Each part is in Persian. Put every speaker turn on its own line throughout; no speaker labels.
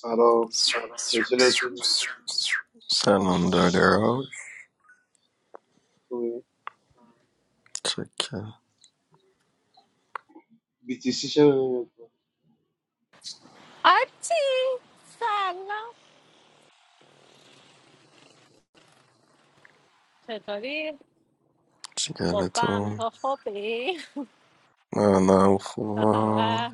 سلام چطور هستی
سلام داره
خوبی
چکه
BTC چه می‌بینی؟
آرتی سلام چطوری؟ خوبم
چیکارتون
تو خوبی؟
نه نه
چه
خوبا
خبر؟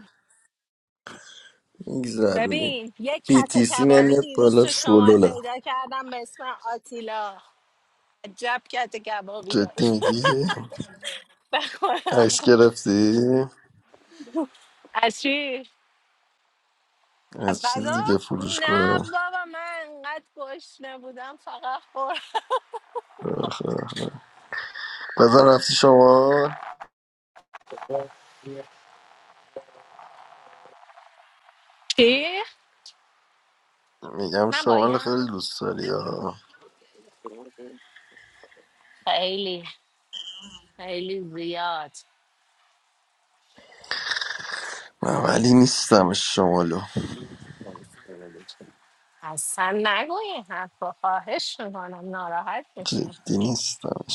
میگذرونیم
ببین یه کت
BTC
کبابی
نمیاد
دیروز
بالا
تو شمال
شلوله
پیدا کردم به اسم آتیلا عجب کت کبابی
جدی
داشت
میگی؟ عکس
بخورم
گرفتی؟
از چی؟ از
از چیز
غذا؟
دیگه فروش
نه
کنم
بابا من انقدر گشنه بودم فقط خورم
آخه. بزن رفتی شما
چی؟
میگم
من
شمال خیلی
بایم؟
دوست داری ها
خیلی خیلی زیاد
من ولی نیستمش شمالو
اصلا نگو این حرف خواهش میکنم ناراحت میشم
جدی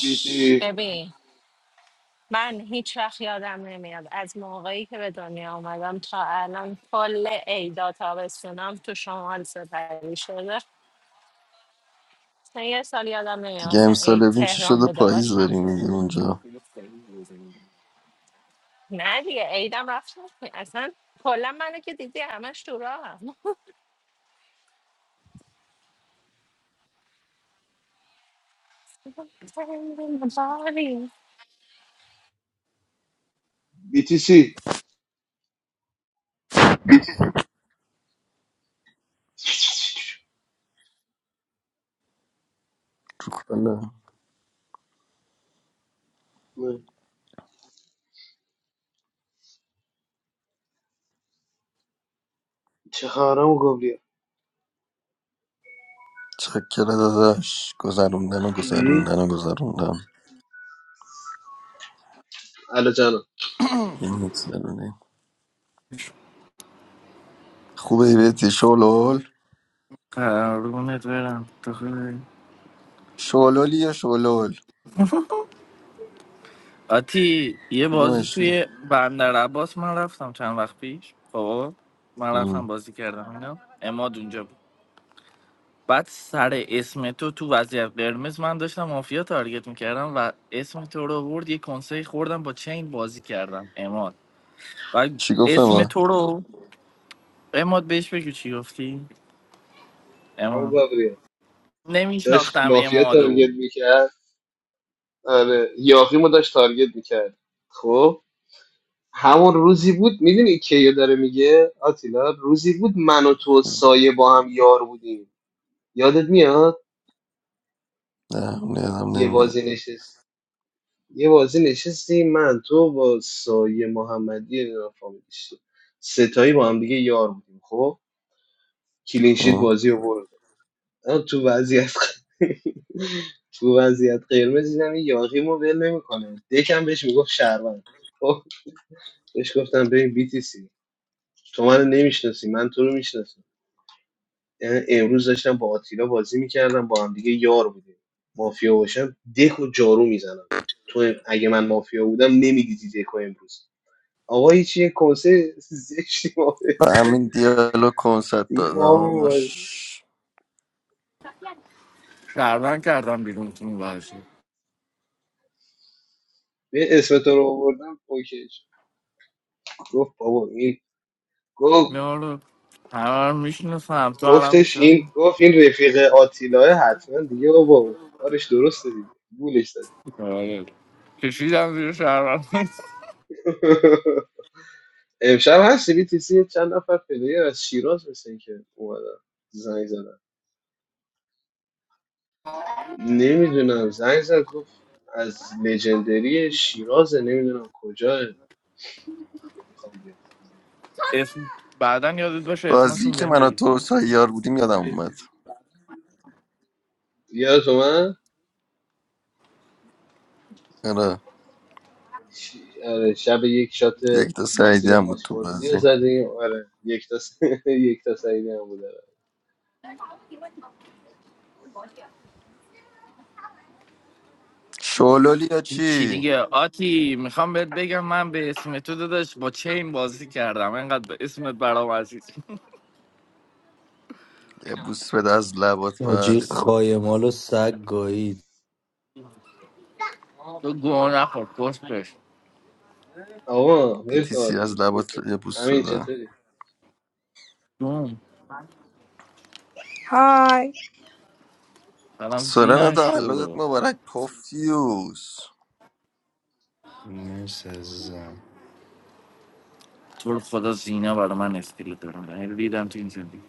BT
ببین من هیچ وقت یادم نمیاد از موقعی که به دنیا آمدم تا الان کل عیدا تابستونم تو شمال سپری شده مثلا یه سال یادم نمیاد
دیگه
مثلا عید
امسال ببین چی
تهران
شده
بوده
پاییز
باشم
داری میگی اونجا
نه دیگه عیدم رفتم اصلا کلا منو که دیدی همش تو راه
BTC
کنم
نه. چه خبرم گابریل
چکر داداش گذروندن و
مم.
گذروندن و گذروندن
الو جانم
این می‌گذرونی. خوبه بیتی شلول
قربونت برم تو خوبی؟
شلولی یا شلول
آتی یه بازی
کدومشی
توی بندر عباس من رفتم چند وقت پیش خب من رفتم
ام.
بازی کردم اینا اماد اونجا بود بعد سر اسم تو تو وضعیت قرمز من داشتم مافیا تارگت میکردم و اسم تو رو برد یه کنسه خوردم با چین بازی کردم اماد بعد
چی گفتم
اسم
من
تو رو اماد بهش بگو چی گفتی
همون
اماد
گابریل داشت
نمیشناختم
مافیا
امادو
تارگت میکرد آره یاخیمو داشت تارگت میکرد خب همون روزی بود میدونی کیو داره میگه آتیلا روزی بود من و تو و سایه با هم یار بودیم یادت میاد
نه نیدم
یه
نمیاد
بازی نشست یه بازی نشستیم من تو با سایه محمدی نمیدونم فامیلش چیه. ستایی با هم دیگه یار بودیم خب کلینشیت
خب.
بازی رو برد من تو وضعیت تو وضعیت قرمز دیدم این یاقیمو ول نمیکنه دکم بهش میگفت شهروند خب بهش گفتم ببین بی تی سی تو منو نمیشناسی من تو رو میشناسم یعنی امروز داشتم با آتیلا بازی میکردم با هم دیگه یار بودیم مافیا باشم دک و جارو میزنم تو اگه من مافیا بودم نمیدیدی دک و امروز آقا هیچ یه کنسه زشتی ما
به
بهش داد.
همین دیالوگ کنسرت
دیگه ما هم
داداش
شهروند کردم بیرون تو اون بازی.
به اسمت رو آوردم اوکی شد. گفت بابا این گفت
یارو همه رو میشناسم تو هم
گفتش این
میشناسم
گفت این رفیق آتیلاه حتما دیگه بابا کارش درسته دیگه گولش زد
آره کشیدم زیر شهر
امشب هست بیتیسی چند نفر پلیر از شیراز مثل که اومدن زنگ زدن نمیدونم زنگ زد گفت از لژندری شیرازه نمیدونم کجاه میخوام بیام
اسم بعدا یادت باشه
بازی
اسمشون
که
بهم
من و
بگی
تو
ها
سیار بودیم یادم اومد
یادت اومد؟
آره
ش- آره، شب یک شات
یک تا سعیدی
مسیر
هم بود تو
بازپرسی رو
بازی
زدیم آره یک تا س... یک تا سعیدی هم بود آره.
شلولی یا
چی
چی
دیگه آتی میخوام بهت بگم من به اسم تو داداش با چین بازی کردم انقدر به اسمت برام عزیز
یه بوس بده از لبات
Ajik
پس
khaye malos sag gaid.
تو گوه نخور کس بش
آقا ول کن
بیتیسی
حالا،
از
ول
لبات
کن.
یه بوس
همین
بده
چطوری
دوم
Hi.
سلام
سورنا
زینا
تولدت
شورو
مبارک پوفیوز
Mer says.
تو رو خدا زینا برای من استیل دارم یعنی دیدم تو این زندگی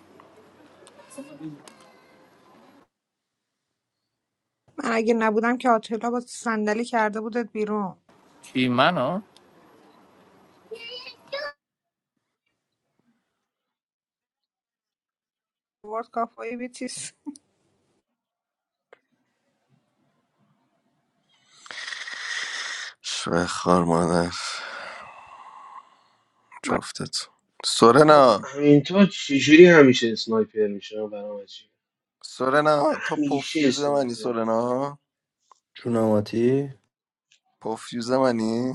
I didn't come today. I was in sandals. It was out.
چی منو
What a crazy thing.
شوه خار مادر جفتت
آقا
سورنا
همین تو چجوری همیشه اسنایپر میشه برام عجیبه.
سورنا تو
همیشه
پوفیوز منی
اسنایپر
سورنا
Chunamatii
پوفیوز منی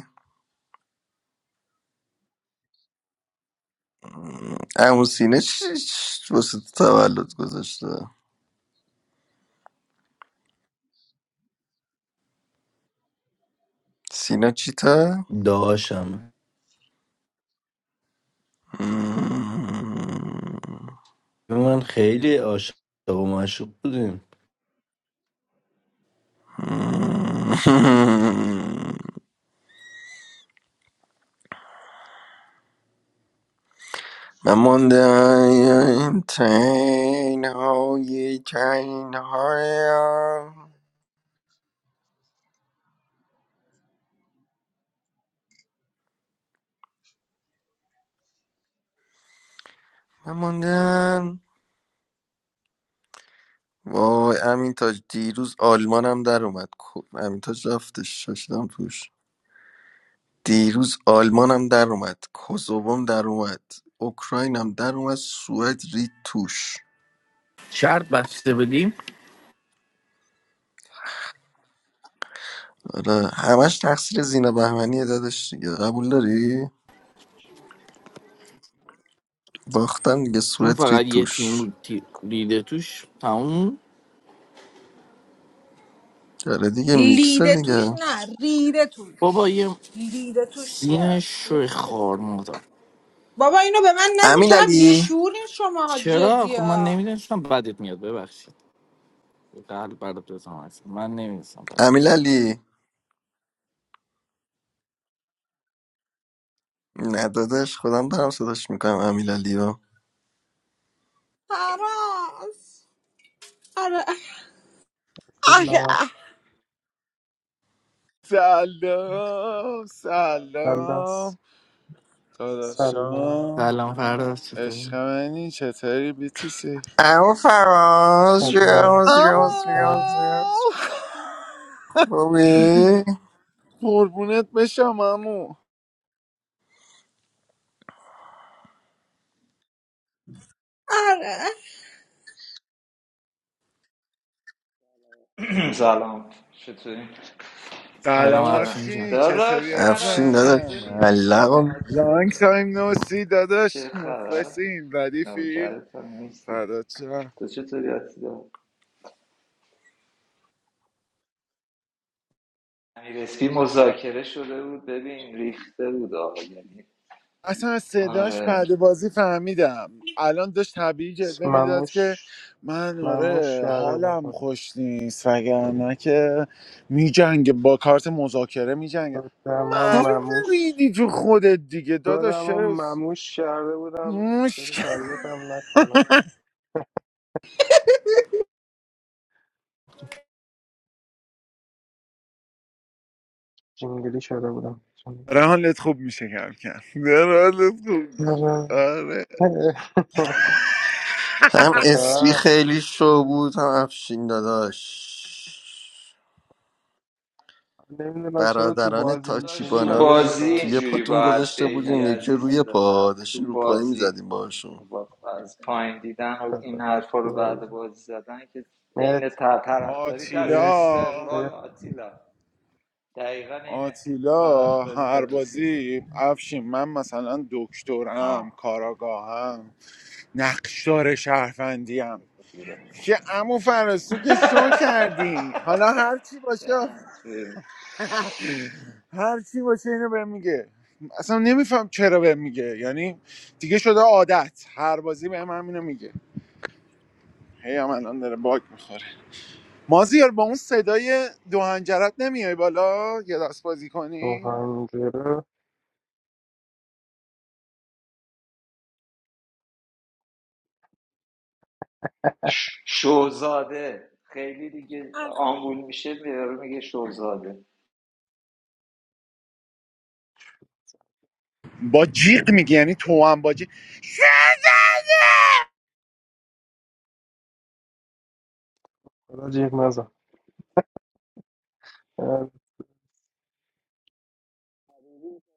م، عمو سینه چی چی واسه تو تولد گذاشته سینا چیته
daasham.
م،
I mean, I'm very ashamed. We're ashamed.
من مانده این تین های تین هایم. من ماندم وای امین تاج دیروز آلمانم در اومد کو- امین تاج رفتش شاشیدم توش دیروز آلمانم در اومد کوزووم در اومد اوکراینم در اومد سوئد رید توش
شرط بسته بدیم.
آره همش تقصیر زینا بهمنیه دادش دیگه قبول داری باختن دیگه
چون
سوئد
فقط
رید
یه
توش
تیم تی- دیده توش تموم
آره دیگه
Leave
میکسه
it,
دیگه
don't. Leave it.
بابا یه
Leave it.
زین شوی خار مادر
Dad, I don't want to.
امیل
Why are you
علی
so angry? Come on. Come
چرا خب من نمیدونستم بدت میاد ببخشید قلب برات بزنم اصلا. من نمیدونستم بدت.
امیل علی نه داداش خودم دارم صداش میکنم امیل علی.
Silla,
آره سلام
Salas,
سلام
Salla,
داداشم
سلام فراز چطوری
عشق منی چطوری بیتیسی
اما فراز راز
Sellas,
راز
امو
Salla.
راز راز خوبی
قربونت بشم امو
on.
سلام چطوری؟
سلام
قلم
کردم
افشین جان
افشین
داداش
چطوری
افشین
فراز
عزیزم
داداش
چطوری نیست سلام
ملقم
آتیلا
لانگ
جون
تایم نوسی
چه
داداش
خبر؟
مخلصیم ردیفی
نوکرت تا نیستی
فدات شم
تو چطوری آتیلا؟ امیرسکی مذاکره شده بود ببین ریخته بود آقا یعنی
اصلا از صداش
آره
بعد بازی فهمیدم الان داشت طبیعی جلوه میداد که
مموش
من
مموش
آره
کرده
حالم
بخورم
خوش نیست وگرنه که میجنگه با کارت مذاکره میجنگه
دما
معلومه
مموش
ریدی تو خودت دیگه داداش
دما
چرا
مموش کرده بودم جلو
مشکل
تارگت هم نکنم جنگلی شده بودم جنگلی.
داره حالت خوب میشه کم کم داره حالت خوب میشه آره
آره.
هم اسپی
آه،
خیلی شو بود هم افشین داداش
نمیدونم چرا تو
برادران
بازی
داداش
میشینی
تو
تاچیبانا
پس
رو یه-
بازی
نمیفهمم
توی
اینجوری
پاتون
باید
گذاشته بودیم
بگی
اون یکی روی
عزیز دلم
پا داشتیم
تو
رو پایی
بازی
میزدیم باشون
با- از پایین دیدن و این حرفا رو بعد بازی زدن که عین
مت
طرفداریت از
مت
آتیلا
استقلال
مت
آتیلا دقیقا اینه
آتیلا
طرفداری
هر
تازه سیاسی
بازی افشین من مثلا دکترم
آه
کاراگاهم نقشدار شهروندیم که امو فرستو که شو کردی حالا هر چی باشه
نه.
هر چی باشه اینو بهم میگه اصلا نمیفهم چرا بهم میگه یعنی دیگه شده عادت هر بازی بهم همینو میگه هی هم الان داره باگ میخوره مازیار با اون صدای دو هنجرت نمیای بالا یه دست بازی کنی
مهنجره
ش- شوزاده خیلی دیگه
Come on.
آمبول میشه میاره میگه شوزاده
با جیغ میگی یعنی تو هم با
خدا جیغ نزن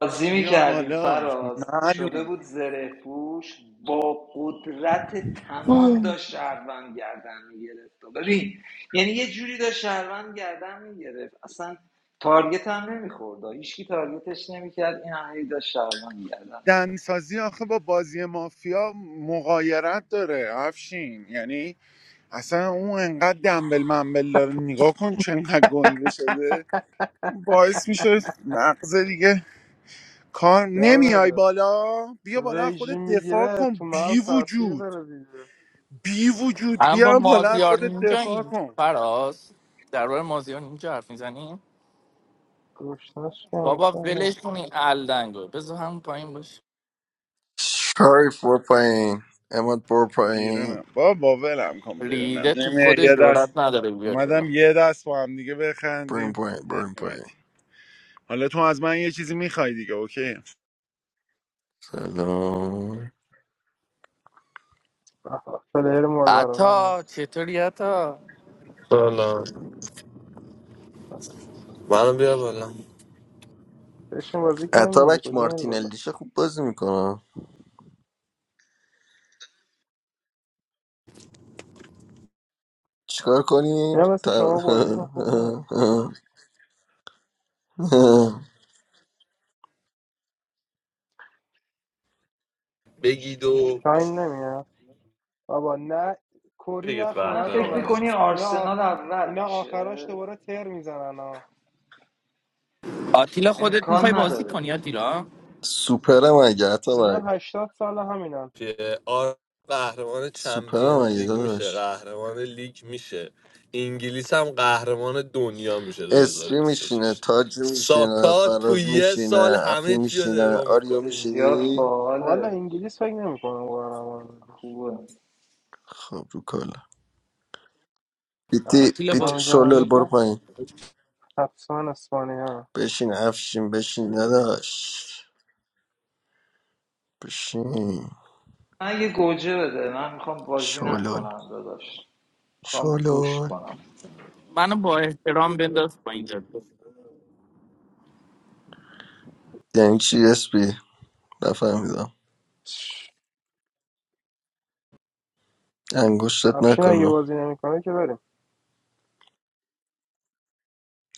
بازی
بیا
میکردیم
بالا
فراز شده
معلوم
بود زره پوش با قدرت تمام داشت شهروند گردن میگرفت ببین یعنی یه جوری داشت شهروند گردن میگرفت اصلا تارگت هم نمیخورد هیچکی تارگتش نمیکرد این همه داشت شهروند گردن
دنسازی آخه با بازی مافیا مقایرت داره افشین یعنی اصلا اون انقدر دنبل منبل داره نگاه کن چقدر گنده شده باعث میشه مغز دیگه کار
جواب
نمیای
نده
بالا بیا بالا از خودت
رژیم
دفاع
میگیره تو
کن بی
مغز تاثیر
وجود
داره دیگه
بی وجود
الان با
بیا بالا از
مازیار
خودت
اینجا
دفاع
این
کن
فراز در مورد مازیار اینجا حرف میزنیم
گوشتنش کم
بابا
کم.
ولش کن این الدنگو بذار همون پایین باش
شریف بر پایین اماد بر پایین
بیرونم با با باولم کن بیرونم
ریده تو
نمیای
خودش
یه دست
جرات نداره بیاد
اومدم
بالا
یه دست با هم دیگه
بریم
بخندیم
پایین بریم پایین
نیومدی حالا تو از من یه چیزی میخوای دیگه اوکی
سلام
آها، پلیر مورد علاقه هم
عطا چطوری عطا
سلام منو بیا بالا
بشین بازی کنیم دیگه
اتابک
کجا میری بالا
مارتینلیشه خوب بازی میکنه چیکار کنیم
اینا مثل
تا-
شما بازیشون خوب نیست
بگید و
شاین نمیاد بابا نه کری
بگید
واقعا
نخونه تا
فکر
قهرمانی
بک
میکنی
اینا آخ...
آرسنال اول
اینا
میشه
آخراش دوباره تر میزنن ها
آتیلا خودت میخوای
امکان
بازی
نداره
کنی آتیلا
سوپرم اگه حتی
اینا
اگه
هشتاد سال همینن
که آر قهرمان
سوپرم
چمپیونز
اگه
لیگ میشه
داداش
قهرمان لیگ میشه انگلیس هم قهرمان دنیا میشه
اسپی میشینه
2026
تاج میشینه
ساکا تو
فراز
یه سال
میشینه افی
همه چی رو
میشینه
درو
آریو
میکنه
زیاد
میشینی
والا
باحاله
انگلیس فکر نمیکنم قهرمان بشه
خوبه
خب رو کلا
در
بیتی
آتیلا
بیتی
جام
بازی
شلول
جهانی
کنی
برو
که
پایین
حتما اسپانیا
بشین افشین بشین نداش بشین
من یه گوجه بده من میخوام بازی
شلول
نکنم داداش میخوام گوش
شلول
کنم
منو با احترام بنداز با اینجا
یعنی چی اسپی نفهمیدم انگشتت
افشین اگه
نکنم
بازی نمیکنه که بریم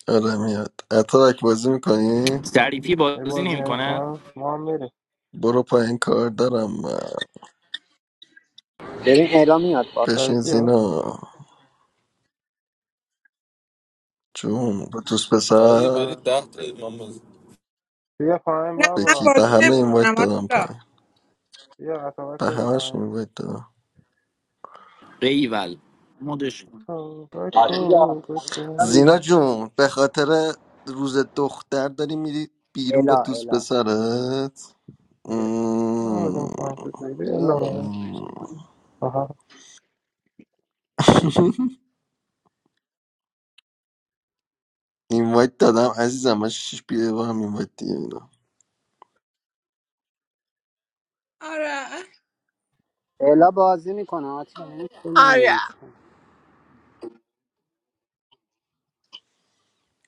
آره میاد اتارک بازی میکنی
ظریفی
اگه
بازی
بازی
نمیکنه
نمیکنه ما هم میریم
برو پایین کار دارم من
ببین الا میاد با
بشین
شریفی ها
زینا جون به دوست
نه دیگه
پسر
برید
آره
ده تا من بز-
بیا پایین
I'm
به
not
کی
بابا
going
به
to do
همه
it.
بیا
اینوایت
I'm not going
دادم
to.
پایین
بیا قطابک
به
برو
همش
پایین
اینوایت دادم
ایول مدش کن
آتیلا
تابکو
الا این
زینا
بکن
وقت دادی؟
جون به خاطر روز دختر داری میری بیرون با
الا
دوست
الا
پسرت
آدم
مم.
پایین شد بیا
مل
لاغون
اسمش کن
مم.
آها
اینوایت دادم عزیزم من شیش بیه با هم اینوایت دیگه میدم
الا بازی میکنه آتیلا نمیتون
آره
نمیاریش کن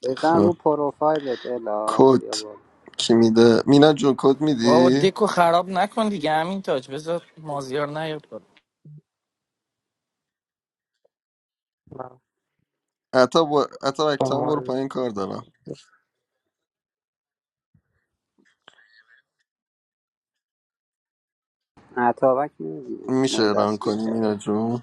بزن رو
خب
پروفایلت الا
کد
بیا بالا
کی میده مینا جون کد
بابا
میدی
دکو خراب نکن دیگه همین تاج بذار مازیار نیاد بالا.
من
عطا با... عطا
تو
اکتا هم برو
مال
پایین کار دارم
عطابک میدی
میشه
ما رو
ران
دستگیر
کنی مینا
کرد
جون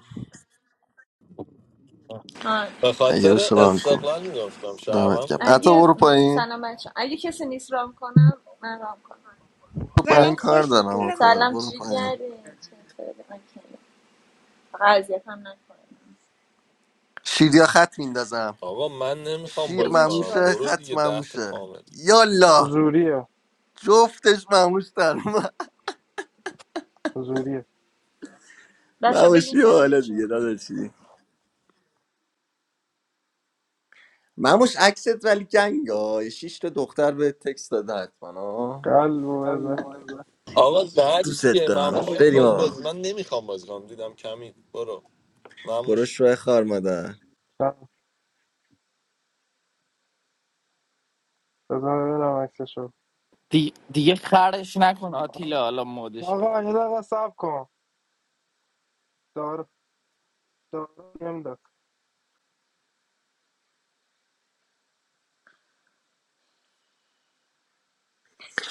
آه.
به
اگه
خاطر
بشه ران کن
استقلال میگفتم
دمت
شهروند
گم
بودی
عطا
اگه
برو پایین
سلام بچه اگه کسی نیست رام کنم من رام کنم
برو پایین
Come
مرسی
on.
کار
اگه
دارم
که
I'm happy.
آخه
سلام
برو
چی
پایین
کردی چه خبره؟ اوکی. فقط اذیت هم نکنم
شیر یا خط میندازم
آقا من نمیخوام
شیر
بازی
بگین چی
کنم
مموشه
بازی
برو
خط
دیگه
میکنم
ده تا
مموشه
کامل
یالا
زوریه
جفتش مموش در اومد.
زوریه
بچه بگین
مموشی و
سناریو
حالا
چی
دیگه
میخوان
داداشی مموش عکست ولی جنگ آه شیش تا دختر به تکست داده حتما آه.
قلب و بزن
الله
آقا زد
دوست
دیگه
دارم
معموش
بریم
الله
میخواد
آقا
بازی من نمیخوام بازی کنم دیدم کمی برو
برو
معموش
شوه خار مادر
بزن ببینم عکسشو
دی... دیگه خرش نکن آتیلا حالا مدش کن
آقا یه دقیقه سب کن دار دار نمیداد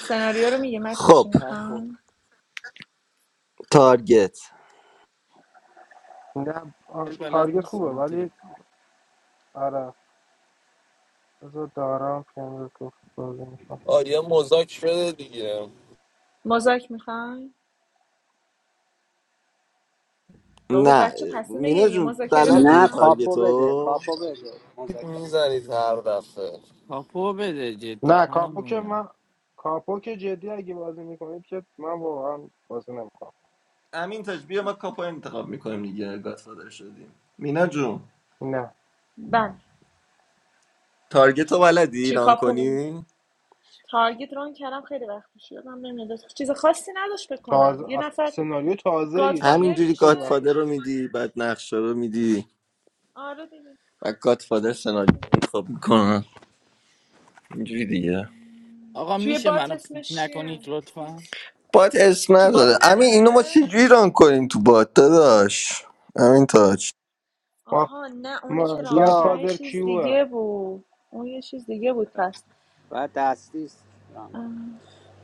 سناریو رو میگه بچه چی
خب
کاپو
میخوان
تارگت
نه آ،
بلد
تارگت خوبه
نیستم آتیلا
ولی آره بذار دارم پیانو رو بازی میکنم
آه یه مزاک بده دیگه
مزاک میخوان بابا
نه
بچه تصمیم
مینا
بگیری
جون
مذاکره
نه
بلدی
بدم
کاپو بده
تارگتو
کاپو بده مذاکره
میزنید هر دفعه
کاپو بده جدی
نه
منم
کاپو که
میینم
من کاپو که جدی اگه بازی میکنید که من واقعا بازی نمیکنم
امین تاج بیا ما کاپو انتخاب میکنیم دیگه گادفادر شدیم مینا جون
نه
بله
تارگتو بلدی
چی
ران
کاپو بدم
کنی
تارگت ران کردم خیلی وقت پیش یادم نمیاد چیز خاصی نداشت بکنم یه
تازه از
نفر
سناریو تازه یه چه
گادفادر
شکلی
همینجوری
خیلی وقت
میشه
گادفادر رو میدی بعد نقشه رو میدی
آره دیگه
و گادفادر سناریو انتخاب میکنن اینجوری دیگه
آقا
توی
میشه
بات
منو پیک
اسمش چیه
نکنید لطفا
بات اسم
تو بات
نداره امین اینو ما
نداره
چجوری ران کنیم تو بات داداش امین تاج
ما
آها نه اونی که
ما
راه میکنه
کیا
یه
گادفادر
چیز
کیوه
دیگه بود اون یه چیز دیگه بود پس
باید دستی است.
آه.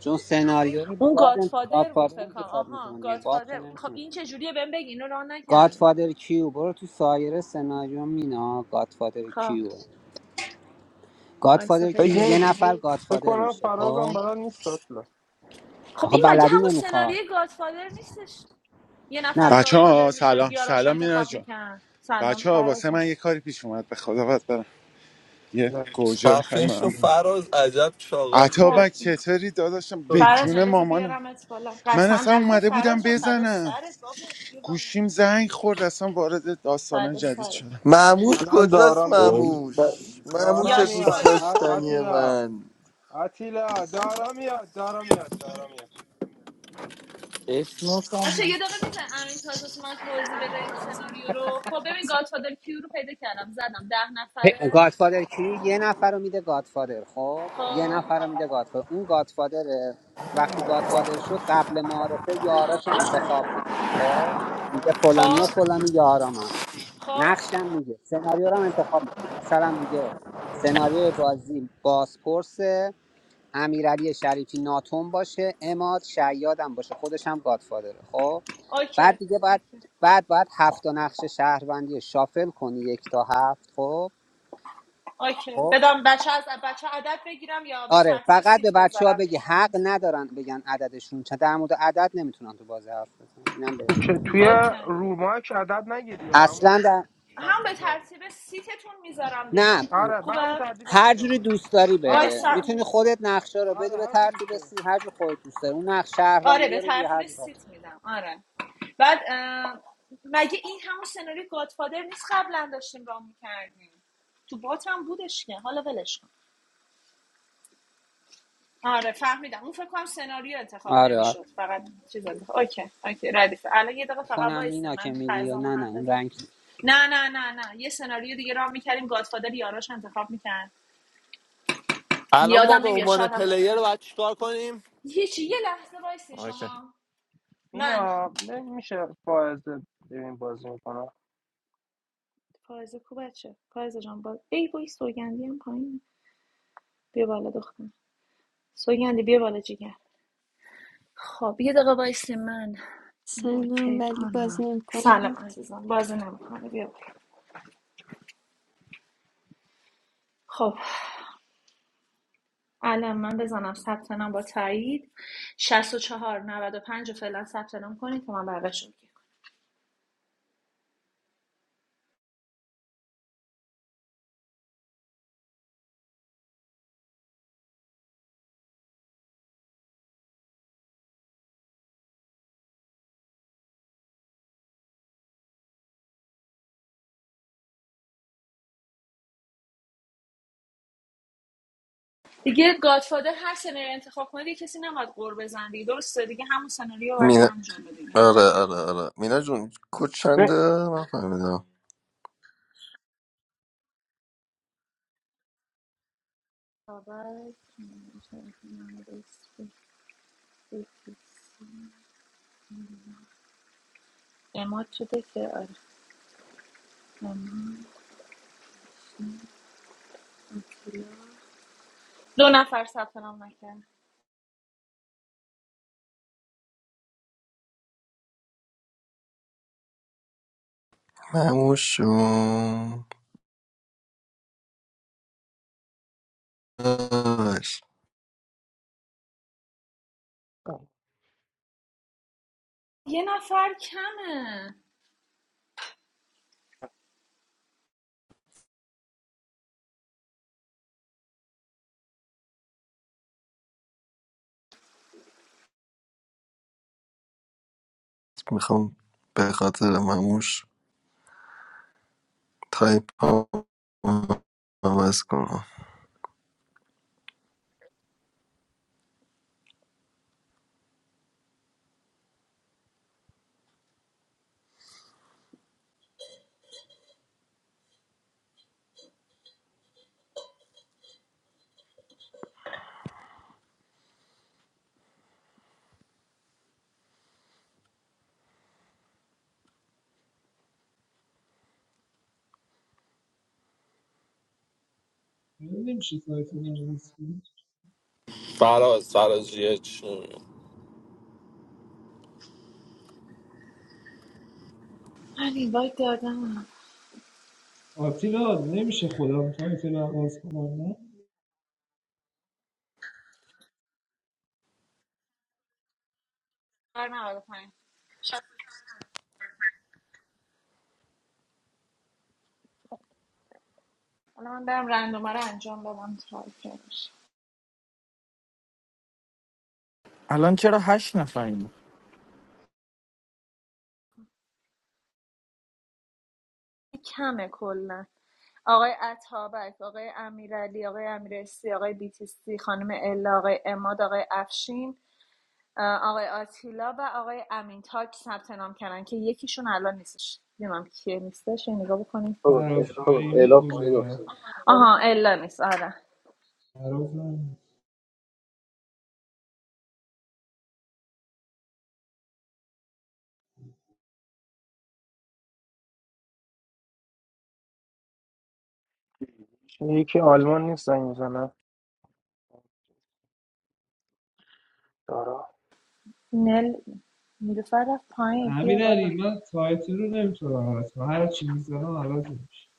چون سناریو رو
اون
گاد
گادفادر بود
گادفادر
فکر کنم
انتخاب
آها
میکنه دیگه گاد که
گادفادر خب
نمیتونه
این چجوریه بهم بگی اینو راه نکردم
گادفادر کیو برو تو سایر سناریو مینا گادفادر
خب
کیو
آیسا
گادفادر کی
پیدا
فکر نمی
یه
کنم
نفر
فکر
گادفادر
کنم
میشه
فرازم
خب
بلد نیست اطلا
خب
آخه
این مگه
بلدی
همون
نمیخواد
سناریوی گادفادر نیستش یه نفر
نه
بچه
گادفادر
ها
میشد
سلام
یاراش
سلام مینا
انتخاب
جان
میکن سلام
بچه ها
فراز
واسه
جان
من یه کاری پیش اومد به خدا باید برم یه
نه.
گوجه میخوایم
خفش و
من بدم.
فراز عجب چاقالیه
خب
عطابک چطوری داداشم به
فراز جان
جون
بذار
مامانم
بیارم ات بالا
من
قسم
اصلا
نخور
اومده بودم
فراز جان فدا
بزنم
سرت بابا بیا بالا
گوشیم زنگ خورد اصلا وارد داستانه
فردا
جدید
سرت
شدم
معموش
الان دارا
کجاست
میاد
معموش معموش
دارا
یاشی
دوست
میاد
بازی
ا-
داشتنی
میکنیم
آتیلا
من
آتیلا دارا میاد دارا میاد دارا میاد
اسنوک هم
باشه یه
هست.
دقیقه میزن امین تاج واسه من توضیح بده این سناریو رو خب ببین گادفادر کیو رو پیدا کردم زدم ده
پ-
نفره
گادفادر کی یه نفر رو میده گادفادر خب یه
خب
نفر رو میده گادفادر اون گادفادره وقتی گادفادر شد قبل معارفه یاراش رو انتخاب میکنه خب میگه فلانی و
خب
فلانی یارامم
خب
نقشم میگه سناریو رو هم انتخاب میکنه مثلا میگه سناریو بازی بازپرسه امیرعلی شریفی ناتوم باشه اماد شیادم باشه خودش هم گادفادره خب
اوکی
بعد دیگه بعد
اوکی
بعد بعد هفت تا نقش شهروندی رو شافل کنی یک تا هفت خب
اوکی
خب
بدم بچه از بچه عدد بگیرم یا به
آره
ترتیب
فقط به
سیت
بچه ها
بذارم
بگی حق
میگم
ندارن بگن عددشون چه در مورد عدد نمیتونن تو بازی حرف بزنن اینم بهت
تو
بگم.
که- توی
اوکی
روماک عدد نگیری یا همون
اصلا در...
شب
هم به
اونجا
ترتیب سیتتون میذارم
نه
دیگه
آره به همون
خوبه
ترتیب
هر
سیده
جوری
اومده
دوست داری
آره
وایس
بده
خوبه
میتونی خودت نقشه رو بدی
آره
به
هر جور دوست
ترتیب
داری
سی هر جور خودت دوست داری اون نقش
آره
شهروندی
به
رو دیگه هر
ترتیب
جور
سیت میدم آره بعد مگه این همون سناریو گادفادر نیست قبلا داشتیم راه میکردیم تو بات هم بودش که حالا ولش کن آره فهمیدم اون فکر کنم سناریو انتخاب
آره آره
نمیشد فقط چیز انتخاب اوکی اوکی ردیف الان یه دقیقه فقط
کنم
وایسه
اینا
من
که
این
میگی یا
قرضمو
نه نه
هم
اون
بزنم
رنگ
نه نه نه نه یه سناریو دیگه راه میکردیم گادفادر یاراش انتخاب میکرد
الان ما
یادم
به
نمیاد
عنوان
شادم
پلیر
دستی
باید چیکار کنیم؟
هیچی یه لحظه وایسی
آکی.
شما من
اینا میشه فائز ببین بازی میکنه
فائزه کو بچه فائزه جان باز ای وای سوگندی هم پایینه بیا بالا دخترم سوگندی بیا بالا جیگر خب یه دقیقه وایسی من این
Saying some
اوکی
pretty crazy
کنم
things.
سلام عزیزم بازی نمیکنه بیا بالا خب الان من بزنم ثبت نام با تایید 64 95 رو فعلا ثبت نام کنید که من بعدش رو بگم. دیگه گادفادر هر سناریو انتخاب کنید یه کسی نباید قور بزن دیگه درسته دیگه همون سناریو رو باید برم جلو دیگه
آره آره آره مینا جون کد چنده من فهمیدم
اماد شده که آره امین، آتیلا. دو نفر ثبت نام نکرد
مموش
یه نفر کمه
میخوام به خاطر مموش تایپ ها عوض کنم
نمیشه تایتل عوض کنی
فراز فراز یه چی
من اینوایت دادم
آتیلا نمیشه خودم تایتل عوض کنم نه
هر 95 حالا من برم رندومه رو انجام بدم تایپ بشه
الان چرا هشت نفریم
کمه کلا آقای عطابک آقای امیرعلی آقای امیرسی آقای بیتیسی خانم الا آقای اماد آقای افشین آقای آتیلا و آقای امین تاک ثبت نام کردن که یکیشون الان نیستش نمیدونم کیه نیستش یه نگاه بکنیم
بابا عراف رحیمی کجا
الا پایین
رفت
افتاده
آها الا نیست آره
عراف رحیمی.
یکی آلمان نیست زنگ میزنه دارا
نل نیلوفر رفت پایین بیا
امیر
بالا
من تایتل رو نمیتونم عوض کنم هر چی میزنم عوض میشه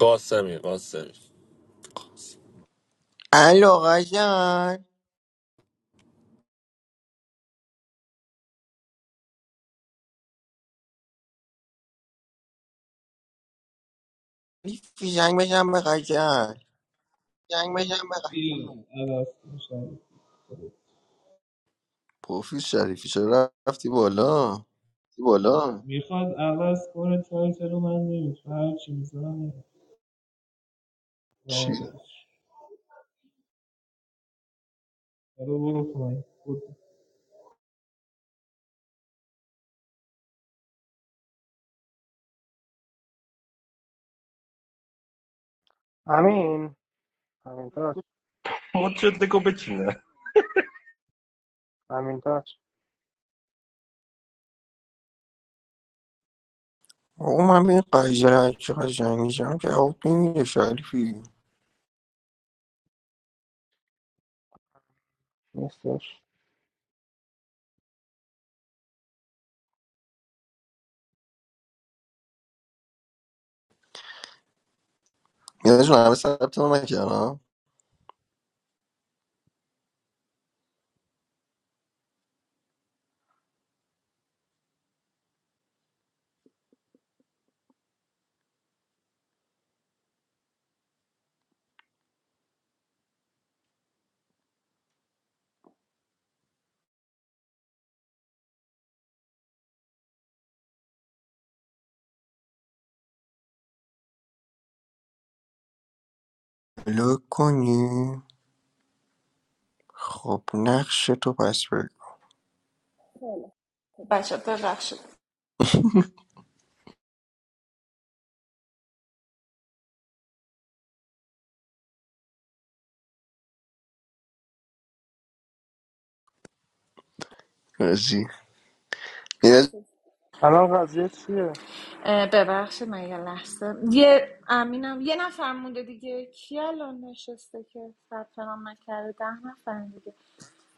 قاسمی قاسمی
الو قاجار فیزنگ بزن به قاجار
جنگ به جنگ بقیه بیا عوض کن شاید.
پوفیس شریفی چرا رفتی بالا
چی بالا میخواد عوض کنه تایتل رو من نمیتونم هر چی میزنم چی عوض میشه. حالا برو پایین
امین امین تاج
مد دکو بچینه
امین تاج
او من به قاجار چه قاجار میشم که او میره شریفی
نیستش
مینا جون همه ثبت نام کردم لو کنی خب نقش تو پس بگو
خیلی خوب. بچه ببخشید
رازی یه-
چیز.
الان قضیه چیه
اه، ببخشید من یه لحظه یه امینم یه نفر مونده دیگه کی الان نشسته که ثبت نام نکرده ده نفر دیگه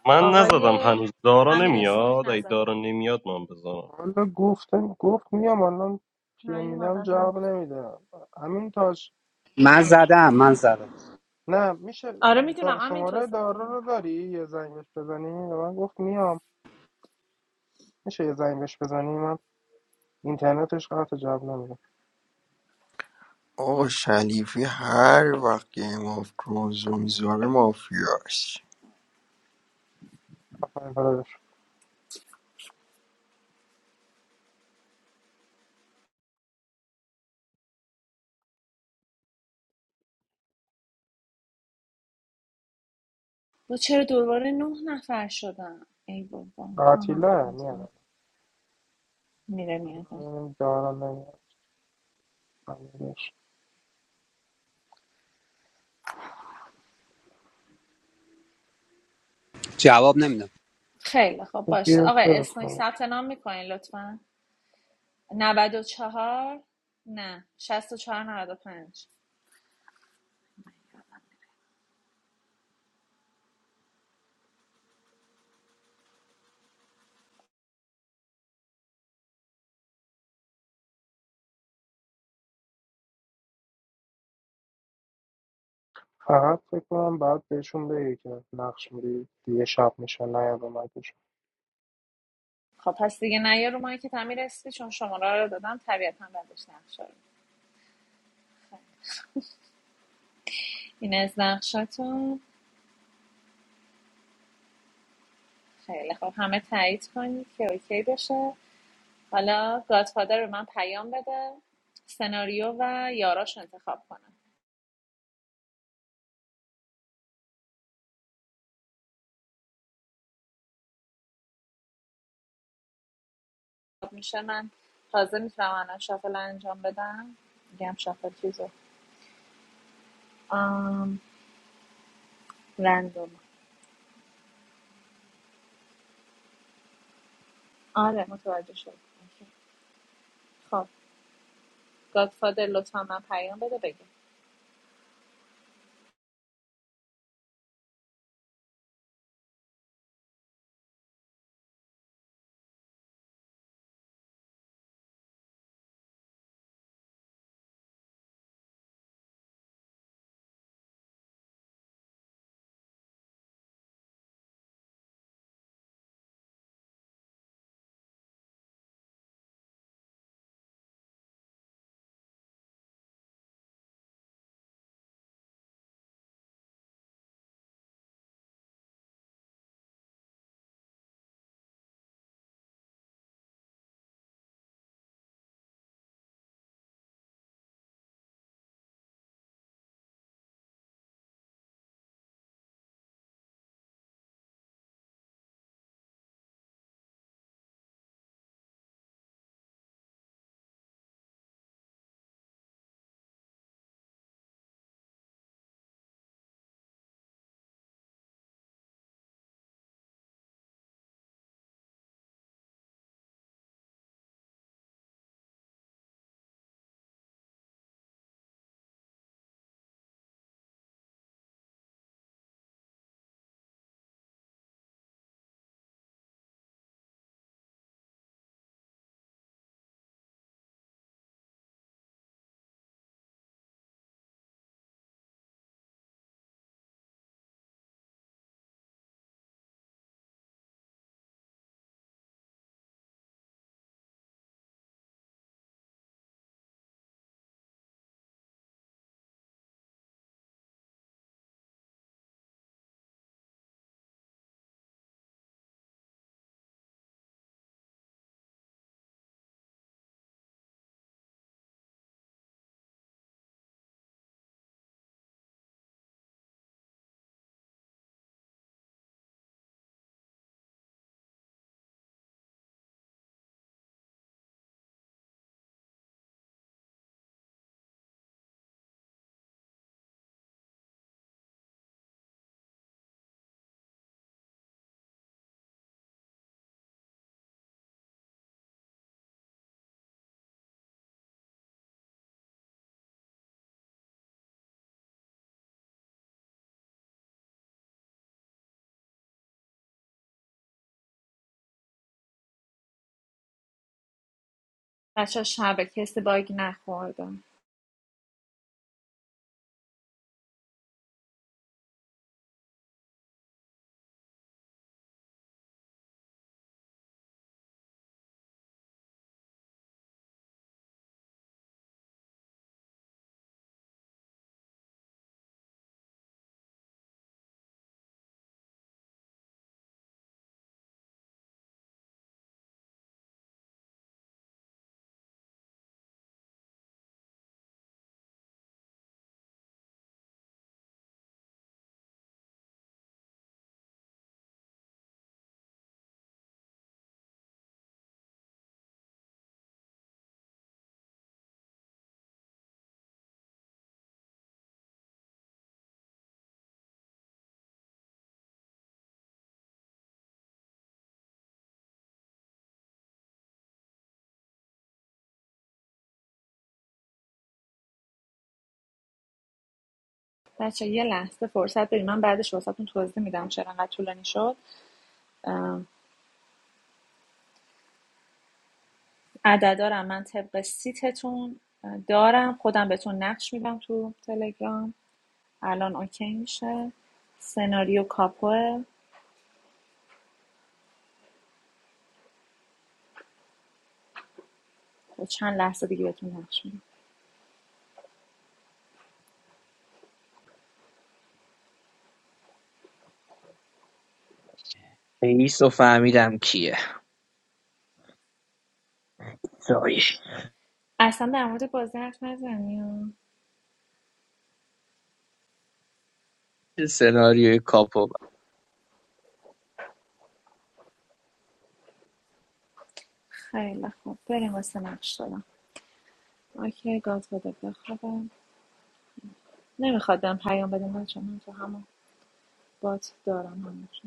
من نزدم
آقای
هنوز دارا
امیر اسنوک
نمیاد ای
نزده
دارا نمیاد من بزنم
والا گفتم گفت میام الان پیه میدم
نیومدن
جواب
هنوز
نمیده امین تاج
من زدم من زدم
نه میشه
آره میدونم
دا-
امین تو
شماره دارا
زده
رو داری یه زنگ بهش بزنی به من گفت میام میشه یه زنگ بهش بزنی من اینترنتش قطع جواب نمیده
آقا شلیفی هر وقت گیم آف ترونز رو میذاره مافیاست
آفرین برادر
با چرا دوباره نه نفر شدن ای بابا آها
قاتیله میاد
میره میاد
بذارم دارم نمیاد خانمش.
جواب نمیدم
خیلی خب
خب
باشه
بیا
آقای
برس
اسنوک
خانمش.
ثبت نام میکنین لطفا نود و چهار نه شست و چهار نود و پنج
فقط فکر کنم باید بهشون بگی که نقش میری دیگه شب میشه نه به مکش
خب پس دیگه نیا رو مایی که تعمیر اسپی چون شماره رو دادم طبیعتا بعدش نقشه رو این از نقشتون خیلی خب همه تایید کنید که اوکی بشه حالا گادفادر رو من پیام بده سناریو و یاراش انتخاب کنم خب میشه من تازه میتونم الان شافل انجام بدم میگم شافل چیزو آم رندوم آره متوجه شد اوکی. خب گادفادر لطفا من پیام بده بگه بچه شبه کسی باگ نخورده بچه یه لحظه فرصت بدید من بعدش واسهتون توضیح میدم چرا انقدر طولانی شد ام، عددارم من طبق سیتتون دارم خودم بهتون نقش میدم تو تلگرام الان اوکی میشه سناریو کاپوه خب، چند لحظه دیگه بهتون نقش میدم
Hey, Sofamidam, kia. Sorry.
اصلا در مورد بازی حرف نزنیم
This scenario is crap.
خیلی خوب بریم واسه نقش دادم اوکی گاد بده بخوابم نمیخواد بهم پیام بدیم بچه من تو همون بات دارم همون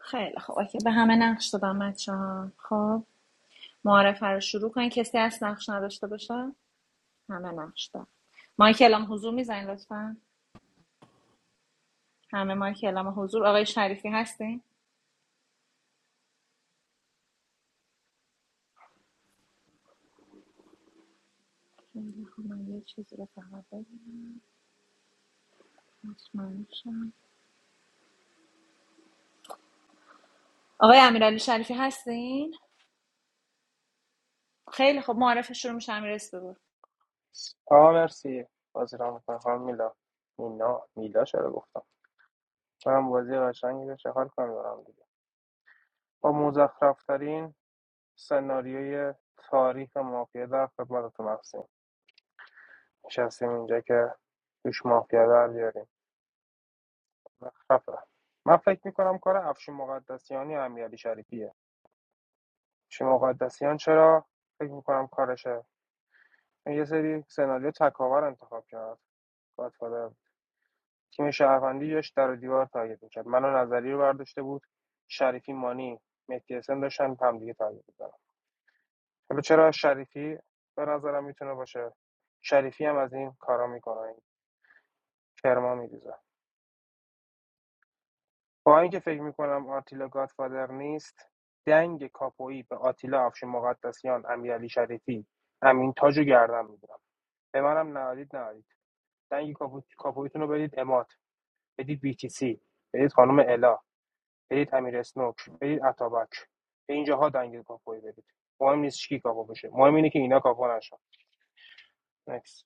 خیلی خب اوکی به همه نقش دادم بچه ها خب معارفه رو شروع کنین کسی هست نقش نداشته باشه همه نقش دارم مایک اعلام حضور میزنین لطفا همه مایک اعلام حضور آقای شریفی هستین خیلی خب، من یه چیزی رو فقط بگم. مطمئن شم. آقای امیرعلی شریفی هستین خیلی خب معارفه شروع میشه امیر بگو
آه مرسی بازی را میکنم خانم میلا مینا میلا چرا گفتم منم بازی قشنگی بشه حال کنم دارم دیگه با مزخرفترین سناریوی تاریخ مافیا در خدمتتون هستیم نشستیم اینجا که توش مافیا در بیاریم خفه من فکر میکنم کار افشین مقدسیانی امیرعلی شریفیه افشین مقدسیان چرا فکر میکنم کارشه چون یه سری سناریو تکاور انتخاب کرد گادفادر تیم شهروندی داشت در و دیوار تارگت میکرد منو نظری رو برداشته بود شریفی مانی مهدی حسن داشتن همدیگه تارگت می‌زدن حالا چرا شریفی به نظرم میتونه باشه شریفی هم از این کارا میکنه کرما می‌ریزه. با اینکه فکر میکنم آتیلا گادفادر نیست دنگ کاپویی به آتیلا افش مقدسیان امیرعلی شریفی امین تاج رو گردن میگیرم به منم نهادید نهادید دنگ کاپو... کاپویتون رو بدید اماد بدید بیتیسی بدید خانم الا بدید امیر اسنوک بدید اتابک به اینجاها دنگ کاپویی بدید مهم نیست کی کاپو بشه مهم اینه که اینا کاپو نشن نکس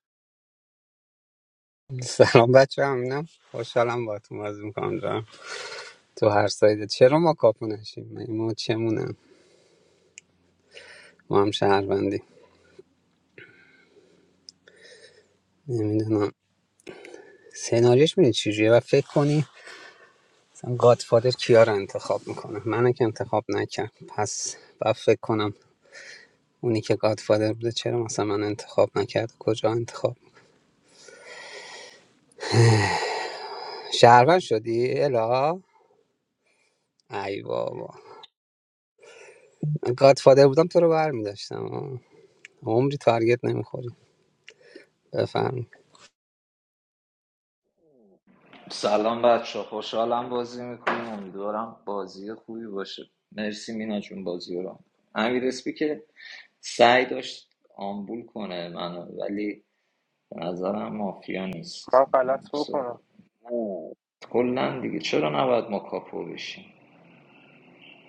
سلام بچه همینم خوشحالم با تو بازی میکنم جان تو هر سایده چرا ما کاپو نشیم مگه ما چمونم ما هم شهروندی نمیدونم سناریوش میدونی چجوریه و فکر کنی مثلا گادفادر کیا رو انتخاب میکنه منو که انتخاب نکرد پس و فکر کنم اونی که گادفادر بوده چرا مثلا من انتخاب نکرد کجا انتخاب شهروند شدی الا ای بابا من گادفادر بودم تو رو برمیداشتم عمری تارگت نمیخوری بفرم
سلام بچه خوشحالم بازی میکنیم امیدوارم بازی خوبی باشه مرسی مینا جون بازی رو امیر اسپی که سعی داشت آمبول کنه منو ولی به نظرم مافیا نیست
من غلط بکنم
نه. کلا دیگه چرا نباید ما کاپو بشیم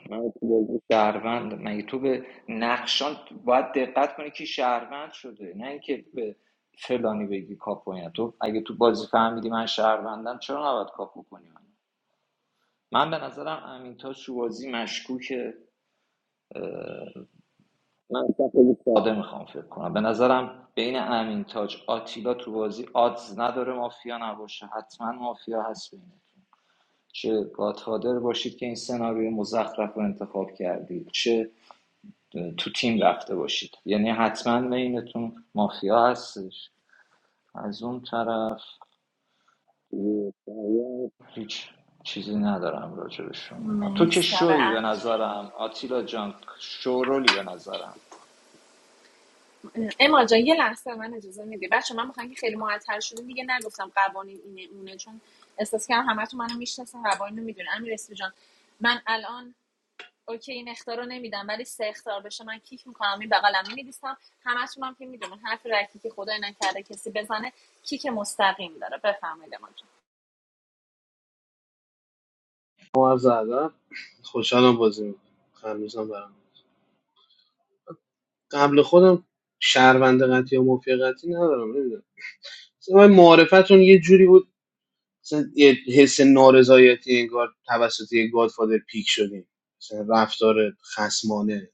من تو بازی شهروند مگه تو به نقشان باید دقت کنی که شهروند شده نه اینکه به فلانی بگی کاپو اینا. تو اگه تو بازی فهمیدی من شهروندم چرا نباید کاپو کنی من من به نظرم امین تاج تو بازی مشکوکه من اصلا خیلی ساده میخوام فکر کنم به نظرم بین امین تاج آتیلا تو بازی آدز نداره مافیا نباشه حتما مافیا هست بینه چه گادفادر باشید که این سناریو مزخرف رو انتخاب کردید چه تو تیم رفته باشید یعنی حتما بینتون مافیا هستش از اون طرف هیچ چیزی ندارم راجع به شما تو که
مرسی
شوی به
آقای
نظرم آتیلا جان شورولی به نظرم
اما جان یه لحظه به من اجازه میدی بچه من میخوام که خیلی معطل شدیم دیگه نگفتم قوانین اینه اونه چون احساس کردم همتون منو میشناسن قوانین رو میدونن امیر اسمی جان من الان اوکی این اختار رو نمیدم ولی سه اختار بشه من کیک میکنم این بغلم میدیسم همتون هم که میدونن حرف رکی که خدای نکرده کسی بزنه کیک مستقیم داره بفرمایید ما جان
ما عرض ادب خوشحالم بازی میکنم خرمیزم برام قبل خودم شهروند قطعی یا مافیا قطعی ندارم نمیدونم مثلا من معارفتون یه جوری بود مثلا یه حس نارضایتی انگار توسط یه گادفادر پیک شدیم مثلا رفتار خسمانه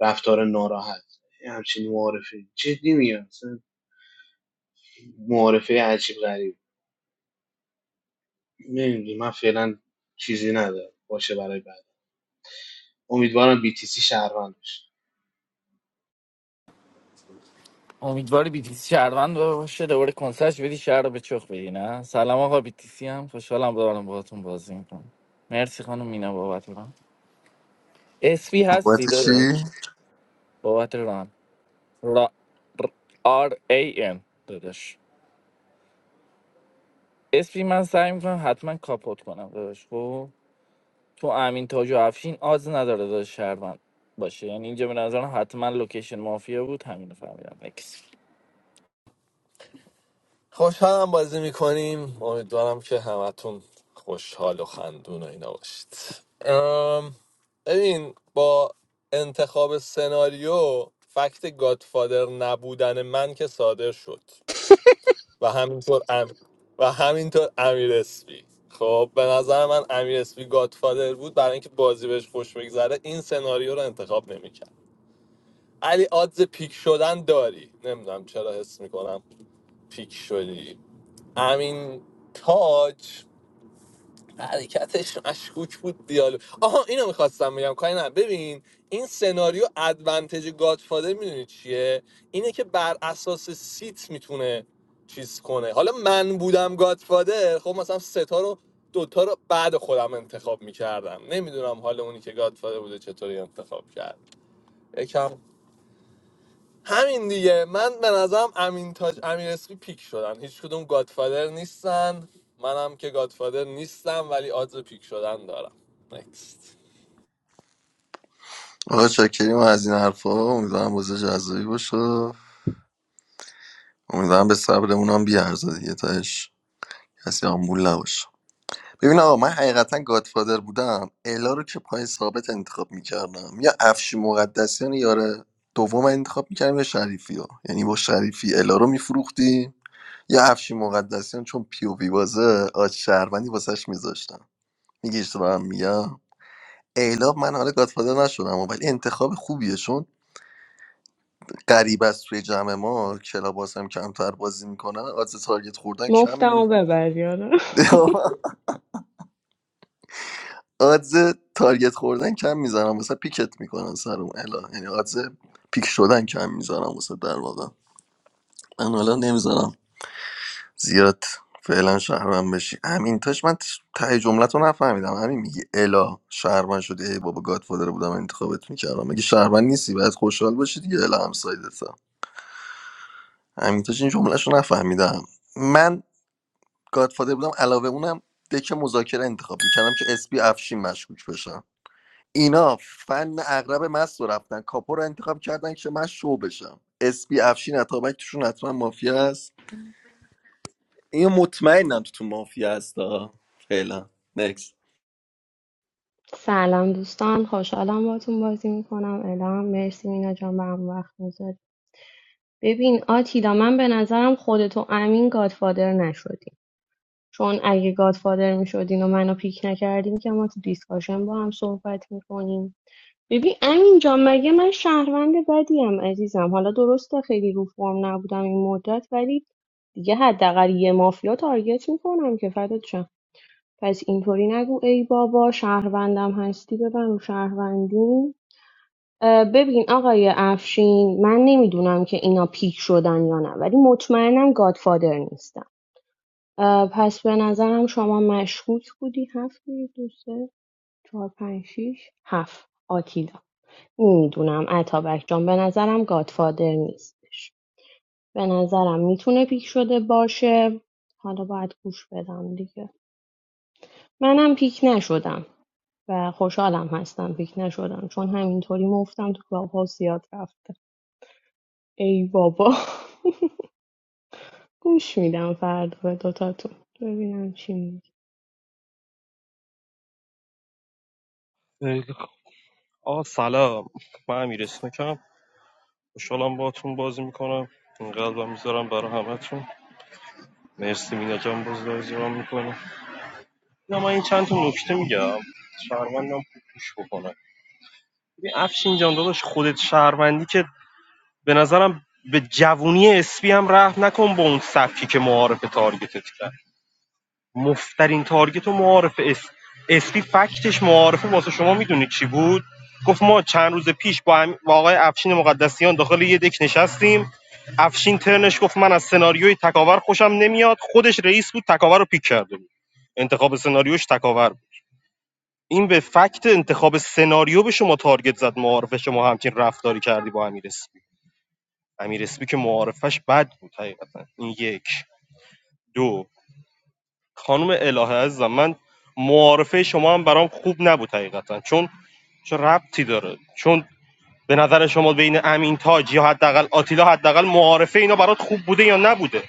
رفتار ناراحت یه همچین معارفه جدی میگم مثلا معارفه عجیب غریب نمیدونم من فعلا چیزی ندارم باشه برای بعد امیدوارم بی تی سی شهروند بشه
امیدواری بیتیسی شهروند باشه دوباره کنسرش بدی شهر رو به چخ بدی نه سلام آقا بیتیسی هم خوشحالم دارم باهاتون بازی میکنم مرسی خانم مینا بابت ران اسفی
بابت
هستی
چی؟
داداش بابت ران را آر ای ان داداش اسفی من سعی میکنم حتما کاپوت کنم داداش خب تو امین تاج و افشین آز نداره داداش شهروند باشه یعنی اینجا به نظرم حتما لوکیشن مافیا بود همین رو فهمیدم اکس
خوشحالم بازی میکنیم امیدوارم که همتون خوشحال و خندون و اینا باشید ام، ببین با انتخاب سناریو فکت گادفادر نبودن من که صادر شد و همینطور ام... و همینطور امیر اسپی خب به نظر من امیر اسپی گادفادر بود برای اینکه بازی بهش خوش بگذره این سناریو رو انتخاب نمیکرد علی آدز پیک شدن داری نمیدونم چرا حس میکنم پیک شدی امین تاج حرکتش مشکوک بود دیالو آها اینو میخواستم بگم کاری نه ببین این سناریو ادوانتج گادفادر میدونی چیه اینه که بر اساس سیت میتونه چیز کنه حالا من بودم گادفادر خب مثلا ستا رو دوتا رو بعد خودم انتخاب میکردم نمیدونم حالا اونی که گادفادر بوده چطوری انتخاب کرد یکم همین دیگه من به نظرم امین تاج امیر اسپی پیک شدن هیچ کدوم گادفادر نیستن منم که گادفادر نیستم ولی آدز پیک شدن دارم نکست
آقا شاکریم از این حرفا امیدوارم بازی جذابی باشه امیدوارم به صبرمون هم بیارزه دیگه تاش کسی آمبول نباشه ببین آقا من حقیقتا گادفادر بودم الا رو که پای ثابت انتخاب میکردم یا افشی مقدسیان یاره دوم انتخاب میکردم یا شریفی ها یعنی با شریفی الا رو میفروختی یه افشی مقدسیان چون پی او وی بازه آج شهروندی واسش میذاشتم میگی اشتباه هم میگم ایلا من حالا گادفادر نشدم ولی انتخاب خوبیه چون قریب از توی جمع ما کلاباس هم کمتر بازی میکنن آدز تارگت خوردن کم می-
مفتمو ببر یارو
آدز تارگت خوردن کم میزنم مثلا پیکت میکنن سرم الا یعنی آدز پیک شدن کم میزنم واسه در واقع من حالا نمیزنم زیاد فعلا شهروند بشی همین تاش من ته جملت رو نفهمیدم همین میگی الا شهروند شدی ای بابا گادفادر بودم انتخابت میکردم مگه شهروند نیستی باید خوشحال باشی دیگه الا همسایدتا همین تاش این جملهش رو نفهمیدم من گادفادر بودم علاوه اونم دک مذاکره انتخاب میکردم که اسپی افشین مشکوک بشم اینا فن اغرب مست رو رفتن کاپو رو انتخاب کردن که من شو بشم اسپی افشین اتابک توشون حتما مافیا است اینو مطمئنم تو تو مافیا هستا فعلا نکس
سلام دوستان خوشحالم باتون بازی میکنم الهام مرسی مینا جان برام وقت میذاری ببین آتیلا من به نظرم خودت و امین گادفادر نشدیم چون اگه گادفادر میشدین و منو پیک نکردیم که ما تو دیسکاشن با هم صحبت میکنیم ببین امین جان مگه من شهروند بدیم عزیزم حالا درسته خیلی رو فرم نبودم این مدت ولی دیگه حداقل یه مافیا تارگت میکنم که فدات شم. پس اینطوری نگو ای بابا شهروندم هستی ببن رو شهروندی اه، ببین آقای افشین من نمیدونم که اینا پیک شدن یا نه ولی مطمئنم گادفادر نیستم اه، پس به نظرم شما مشکوک بودی هفت بود، دو سه چهار پنج شیش هفت آتیلا نمیدونم اتابک جان به نظرم گادفادر نیستش به نظرم میتونه پیک شده باشه حالا باید گوش بدم دیگه منم پیک نشدم و خوشحالم هستم فکر نشدم چون همینطوری مفتم تو کلاب ها زیاد رفته ای بابا گوش میدم فردا به دوتاتون ببینم چی میگه
ای، آ سلام من امیر اسمکم خوشحالم باهاتون بازی میکنم این قلبم میذارم برای همتون مرسی مینا جان باز بازیران میکنم یا من این چند تا نکته میگم شهروندم خوب گوش بکنم ببین افشین جان داداش خودت شهروندی که به نظرم به جوونی اسپی هم رحم نکن با اون سبکی که معارف تارگتت کرد مفترین تارگت و معارف اس اسپی فکتش معارفه واسه شما میدونید چی بود گفت ما چند روز پیش با, هم... با آقای افشین مقدسیان داخل یه دک نشستیم افشین ترنش گفت من از سناریوی تکاور خوشم نمیاد خودش رئیس بود تکاور رو پیک کرده بود انتخاب سناریوش تکاور بود این به فکت انتخاب سناریو به شما تارگت زد معارفه شما همچین رفتاری کردی با امیر اسپی امیر اسپی که معارفش بد بود حقیقتا این یک دو خانم الهه عزیزم من معارفه شما هم برام خوب نبود حقیقتا چون چه ربطی داره چون به نظر شما بین امین تاج یا حداقل آتیلا حداقل معارفه اینا برات خوب بوده یا نبوده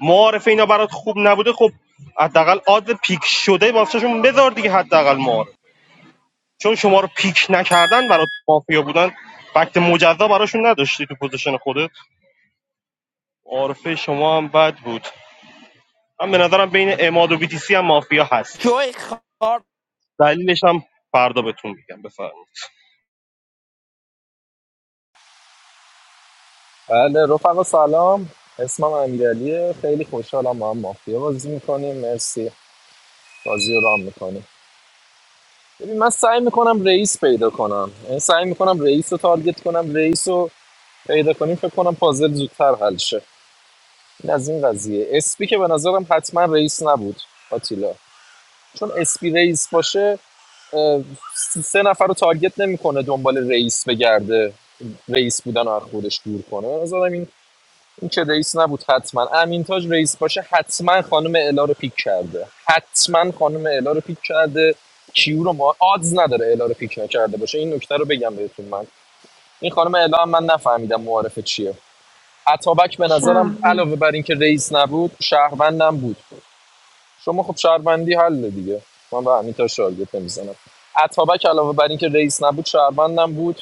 معارفه اینا برات خوب نبوده خب حداقل آد پیک شده واسهشون بذار دیگه حداقل معارف چون شما رو پیک نکردن برات مافیا بودن وقت مجزا براشون نداشتی تو پوزیشن خودت معارفه شما هم بد بود من به نظرم بین اماد و بیتیسی هم مافیا هست
جوی
دلیلش هم فردا بهتون میگم بفرمایید
بله رفقا سلام اسمم امیرعلیه خیلی خوشحالم با هم مافیا بازی میکنیم مرسی بازی رو رام میکنیم ببین من سعی میکنم رئیس پیدا کنم یعنی سعی میکنم رئیس رو تارگت کنم رئیس رو پیدا کنیم فکر کنم پازل زودتر حل شه این از این قضیه اسپی که به نظرم حتما رئیس نبود آتیلا چون اسپی رئیس باشه اه، سه نفر رو تارگت نمیکنه دنبال رئیس بگرده رئیس بودن رو از خودش دور کنه به نظرم این این که رئیس نبود حتما امینتاج رئیس باشه حتما خانم الا رو پیک کرده حتما خانم الا رو پیک کرده کیو رو ما آدز نداره الا رو پیک نکرده باشه این نکته رو بگم بهتون من این خانم الا هم من نفهمیدم معارفه چیه عطابک به نظرم
چرا
علاوه بر اینکه رئیس نبود شهروندم بود شما خب شهروندی حل دیگه من به همین تا شارگت نمیزنم عطابک علاوه بر اینکه رئیس نبود شهروندم بود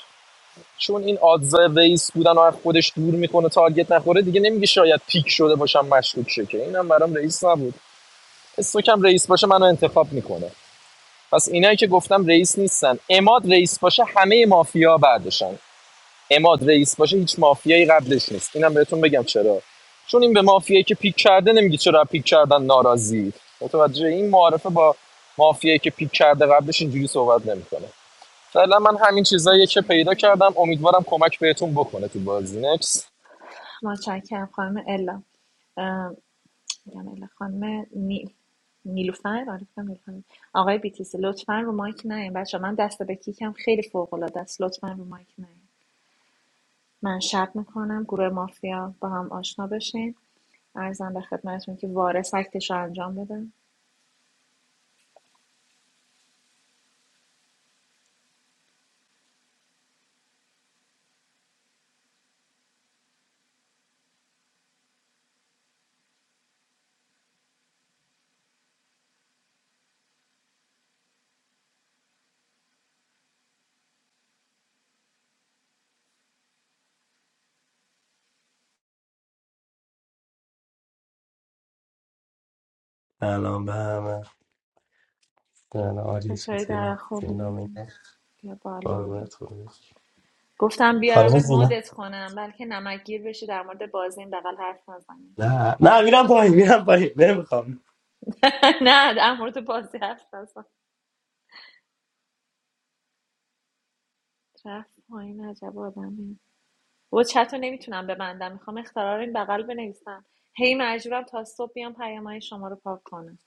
چون این آدز ریس بودن و از خودش دور میکنه تارگت نخوره دیگه نمیگه شاید پیک شده باشم مشکوک شه که اینم برام رئیس نبود استوکم رئیس باشه منو انتخاب میکنه پس اینایی که گفتم رئیس نیستن اماد رئیس باشه همه مافیا بعدشن اماد رئیس باشه هیچ مافیایی قبلش نیست اینم بهتون بگم چرا چون این به مافیایی که پیک کرده نمیگه چرا پیک کردن ناراضی متوجه این معارفه با مافیایی که پیک کرده قبلش اینجوری صحبت نمیکنه فعلا من همین چیزایی که پیدا
متشکرم
کردم امیدوارم کمک بهتون بکنه تو بازی نکس
متشکرم خانم الا میگم خانم نیل نیلوفر آره فکر کنم نیلوفر. آقای بیتیسی لطفا رو مایک نیاین بچه من دست به کیکم خیلی فوق العاده است لطفا رو مایک نیاین من شب میکنم گروه مافیا با هم آشنا بشین ارزم به خدمتتون که وارث اکتش رو انجام بدم
Album. I don't know. I just want
چطوری
to
در
film
خوبی
something.
بیا
What
بالا
about you?
گفتم
Do you
بیارمت
want to go?
مدت کنم بلکه نمکگیر بشی در مورد بازی این بغل حرف نزنی
No. No. We don't go. We don't go. We don't go.
نه در مورد بازی حرف نزن رفت پایین عجب آدمی و چت رو نمیتونم ببندم میخوام اختراع رو این بغل بنویسم هی مجبورم تا صبح بیام پیامهای شما رو پاک کنم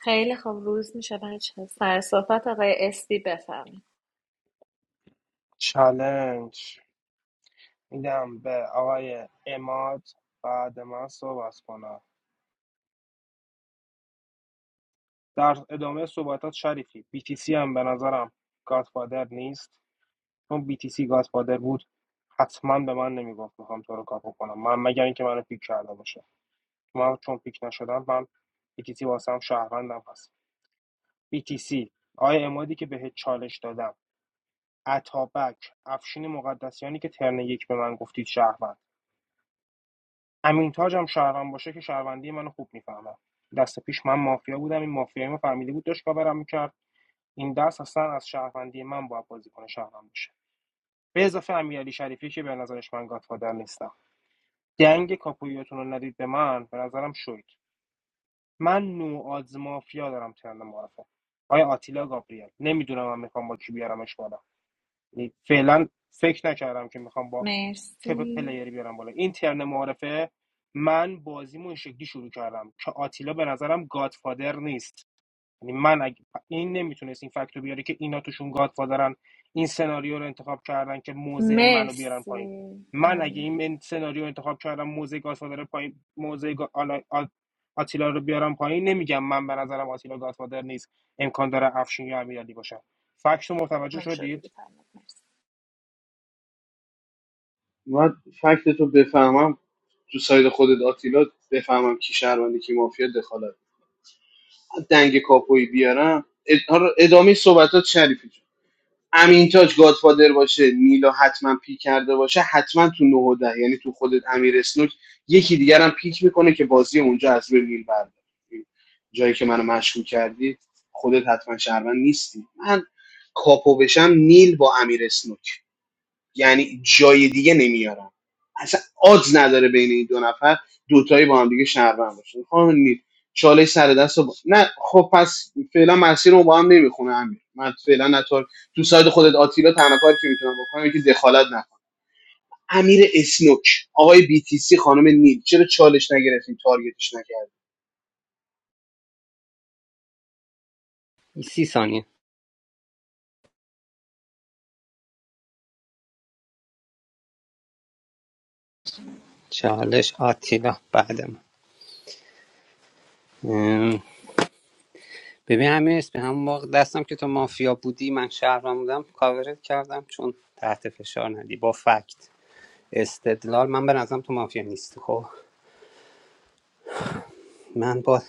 خیلی خوب روز میشه بچه سر صحبت آقای استی بفهمید
چالنج میدم به آقای اماد بعد من صحبت کنم در ادامه صحبتات شریفی BTC هم به نظرم گادفادر نیست چون BTC گادفادر بود حتما به من نمیگفت میخوام تو رو کاپو کنم من مگر اینکه منو پیک کرده باشه من چون پیک نشدم من BTC واسم شهروندم پس BTC آیا امادی که بهت چالش دادم عطابک افشین مقدسیانی که ترن یک به من گفتید شهروند امین تاج هم شهروند باشه که شهروندی منو خوب میفهمم دست پیش من مافیا بودم این مافیا فهمیده بود داشت کاورم می‌کرد. این دست اصلا از شهروندی من باید بازیکن شهروند باشه به اضافه امیرعلی شریفی که به نظرش من گادفادر نیستم دنگ کاپویاتون رو ندید به من به نظرم شوید من نو نوآز مافیا دارم ترن معرفه آیا آتیلا گابریل نمیدونم من میخوام با کی بیارمش بالا یعنی فعلا فکر نکردم که میخوام با تپ
مرسی
پلیری بیارم بالا این ترن معرفه من بازیمو این شکلی شروع کردم که آتیلا به نظرم گادفادر نیست یعنی من اگه این نمیتونست این فکت رو بیاره که اینا توشون گادفادرن این سناریو رو انتخاب کردن که موضع منو بیارن پایین
مرسی
من اگه
امیر
این من سناریو رو انتخاب کردم موضع گادفادر پایین موضع گا- آلا- آ- آتیلا رو بیارم پایین نمیگم من به نظرم آتیلا گادفادر نیست امکان داره افشین یا امیرعلی باشن فکت رو متوجه
ممنون شد
شدید
دیگه تایمت مرسی
من فکت تو بفهمم تو ساید خودت آتیلا بفهمم کی شهروندی کی مافیا دخالت دنگ کاپوی بیارم اد- آره، ادامه صحبتات شریفی جون. امین تاج گادفادر باشه میلا حتما پیک کرده باشه حتما تو نه و ده یعنی تو خودت امیر اسنوک یکی دیگر هم پیک میکنه که بازی اونجا از روی میل برداره جایی که منو مشکوک کردی خودت حتما شهروند نیستی من کاپو بشم نیل با امیر اسنوک یعنی جای دیگه نمیارم اصلا آدز نداره بین این دو نفر دوتایی با هم دیگه شهروند باشن خانم نیل چاله سر دست رو با... نه خب پس فعلا مسیر رو با هم نمیخونه امیر من فعلا نطور تو ساید خودت آتیلا تنها کاری که میتونم بکنم اینه که دخالت نکنم امیر اسنوک آقای بی تی سی خانم نیل چرا چالش نگرفتین تارگتش نکردین
سی ثانیه چالش آتیلا بعدم ام، ببین همین نیست به همون موقع دستم که تو مافیا بودی من شهرم بودم کاورت کردم چون تحت فشار ندی با فکت استدلال من به نظرم تو مافیا نیستی خب من با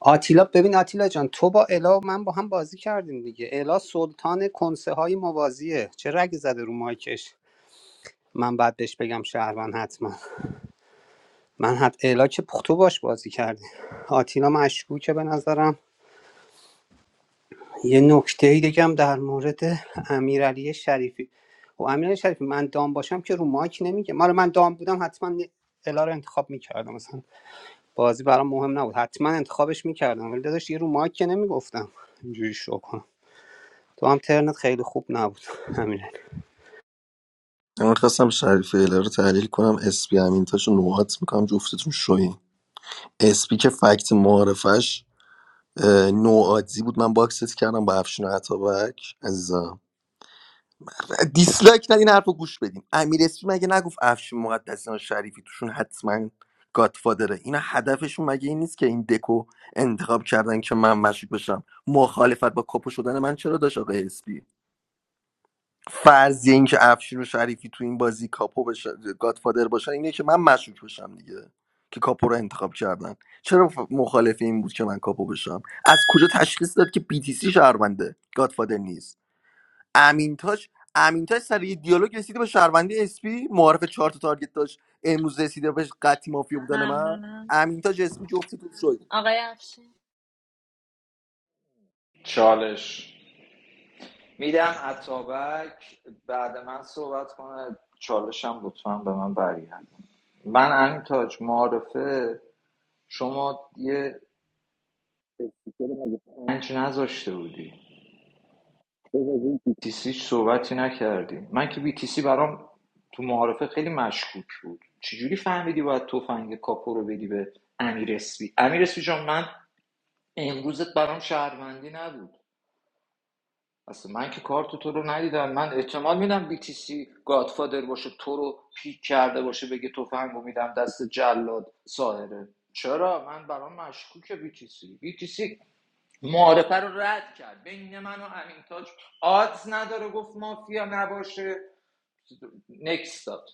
آتیلا ببین آتیلا جان تو با الا و من با هم بازی کردیم دیگه الا سلطان کنسه های موازیه چه رگ زده رو مایکش من بعد بهش بگم شهروند حتما من حت الا که پخ- تو باش بازی کردی آتیلا مشکوکه به نظرم یه نکته بگم در مورد امیرعلی شریفی و امیرعلی شریفی من دام باشم که رو مایک نمیگه مال من دام بودم حتما الا رو انتخاب میکردم مثلا بازی برام مهم نبود حتما انتخابش میکردم ولی داداش یه رو مایک که نمیگفتم اینجوری شو کنم تو هم ترنت خیلی خوب نبود امیرعلی
من خواستم شریف ایله رو تحلیل کنم اسپی همین تاشو نوعات میکنم جفتتون شوین اسپی که فکت معارفش اه، نوعادزی بود من باکست کردم با افشین عطابک عزیزم دیسلایک ندین حرف رو گوش بدین امیر اسپی مگه نگفت افشین مقدسیان شریفی توشون حتما گاتفادره اینا هدفشون مگه این نیست که این دکو انتخاب کردن که من مشکوک بشم مخالفت با کاپو شدن من چرا داشت آقای SP فرض اینکه افشین و شریفی تو این بازی کاپو بشه گادفادر باشن اینه که من مشکوک بشم دیگه که کاپو رو انتخاب کردن چرا ف- مخالف این بود که من کاپو بشم از کجا تشخیص داد که BTC شهرونده گادفادر نیست امین تاج امین تاج سر یه دیالوگ رسیده به شهروندی اسپی معارف چهار تا تارگت داشت امروز رسیده بهش قطعی مافیا بودن من
ممنونم
امین تاج اسپی جفتی تو شد
آقای افشین
چالش میدم اتابک بعد من صحبت کنه چالشم لطفا به من برگرد من امین تاج معارفه شما یه استیکر پنج نذاشته بودی تو از این BTC صحبتی نکردی من که BTC برام تو معارفه خیلی مشکوک بود چجوری فهمیدی باید تفنگ کاپو رو بدی به امیر اسپی امیر اسپی جان من امروزت برام شهروندی نبود اصلا من که کارت تو رو ندیدم من احتمال میدم BTC گادفادر باشه تو رو پیک کرده باشه بگه تفنگ رو میدم دست جلاد ساهره چرا من برام مشکوکه BTC BTC معارفه رو رد کرد بین من و امین تاج آدز نداره گفت مافیا نباشه نکس داد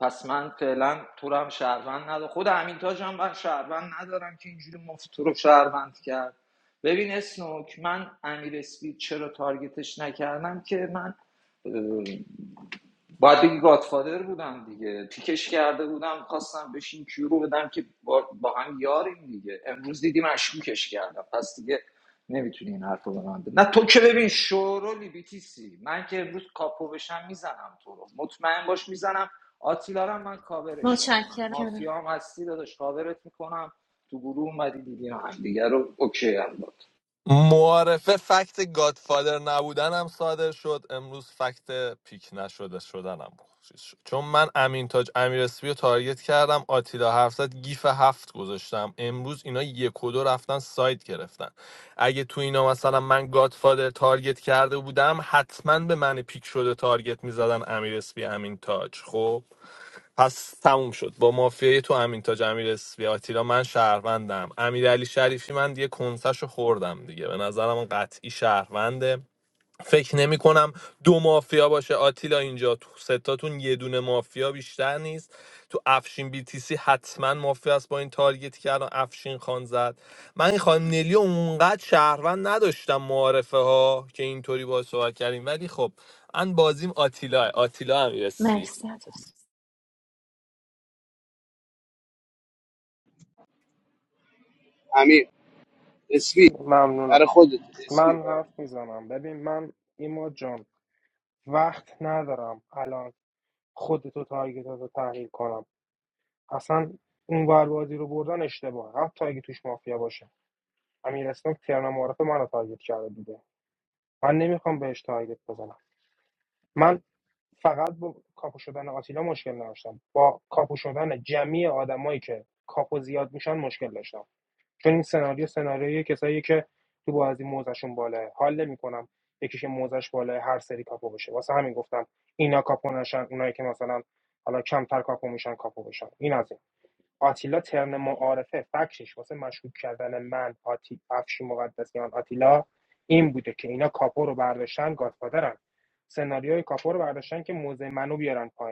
پس من فعلا تو رو هم شهروند ندارم خود امین تاج هم من شهروند ندارم که اینجوری مفت تو رو شهروند کرد ببین اسنوک من امیر اسپید چرا تارگتش نکردم که من باید بگی گادفادر بودم دیگه پیکش کرده بودم خواستم بشین کیو رو بدم که با, با هم یاریم دیگه امروز دیدی مشکوکش کردم پس دیگه نمیتونی این حرف رو به من بزنی. نه تو که ببین شورولی بیتیسی من که امروز کاپو بشم میزنم تو رو مطمئن باش میزنم آتیلارم من کاورش میکنم مافیا
متشکرم
هم هستی داداش کاورت میکنم تو گروه اومدی دیدیم هم دیگه رو اوکی هم
معارفه فکت گادفادر نبودنم صادر شد امروز فکت پیک نشده شدنم چیز شد. چون من امین تاج امیر اسپی رو تارگت کردم آتیلا حرف زد گیف هفت گذاشتم امروز اینا یک و دو رفتن سایت گرفتن اگه تو اینا مثلا من گادفادر تارگت کرده بودم حتما به من پیک شده تارگت میزدن امیر اسپی امین تاج خب پس تموم شد با مافیای تو امین تاج امیر اسفی آتیلا من شهروندم امیرعلی شریفی من دیگه کنسش خوردم دیگه به نظرم اون قطعی شهرونده فکر نمی کنم دو مافیا باشه آتیلا اینجا تو ستاتون یه دونه مافیا بیشتر نیست تو افشین بی تی سی حتما مافیا است با این تارگتی که الان افشین خان زد من این خانم نلی رو اونقدر شهروند نداشتم معارفه ها که اینطوری با صحبت کردیم ولی خب من بازیم آتیلا آتیلا امیر اسفی
مرسی اتفاق.
امیر اسپی
ممنونم
برای خودت اسپی
من
برای
حرف میزنم ببین من ایما جان وقت ندارم الان خودتو تارگتات رو تحلیل کنم اصلا اون ور بازی رو بردن اشتباه حتی اگه توش مافیا باشه امیر اسنوک ترن معرف منو رو تارگت کرده بوده من نمیخوام بهش تارگت بزنم من فقط با کاپو شدن آتیلا مشکل نداشتم با کاپو شدن جمعی آدمایی که کاپو زیاد میشن مشکل داشتم چون این سناریو سناریوی کسایی که تو بازی موزشون بالاه حال نمیکنم یکیش موزش بالاه هر سری کاپو بشه واسه همین گفتم اینا کاپو نشن اونایی که مثلا حالا کمتر کاپو میشن کاپو بشن این از این. آتیلا ترن معارفه فکشش واسه مشکوک کردن من آتی افشی مقدسیان آتیلا این بوده که اینا کاپو رو برداشتن گادفادرن سناریوی کاپو رو برداشتن که موزه منو بیارن پایین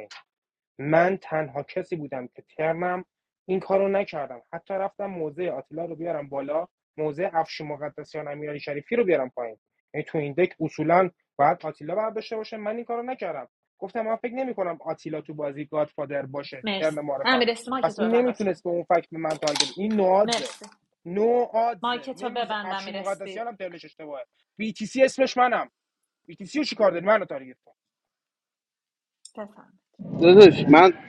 من تنها کسی بودم که ترنم این کارو نکردم حتی رفتم موزه آتیلا رو بیارم بالا موزه افش مقدسیان امیرعلی شریفی رو بیارم پایین یعنی تو این دک اصولا باید آتیلا برداشته باشه من این کارو نکردم گفتم من فکر نمیکنم آتیلا تو بازی گادفادر باشه ترن
مرسی
معرفم
امیر استی مایک
پس
تو
این
ببند لطفا
نمیتونست به اون فکر به من تارگت این نوادزه
مرسی
نو
مایک
آدزه
تو
نمیز
ببند
افش
امیر استی
مقدسیان هم ترنش اشتباهه بی تی سی اسمش منم بی تی سی رو چیکار داری منو تارگت کن
بفهم
داداش من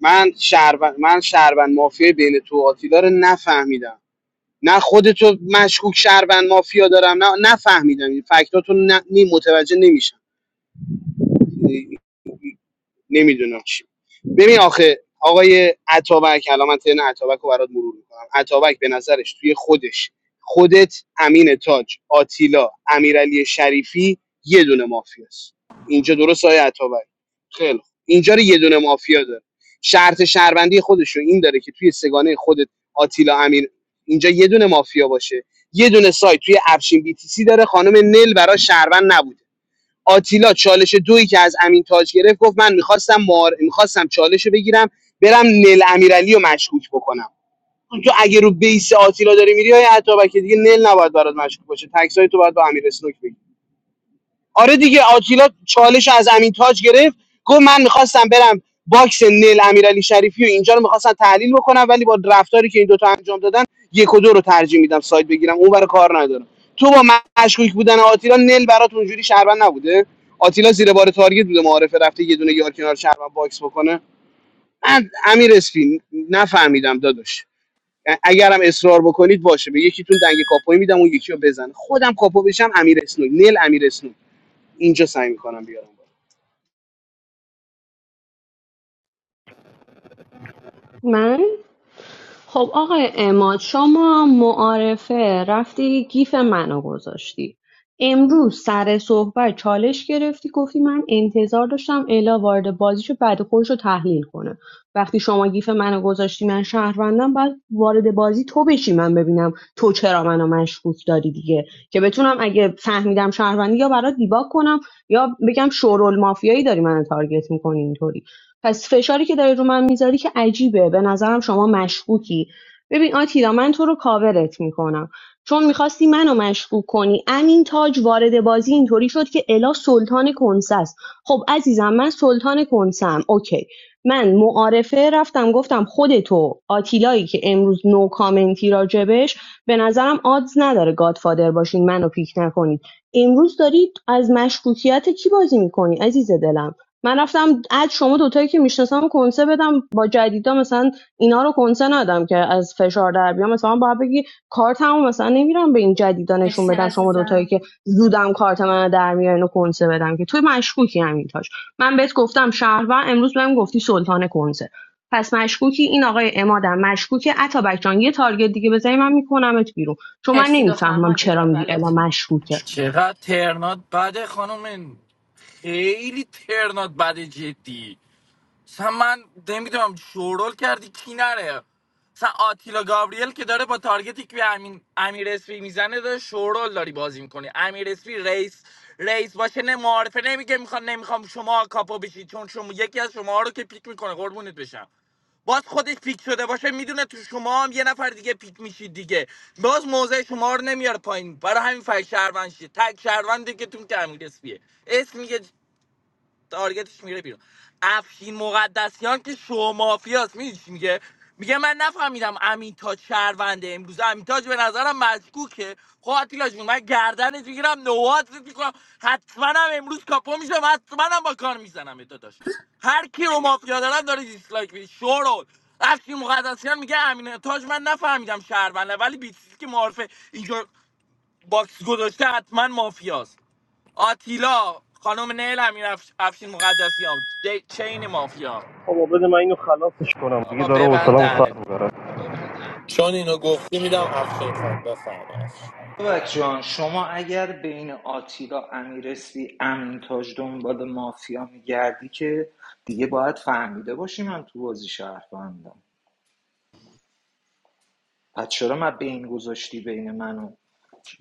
من شهروند من شهروند مافیای بین تو و آتیلا رو نفهمیدم نه خودتو مشکوک شهروند مافیا دارم نه نفهمیدم این فکتاتو نه نی- متوجه نمیشم نمیدونم چی ببین آخه آقای عطابک الان من ترن عطابک رو برات مرور میکنم عطابک به نظرش توی خودش خودت امین تاج آتیلا امیرعلی شریفی یه دونه مافیاست اینجا درست آقای عطابک خیلی خوب. اینجا رو یه دونه مافیا داره شرط شهروندی خودش رو این داره که توی سگانه خودت آتیلا امیر اینجا یه دونه مافیا باشه یه دونه سایت توی افشین بی تی سی داره خانم نل برای شهروند نبوده آتیلا چالش دویی که از امین تاج گرفت گفت من میخواستم مار... میخواستم چالش رو بگیرم برم نل امیرعلی رو مشکوک بکنم تو اگه رو بیس آتیلا داری میری های عطابک دیگه نل نباید برات مشکوک باشه تکسای تو باید با امیر اسنوک بگیری. آره دیگه آتیلا چالش از امین تاج گرفت گفت من میخواستم برم باکس نل امیرعلی شریفی و اینجا رو میخواستم تحلیل بکنم ولی با رفتاری که این دوتا انجام دادن یک و دو رو ترجیح میدم سایت بگیرم اون برای کار ندارم تو با مشکوک بودن آتیلا نل برات اونجوری شهروند نبوده آتیلا زیر بار تارگت بوده معارفه رفته یه دونه یار کنار شهروند باکس بکنه من امیر اسفی نفهمیدم داداش اگرم اصرار بکنید باشه به یکیتون دنگ کاپوی میدم اون یکی رو بزنه خودم کاپو بشم امیر اسنوی نل امیر اسنوی اینجا سعی میکنم بیارم
من خب آقای اماد شما معارفه رفتی گیف منو گذاشتی امروز سر صحبت چالش گرفتی گفتی من انتظار داشتم الا وارد بازیشو بعد خودش رو تحلیل کنه وقتی شما گیف منو گذاشتی من شهروندم بعد وارد بازی تو بشی من ببینم تو چرا منو مشکوک داری دیگه که بتونم اگه فهمیدم شهروندی یا برات دیباک کنم یا بگم شورول مافیایی داری منو تارگت میکنی اینطوری پس فشاری که داری رو من میذاری که عجیبه به نظرم شما مشکوکی ببین آتیلا من تو رو کاورت میکنم چون میخواستی منو مشکوک کنی امین تاج وارد بازی اینطوری شد که الا سلطان کنسه است خب عزیزم من سلطان کنسم اوکی من معارفه رفتم گفتم خودتو آتیلایی که امروز نو کامنتی راجبش به نظرم آدز نداره گادفادر باشین منو پیک نکنید امروز دارید از مشکوکیت کی بازی میکنی عزیز دلم من رفتم از شما دوتایی که میشناسم کنسه بدم با جدیدا مثلا اینا رو کنسه ندم که از فشار در بیام مثلا باید بگی کارتمو مثلا نمیرم به این جدیدا نشون
مرسی
بدم شما دوتایی
عزیزم
که زودم کارت من در میارین و کنسه بدم که توی مشکوکی همین تاش من بهت گفتم شهروند امروز بهم گفتی سلطان کنسه پس مشکوکی این آقای امادم مشکوکه عطا جان یه تارگت دیگه بزنی من میکنمت بیرون چون من
مرسی دخترم
نمیفهمم
مایک تو
چرا میگی
ببند
الا
لطفا
مشکوکه
چقدر ترنات بده خانم خیلی ترنات بده جدی مثلا من نمیدونم شورول کردی کی نره مثلا آتیلا گابریل که داره با تارگتی که به امین امیر اسپی میزنه داره شورول داری بازی میکنی امیر اسپی رئیس رئیس باشه نه معارفه نمیگه میخوام نمیخوام شما کاپو بشید چون شما یکی از شما رو که پیک میکنه قربونت بشم باز خودش پیک شده باشه میدونه تو شما هم یه نفر دیگه پیک میشید دیگه باز موضع شما رو نمیاره پایین برای همین فای شهروند شید تک شهروند دیگه تون که امیر اسپیه اسم میگه تارگتش میره بیرون افشین مقدسیان که شو مافیاست میدونی چی میگه میگه من نفهمیدم امین تاج شهرونده امروز امین تاج به نظرم مشکوکه خب آتیلا جون من گردنت میگیرم نوات میکنم حتما هم امروز کاپو میشم حتما هم با کار میزنم داداش هر کی رو مافیا دارم داره دیسلایک میده شورول افشین مقدسیان میگه امین تاج من نفهمیدم شهرونده ولی بیتیسی که معارفه اینجا باکس گذاشته حتما مافیاست آتیلا خانم نیل امیر افش- افشین مقدسیان دی- چین مافیا
بابا بده من اینو خلاصش کنم دیگه
بابا
داره
ببند
حوصله‌مو سر
دهنت
میبره
چون اینو گفتی میدم افشین خان بفهم افشین
بابک جان شما اگر بین آتیلا امیرسی امینتاج دنبال مافیا میگردی که دیگه باید فهمیده باشی من تو بازی شهروندم پس چرا من بین گذاشتی بین منو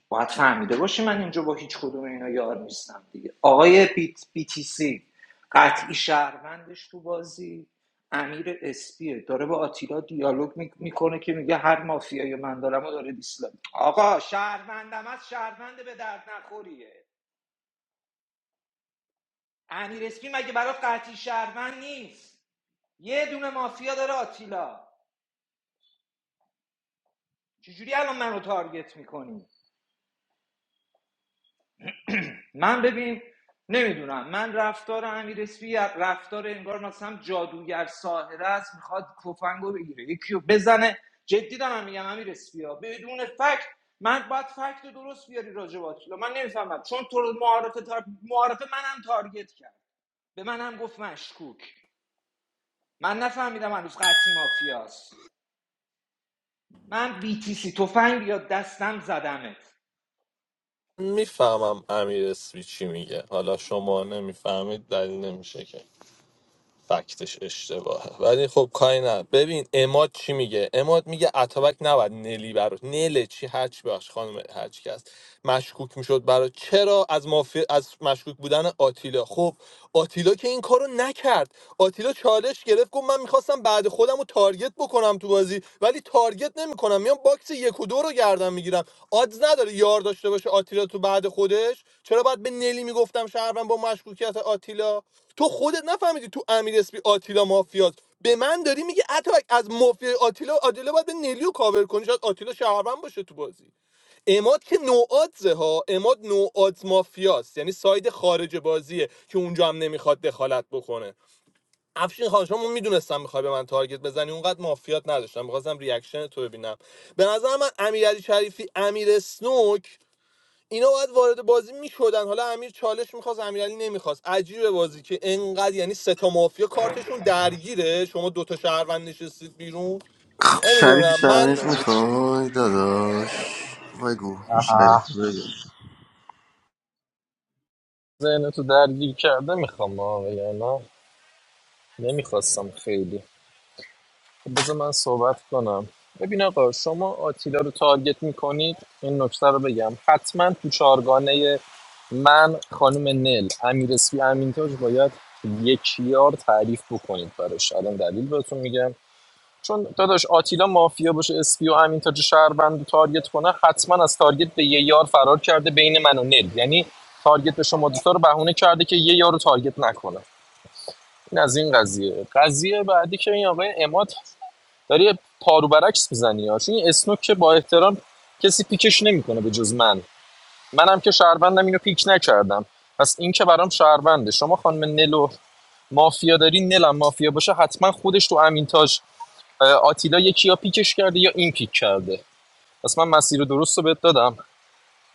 باید فهمیده باشی من اینجا با هیچ کدوم اینا یار نیستم دیگه آقای بیت بی تی سی قطعی شهروندش تو بازی امیر اسپیه داره با آتیلا دیالوگ می- میکنه که میگه هر مافیایی من دارم و داره دیسلایک آقا شهروندم از شهروند به درد نخوریه امیر اسپی مگه برات قطعی شهروند نیست یه دونه مافیا داره آتیلا چجوری الان منو تارگت میکنی من ببین نمیدونم من رفتار امیر اسپی رفتار انگار مثلا جادوگر ساحره است میخواد تفنگو بگیره یکی رو بزنه جدی دارم میگم امیر اسپی ها بدون فکت من باید فکت رو درست بیاری راجع به آتیلا من نمیفهمم چون تو رو معارفه تار... معارفه منم تارگت کرد به منم گفت مشکوک من نفهمیدم هنوز قطعی مافیاست من بیتیسی تفنگ یا دستم زدمت
میفهمم امیر اسمی چی میگه حالا شما نمیفهمید دلیل نمیشه که فکتش اشتباهه ولی خب کاری نه ببین اماد چی میگه اماد میگه اتابک نباید نلی برات نله چی هرچی باش خانم هرچی که هست مشکوک میشد برات چرا از مافی... از مشکوک بودن آتیلا خب آتیلا که این کارو نکرد آتیلا چالش گرفت گفت من میخواستم بعد خودم رو تارگت بکنم تو بازی ولی تارگت نمیکنم میام باکس یک و دو رو گردن میگیرم آدز نداره یار داشته باشه آتیلا تو بعد خودش چرا باید به نلی میگفتم شهروند با مشکوکیت آتیلا تو خودت نفهمیدی تو امیر اسپی آتیلا مافیاست به من داری میگه اتابک از مافیا آتیلا آتیلا باید به نلیو کاور کنی شاید آتیلا شهروند باشه تو بازی اماد که نوآدزه ها اماد نوآدز مافیاست یعنی ساید خارج بازیه که اونجا هم نمیخواد دخالت بکنه افشین خان شما میدونستم میخوای به من تارگت بزنی اونقدر مافیات نداشتم میخواستم ریاکشن تو ببینم به نظر من امیرعلی شریفی امیر اسنوک اینا باید وارد بازی میشدن حالا امیر چالش میخواست امیرعلی نمیخواست عجیبه بازی که انقدر یعنی سه تا مافیا کارتشون درگیره شما دوتا شهروند نشستید بیرون
خب شریفی
نمیدونم
چالش
من
میخوای داداش بگو شریفی بگو
ذهن تو درگیر کرده میخوام آقا یا نه نمیخواستم خیلی خب بذار من صحبت کنم ببین آقا شما آتیلا رو تارگت میکنید این نکته رو بگم حتما تو چارگانه من خانم نل امیر اسفی امینتاج باید یک یار تعریف بکنید براش الان دلیل بهتون میگم چون داداش آتیلا مافیا باشه اسپیو و تاج شهروند رو تارگت کنه حتما از تارگت به یه یار فرار کرده بین من و نل یعنی تارگت به شما دوتا رو بهونه کرده که یه یارو رو تارگت نکنه این از این قضیه قضیه بعدی که این آقای اماد داره پارو برعکس میزنی ها، چون این اسنوک که با احترام کسی پیکش نمیکنه به جز من منم که شهروندم اینو پیک نکردم پس این که برام شهرونده شما خانم نلو مافیا داری نلم مافیا باشه حتما خودش تو امینتاج آتیلا یکی یا پیکش کرده یا این پیک کرده پس من مسیر درست رو بهت دادم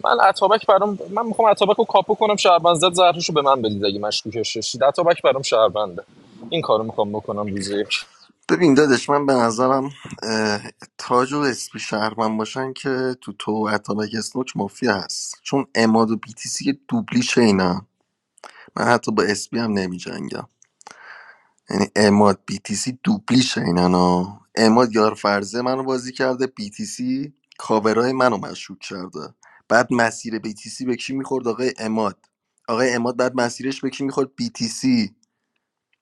من اتابک برام من میخوام اتابک رو کاپو کنم شهروند زد زهرش به من بدید اگه مشکوکش داشتید اتابک برام شهرونده این کارو میخوام بکنم روز یک
ببین دادش من به نظرم اه، تاج و اسپی شهرمن باشن که تو تو و اتابک اسنوک مافیا هست چون اماد و بیتیسی که دوبلی شینن من حتی با اسپی هم نمی جنگم یعنی اماد بیتیسی دوبلی شینن ها اماد یار فرزه منو بازی کرده بیتیسی کاورای منو مشکوک کرده بعد مسیر بیتیسی به کی میخورد آقای اماد آقای اماد بعد مسیرش به کی میخورد بیتیسی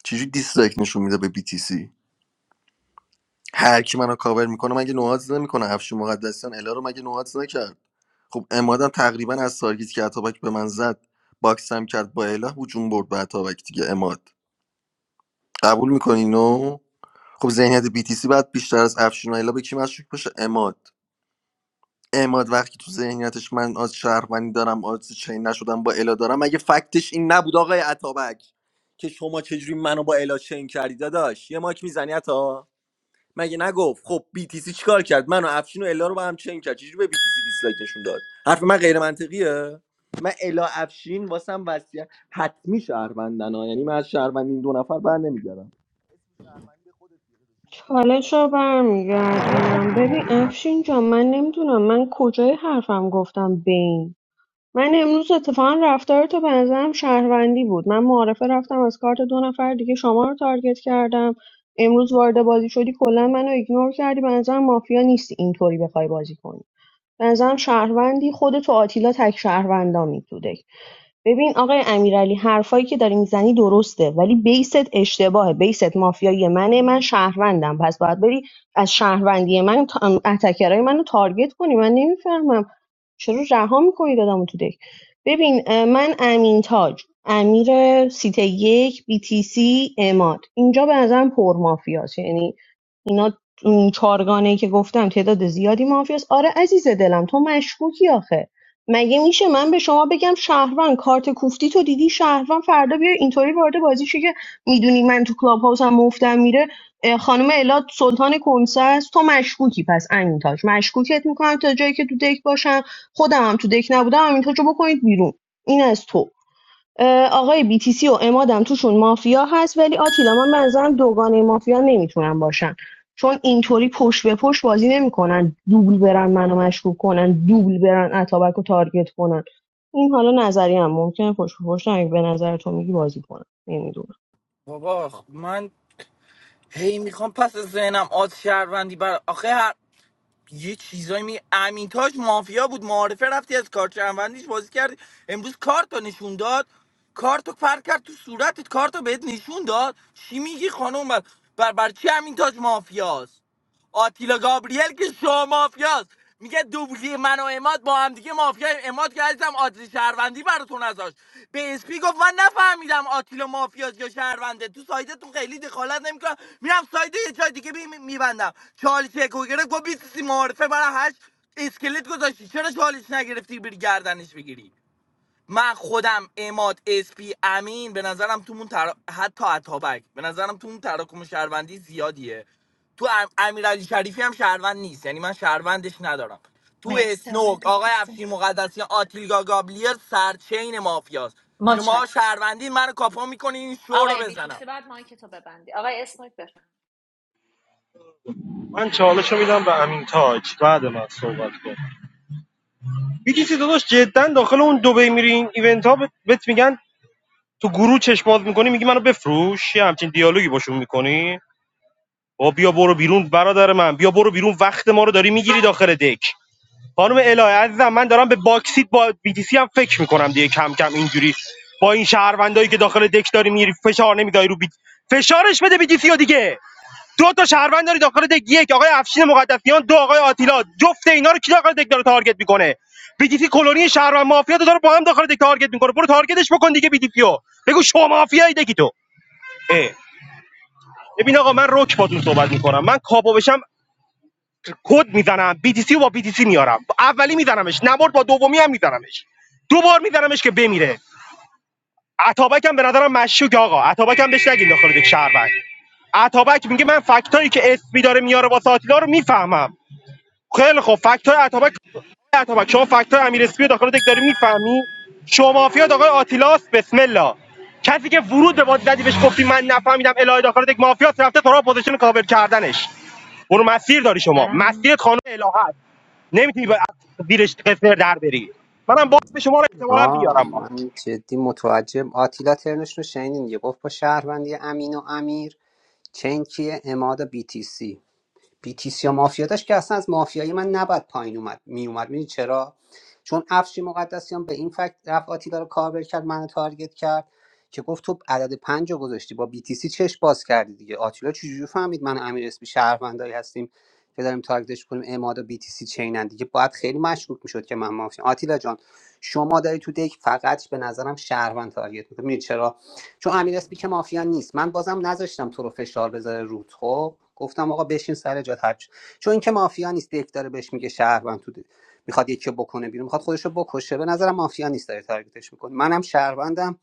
چجوری دیسلایک نشون میده به بیتیسی هر کی منو کاور میکنه مگه نوهات نمیکنه افشین مقدسیان الا رو مگه نوهات نکرد خب امادم تقریبا از تارگیت که اتابک به من زد باکسم کرد با اله هجوم برد به اتابک دیگه اماد قبول میکنی نو خب ذهنیت بیتیسی بعد بیشتر از افشین و اله به کی مشکوک باشه اماد اماد وقتی تو ذهنیتش من از شهروندی دارم از چین نشدم با الا دارم مگه فکتش این نبود آقای اتابک که شما چجوری منو با الا چین کردی داداش یه ماک میزنی مگه نگفت خب BTC چیکار کرد منو و افشین و الا رو با هم چنگ کرد چجوری به BTC دیسلایک نشون داد حرف من غیر منطقیه من الا افشین واسم وصیت حتمی شهروندن ها یعنی من از شهروند این دو نفر بر نمیگردم
چالش رو برمیگردونم ببین افشین جان من نمیدونم من کجای حرفم گفتم بین من امروز اتفاقا رفتار تو به نظرم شهروندی بود من معارفه رفتم از کارت دو نفر دیگه شما رو تارگت کردم امروز وارد بازی شدی کلا منو ایگنور کردی به نظرم مافیا نیستی اینطوری بخوای بازی کنی به نظرم شهروندی خود تو آتیلا تک شهروندامی تو دک. ببین آقای امیرعلی حرفایی که داری میزنی درسته ولی بیست اشتباهه بیست مافیایی منه من شهروندم پس باید بری از شهروندی من تا- اتکرای منو تارگت کنی من نمیفهمم چرا رها میکنید آدمو تو دک ببین من امین تاج امیر سیت یک بی تی سی اماد اینجا به نظرم پر مافیاست یعنی اینا اون چارگانه که گفتم تعداد زیادی مافیاست آره عزیز دلم تو مشکوکی آخه مگه میشه من به شما بگم شهروند کارت کوفتی تو دیدی شهروند فردا بیا اینطوری وارد بازی شی که میدونی من تو کلاب هاوسم مفتم میره اه، خانم الاد سلطان کنسه است تو مشکوکی پس امین تاج مشکوکت میکنم تا جایی که تو دک باشم خودم هم تو دک نبودم همینطور جو بکنید بیرون این از تو اه، آقای BTC و امادم توشون مافیا هست ولی آتیلا من به نظرم دوگانه مافیا نمیتونن باشن چون اینطوری پشت به پشت بازی نمیکنن دوبل برن منو مشکوک کنن دوبل برن اتابک رو تارگت کنن این حالا نظری هم ممکنه پشت به پشت هم به نظر تو میگی بازی کنن نمیدونم
بابا خ- من هی میخوام پس از ذهنم آز شهروندی بر آخه هر یه چیزایی می امین تاج مافیا بود معارفه رفتی از کارت شهروندیش بازی کردی امروز کارتو نشون داد کارتو پر کرد تو صورتت کارتو بهت نشون داد چی میگی خانم بر بر, بر چی امین تاج مافیاست آتیلا گابریل که شما مافیاست میگه دوبلی من و اماد با هم دیگه مافیا اماد که عزیزم آدرس شهروندی براتون نذاشت به اسپی گفت من نفهمیدم آتیلا مافیاست یا شهرونده تو سایدتون خیلی دخالت نمیکنم میرم ساید یه جای دیگه میبندم چالی چکو گرفت گفت بیسیسی معارفه برای هشت اسکلت گذاشتی چرا چالش نگرفتی بری گردنش بگیری من خودم اماد اسپی امین به نظرم تو اون تر... حتی اتابک به نظرم تو اون تراکم شهروندی زیادیه تو ام... امیرعلی شریفی هم شهروند نیست یعنی من شهروندش ندارم تو
مرسی آقای
اسنوک آقای
بیتیسی
افشین مقدسیان آتیلگا گابلیر سرچین مافیاست شما
متشکرم
شهروندی منو کاپا میکنین این شو رو
آقای
بزنم
بیتیسی بعد مایک تو ببندی آقای اسمک
من چالشو میدم به امین تاج بعد من صحبت کن بیتیسی داداش جدا داخل اون دبی میرین ایونت ها بهت میگن تو گروه چشم باز میکنی میگی منو بفروش یه همچین دیالوگی باشون میکنی با بیا برو بیرون برادر من بیا برو بیرون وقت ما رو داری میگیری داخل دک خانم الهه عزیزم من دارم به باکسیت با بیتیسی هم فکر میکنم دیگه کم کم اینجوری با این شهروندایی که داخل دک داری میری فشار نمیداری رو بیت فشارش بده بیتیسی ها دیگه دو تا شهروند داری داخل دک یک آقای افشین مقدسیان دو آقای آتیلا جفت اینا رو کی داخل دک داره تارگت میکنه بیتیسی کلونی شهروند مافیا رو داره با هم داخل دک تارگت میکنه برو تارگتش بکن دیگه بیتیسی رو بگو شما مافیایی دکی تو اه. ببین آقا من رک باتون صحبت میکنم من کاپو بشم کد میزنم بی تی سی و با بی تی سی میارم اولی میزنمش نبرد با دومی هم میزنمش دو بار میزنمش که بمیره عطابک هم به نظرم مشکوک آقا عطابک هم بهش نگین داخل یک شهروند عطابک میگه من فکتایی که اسمی داره میاره با ساتیلا رو میفهمم خیلی خب فکت های اتابک اتابک شما فکت امیر اسپی رو داخل دک داری میفهمی شما مافیات آقای آتیلاس بسم الله کسی که ورود به بازی زدی بهش گفتی من نفهمیدم الهه داخل دک مافیات رفته تو را پوزیشن کاور کردنش برو مسیر داری شما
بفهم
مسیرت خانم الهه است نمیتونی با زیرش قصر در بری منم باز به شما رو احتمالاً
آه
بیارم با.
من جدی متوجه آتیلا ترنش رو شنیدین یه گفت با شهروندی امین و امیر چین کیه اماد بی تی سی. بیتیسیا مافیا داشت که اصلا از مافیایی من نباید پایین اومد میومد میدونی چرا چون افشی مقدسیان به این فکت رفت آتیلا رو کاور کرد منو تارگت کرد که گفت تو عدد پنج رو گذاشتی با بیتیسی چش باز کردی دیگه آتیلا چجوری فهمید من و امیر اسمی شهروندایی هستیم که داریم تارگتش کنیم اماد و بیتیسی چینن دیگه باید خیلی مشکوک میشد که من مافیا آتیلا جان شما داری تو دک فقط به نظرم شهروند تارگت میکنی چون امیر اسپی که مافیا نیست من بازم نذاشتم تو رو فشار بذاره روت خب گفتم آقا بشین سر جات هر چی- چون اینکه مافیا نیست یک داره بهش میگه شهروند تو میخواد یکی رو بکنه بیرون میخواد خودش رو بکشه به نظرم مافیا نیست داره تارگتش میکنه منم شهروندم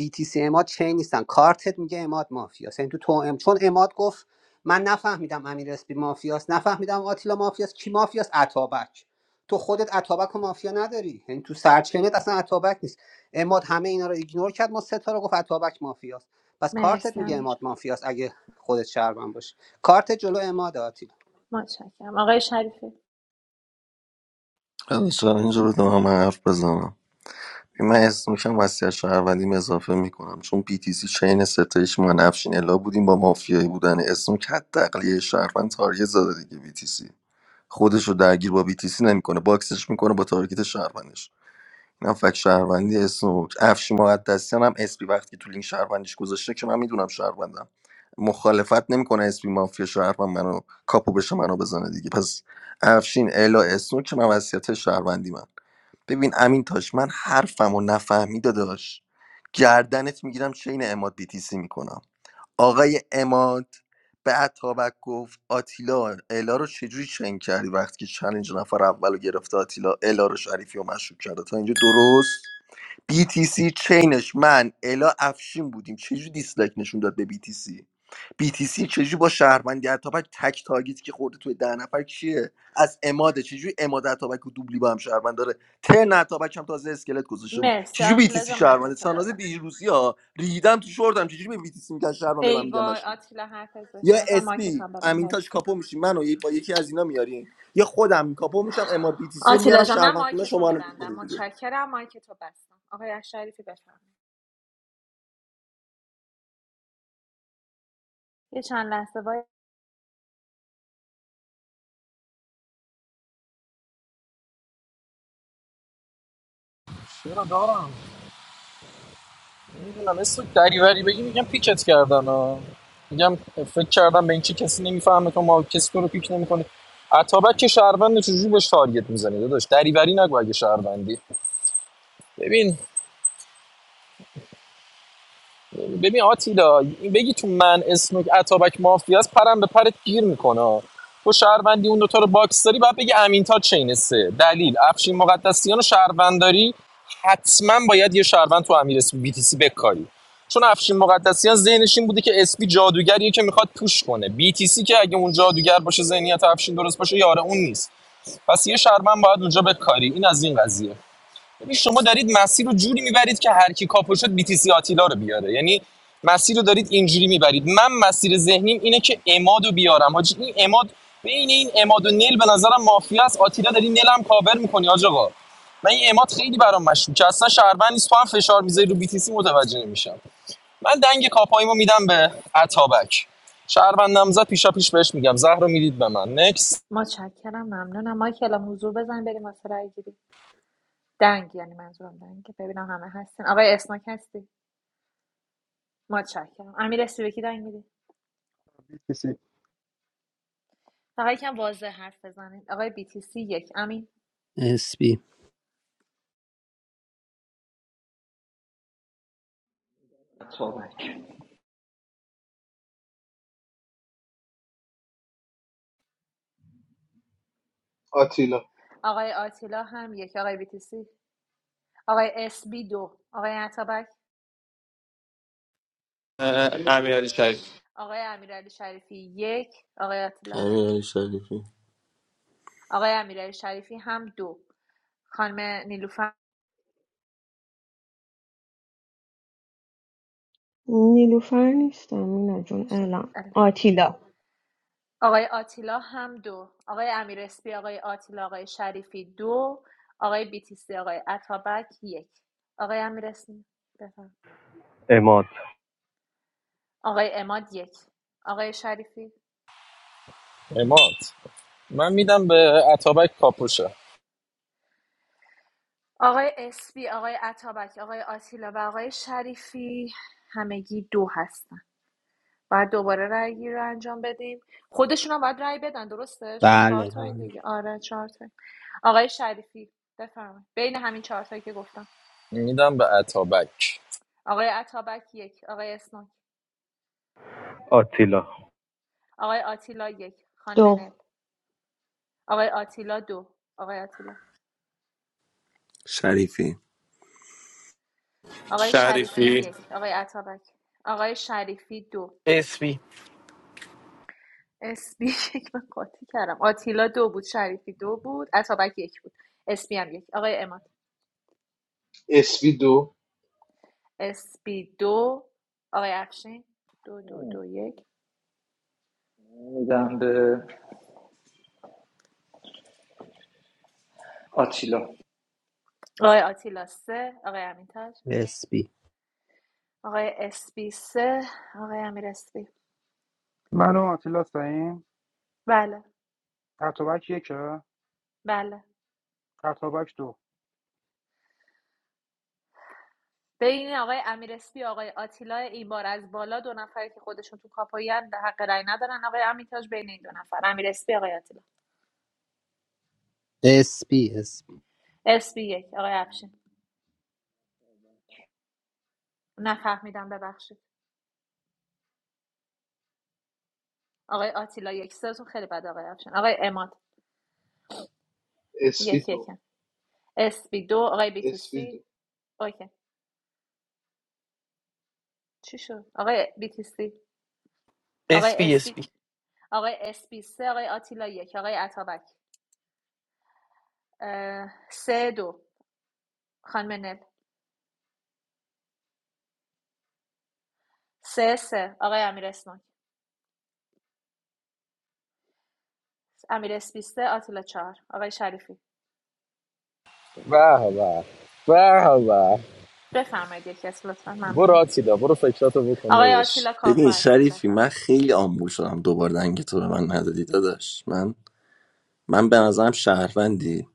BTC اماد چین نیستن کارتت میگه اماد مافیاست یعنی تو تو چون اماد گفت من نفهمیدم امیر اسپی مافیاست نفهمیدم آتیلا مافیاست کی مافیاست اتابک تو خودت اتابک و مافیا نداری یعنی تو سرچینت اصلا اتابک نیست اماد همه اینا رو ایگنور کرد ما سه تا رو گفت اتابک مافیاست پس کارتت
مرسی
میگه
همین
اماد
جان
مافیاست اگه خودت شهروند باشی کارت جلو اماد آتیلا
متشکرم آقای شریفی
حالا چرا اینجا رو من حرف بزنم من اسم میشم وسیع شهروندیم اضافه میکنم چون PTC چین ستایش من افشین الا بودیم با مافیایی بودن اسم که تقلیه شهروند تارگت زده دیگه BTC خودش رو درگیر با BTC نمیکنه باکسش میکنه با تارگت شهروندش نه فکر شهروندی اسنوک افشی مقدسیان هم اسپی وقتی تو لینک شهروندیش گذاشته که من میدونم شهروندم مخالفت نمیکنه اسپی مافیا شهروند منو کاپو بشه منو بزنه دیگه پس افشین الا اسنوک که من وصیت شهروندی من ببین امین تاش من حرفمو نفهمی داداش گردنت میگیرم چین اماد بیتیسی میکنم آقای اماد به اتابک گفت آتیلا الا رو چجوری چنگ کردی وقتی که چلنج نفر اول رو گرفته آتیلا الا رو شریفی و مشروع کرده تا اینجا درست BTC چینش من الا افشین بودیم چجوری دیسلایک نشون داد به BTC BTC چجوری با شهروندی اتابک تک تاگیت که خورده توی ده نفر کیه از اماده چجوری اماده اتابک و دوبلی با هم شهروند داره ترن اتابک هم تازه اسکلت گذاشته بود
مرسی
چجوری
آتیلا
BTC
جان مایک
شهرونده
تو
سانازه
ببند
دیروسی ها ریدم تو شوردم چجوری به BTC میگن شهروند به من
ای
میگن
وای
مشکوک
آتیلا حرف
یا
ازش نزن
SP
مایکت هم ببند
امینتاش
مرسی
کاپو میشیم منو یه- با یکی از اینا میارین یا خودم کاپو میشم اما BTC رو
آتیلا
میارم
جان من
شهروند خونه
مایک تو
شما رو می‌کنه
میبندم
دیگه.
متشکرم مایک تو بستم آقای شریفی بفهم یه چند لحظه وای
چرا دارم نمیدونم اسم دریوری بگی میگم پیکت کردن ها. میگم فکر کردم به این چی کسی نمیفهمه تو ما کسی تو رو پیک نمیکنه اتابک که شهروند چجوری بهش تارگت میزنی داداش دریوری نگو اگه شهروندی ببین ببین آتیلا بگی تو من اسنوک اتابک مافیاس پرم به پرت گیر میکنه تو شهروندی اون دوتا رو باکس داری باید بگی امین تا چین سه دلیل افشین مقدسیان و شهرونداری حتما باید یه شهروند تو امیر اسمی بی تی سی بکاری چون افشین مقدسیان ذهنش این بوده که اسپی جادوگریه که میخواد پوش کنه بی تی سی که اگه اون جادوگر باشه ذهنیت افشین درست باشه یاره اون نیست پس یه شهروند باید اونجا بکاری این از این قضیه یعنی شما دارید مسیر رو جوری میبرید که هر کی کاپو شد بیتیسی آتیلا رو بیاره یعنی مسیر رو دارید اینجوری میبرید من مسیر ذهنیم اینه که اماد بیارم حاجی این اماد بین این اماد و نیل به نظرم مافیا است آتیلا داری نیلم کاور میکنی حاج آقا من این اماد خیلی برام مشکوک که اصلا شهروند نیست تو هم فشار میذاری رو بیتیسی متوجه نمیشم من دنگ کاپاییمو میدم به عطابک شهروندم نامزد پیشا پیش بهش میگم زهر میدید به من نکس
متشکرم ممنونم مایک الان حضور بزن بریم واسه رای گیری دنگ یعنی منظورم دنگ ببینم همه هستین آقای اسمک هستی متشکرم امیر اسمی به کی دنگ می‌دی؟
کسی
آقای یکم واضح حرف بزنید آقای BTC یک امین
اسپی
بابک
آتیلا
آقای آتیلا هم یک آقای BTC آقای اسبی دو آقای عطابک
امیرعلی شریف
آقای امیرعلی شریفی یک آقای آتیلا
همین علی شریفی
آقای امیرعلی شریفی هم دو خانم نیلوفر
نیلوفر نیستم مینا جون الان آتیلا
آقای آتیلا هم دو آقای امیر اسبی آقای آتیلا آقای شریفی دو آقای BTC آقای عطابک یک آقای امیر اسمی بفرمایید.
اماد
آقای اماد یک آقای شریفی
اماد من میدم به عطابک کاپوشه
آقای اسبی آقای عطابک آقای آتیلا و آقای شریفی همگی دو هستن بعد دوباره رأی گیری رو انجام بدیم خودشون هم باید رأی بدن درسته چون چهار
بله
تا این
بله
دیگه آره چهار تا آقای شریفی بفرمایید بین همین چهار تایی که گفتم
میدم به عطابک
آقای عطابک یک آقای اسناک آقای آتیلا یک خانم
دو
نل آقای آتیلا دو آقای آتیلا آقای شریفی
شریفی
یک آقای عطابک آقای شریفی دو
اسپی
اسبی یک من قاطی کردم آتیلا دو بود شریفی دو بود اتابک یک بود اسبی هم یک آقای اماد
اسپی دو
اسبی دو آقای افشین دو دو دو یک
میدم به آتیلا
آقای آتیلا سه آقای امینتاج
اسپی
آقای اسبی سه آقای امیر اسبی
منو آتیلا سعیم
بله
اتوبک یکه
بله
خطابک دو
بین آقای امیر اسبی آقای آتیلا این بار از بالا دو نفری که خودشون تو کاپوی حق رأی ندارن آقای امینتاج بین این دو نفر امیر اسبی آقای آتیلا
اسپی اسپی
اسبی یک آقای افشین نفهمیدم ببخشید آقای آتیلا یک سازون خیلی بد آقای افشان آقای اماد
اسپی
یک
دو
یکم اسپی دو آقای
اسپی دو
بیتیسی اوکی چی شد آقای بیتیسی آقای
اسپی
اسپی
اسپی
آقای اسپی سه آقای آتیلا یک آقای عطابک اه، سه دو خانم نل سه سه آقای امیر اسماک امیر اسپی سه آتیلا چهار آقای شریفی
به به به به
بفرمایید یکی از لطفا
برو
ممنونم
آتیلا برو فکراتو بکن
آقای
داداش
آتیلا کاپو
ببین
هستیم
شریفی من
بفرمایید
خیلی آمبول شدم دوبار دنگ تو به من ندادی داداش من من به نظرم شهروندی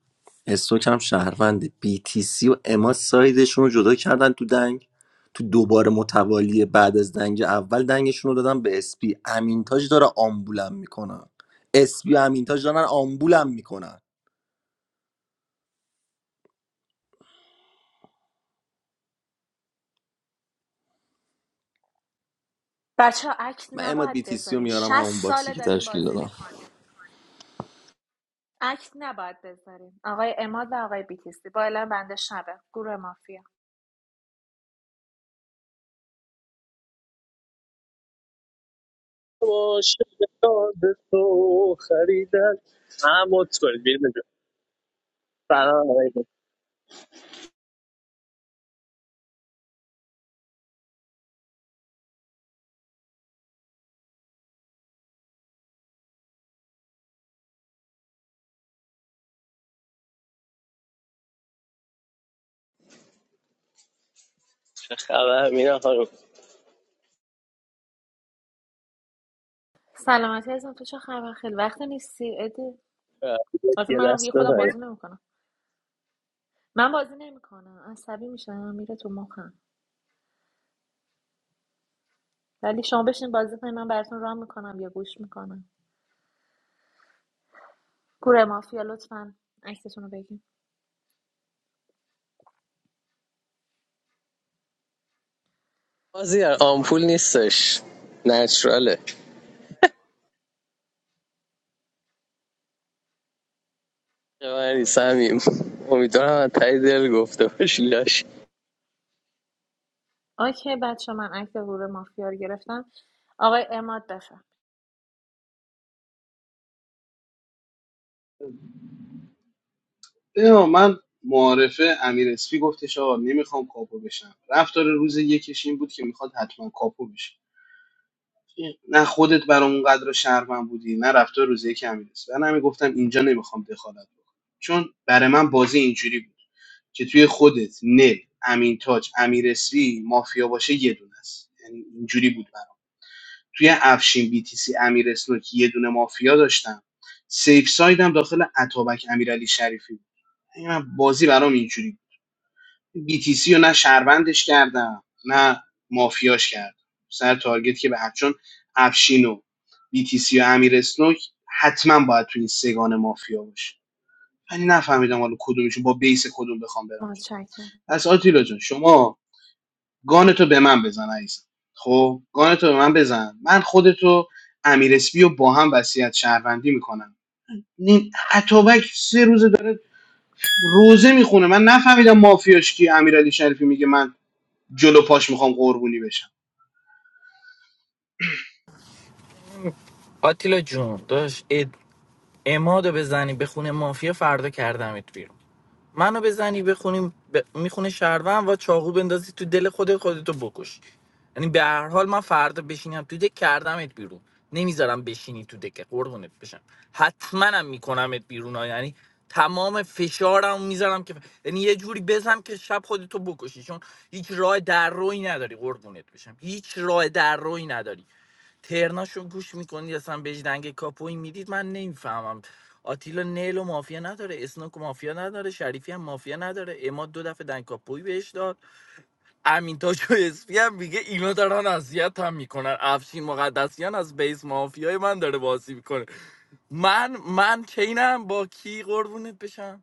استوک هم شهروندی BTC و اما سایدشون رو جدا کردن تو دنگ تو دوباره متوالی بعد از دنگ اول دنگشون رو دادن به اسپی امینتاج داره آمبولم میکنن اسپی و امینتاج دارن آمبولم میکنن
بچه ها عکس
من اماد
نباید
BTC رو
بذارین
میارم
60
همون باکسی
ساله
که
داریم
تشکیل
بازی
دادم
میکنیم اکت نباید بذاریم آقای اماد و آقای بیتیسی با اعلام بنده شبه گروه مافیا
عاشق تو خریدن هم کنید بیریم اینجا سلام آقای چه خبر مینا خانم
سلامتی از تو چه خبر خیلی وقت نیستی ادی البته
یه
منم دیگه
دست
خودم
بزنید
بازی نمیکنم من بازی نمیکنم عصبی میشم میره تو مخم ولی شما بشین بازی کنید من براتون راه میکنم یا گوش میکنم گروه مافیا لطفاً. عکستون رو بگین
مازیار آمپول نیستش نچراله مری سمیم امیدوارم از تایی دل گفته باشی
اوکی بچه من عکس گروه مافیا رو گرفتم آقای اماد بفرم
بیا من معارفه امیر اسپی گفتش آقا نمیخوام کاپو بشم رفتار روز یکش این بود که میخواد حتما کاپو بشه نه خودت برام اونقدر شهروند بودی نه رفتار روز یک امیر اسپی من همین گفتم اینجا نمیخوام دخالت بکنم چون برای من بازی اینجوری بود که توی خودت نل امین تاج امیر اسپی مافیا باشه یه دونه است یعنی اینجوری بود برام توی افشین بی تی سی امیر اسنوکی یه دونه مافیا داشتم سیف سایدم داخل اتابک امیرعلی شریفی بود. یعنی من بازی برام اینجوری بی تی سی رو نه شهروندش کردم نه مافیاش کردم سر تارگت که به چون افشین و بی تی سی و امیر اسنوک حتما باید توی این سگان مافیا باشه ولی نفهمیدم حالا کدومشون با بیس کدوم بخوام برم
متشکرم
پس آتیلا جان شما گانتو به من بزن عزیزم خب گانتو به من بزن من خودتو امیر اسپی رو با هم وصیت شهروندی میکنم این اتابک سه روزه داره روزه میخونه من نفهمیدم مافیاش کی امیرعلی شریفی میگه من جلو پاش میخوام قربونی بشم
آتیلا جون داشت اد... امادو بزنی به خونه مافیا فردا کردمت بیرون منو بزنی بخونیم ب... میخونه شهروند و چاقو بندازی تو دل خود خودتو بکش یعنی به هر حال من فردا بشینم تو دک کردمت بیرون نمیذارم بشینی تو دک قربونت بشم حتما هم میکنمت بیرون ها. یعنی تمام فشارم میذارم که یعنی یه جوری بزنم که شب خودتو بکشی چون هیچ راه در روی نداری قربونت بشم هیچ راه در روی نداری ترناشو گوش میکنید اصلا بجدنگ کاپوی میدید من نمیفهمم آتیلا نیل و مافیا نداره اسنوک و مافیا نداره شریفی هم مافیا نداره اما دو دفعه دنگ کاپوی بهش داد امین تاج و اسپی هم میگه اینا دارن اذیت هم میکنن افشین مقدسیان از بیس مافیای من داره بازی میکنه من من چینم با کی قربونت بشم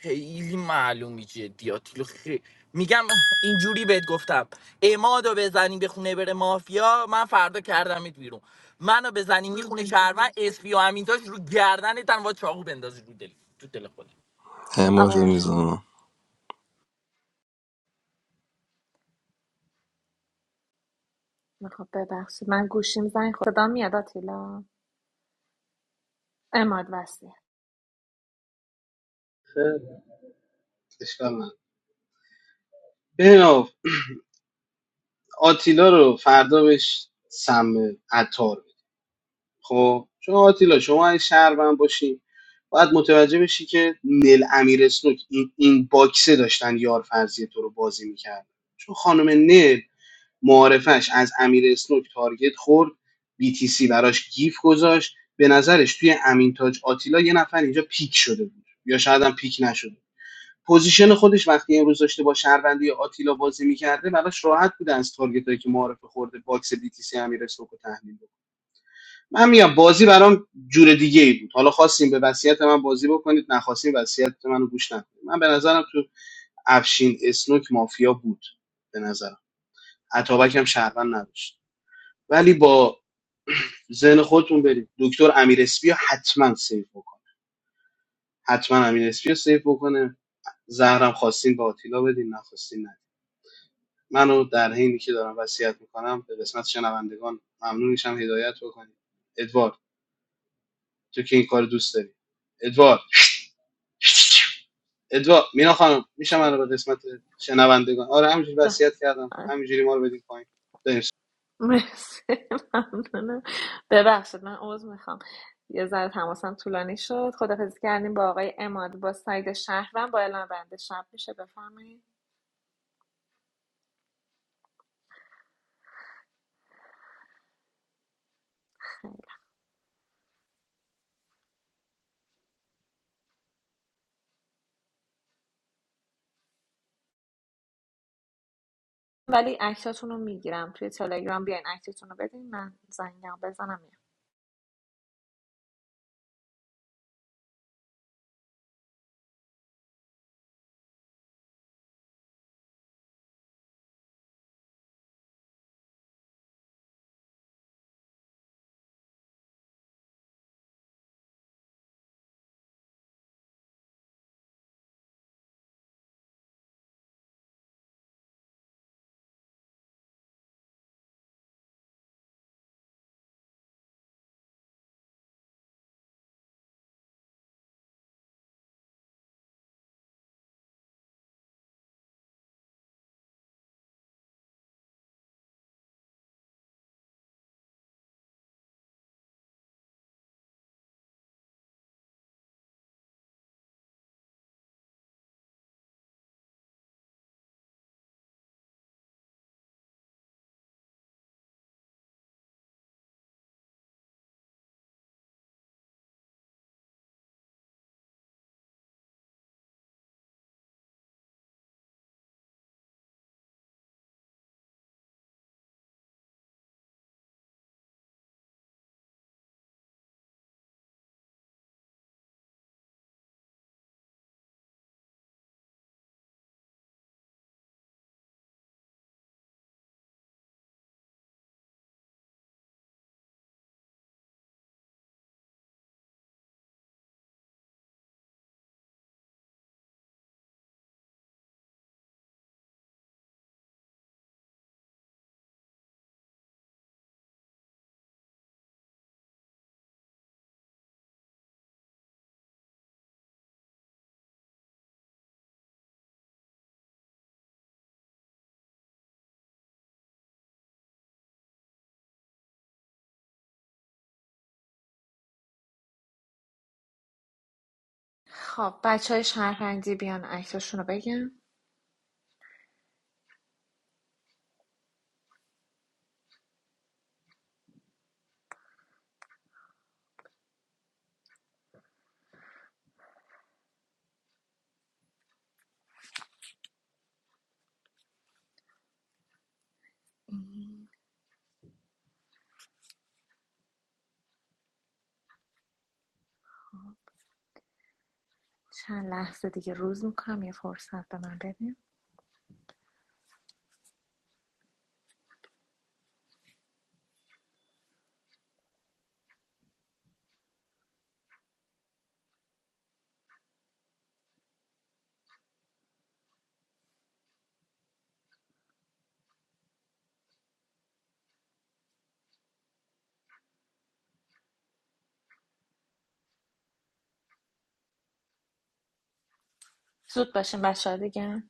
خیلی معلومی جدیاتی خیلی میگم اینجوری بهت گفتم امادو بزنی به خونه بره مافیا من فردا کردمت بیرون منو بزنی میخونه شهروند اسپی و امینتاش رو گردنتن و چاقو بندازی رو دل تو دل خودت
اماد
آقای
رو
عطیلا
میزنم
میخوام ببخشید من گوشیم زنگ خورد صدا میاد آتیلا اماد وسیم
خیلی اشکال نداره. بریم آقا. آتیلا رو فردا بهش سم عطار خب چون آتیلا شما اگه شهروند باشی باید متوجه بشی که نیل امیر اسنوک این, این باکسه داشتن یار فرضی تو رو بازی میکرد چون خانم نیل معارفش از امیر اسنوک تارگت خورد BTC براش گیف گذاشت به نظرش توی امین تاج آتیلا یه نفر اینجا پیک شده بود یا شاید هم پیک نشده پوزیشن خودش وقتی امروز داشته با شهروندی آتیلا بازی میکرده براش راحت بوده از تارگت که معارفه خورده باکس BTC امیر اسنوک رو تحلیل کنه. من میگم بازی برام جور دیگه ای بود حالا خواستیم به وصیت من بازی بکنید نخواستیم وصیت منو گوش نکنید من به نظرم تو افشین اسنوک مافیا بود به نظرم عطابک هم شهروند نداشت ولی با ذهن خودتون برید دکتر امیر اسپی حتما سیو بکنه. حتما امیر اسپی سیو بکنه زهرم خواستین با آتیلا بدین نخواستین نه منو در حینی که دارم وصیت میکنم به قسمت شنوندگان ممنون میشم هدایت بکنید ادوارد تو که این کار دوست داری ادوارد ادوا مینا خانم میشه من رو
چون-
به قسمت شنوندگان آره همینجوری
جا-
وصیت کردم
آه.
همینجوری ما رو بدیم پایین
مرسی ممنونم ببخشید من عوض میخوام یه ذره تماسم طولانی شد خدافزی کردیم با آقای اماد با ساید شهرم با اعلام بنده شب میشه بفرمایید ولی اکتاتون رو میگیرم توی تلگرام بیاین اکتتون رو بدین من زنگم بزنم میام خب بچه های شهروندی بیان اکتاشون رو بگم چند لحظه دیگه روز میکنم یه فرصت به من بدین زود باشین بچه دیگه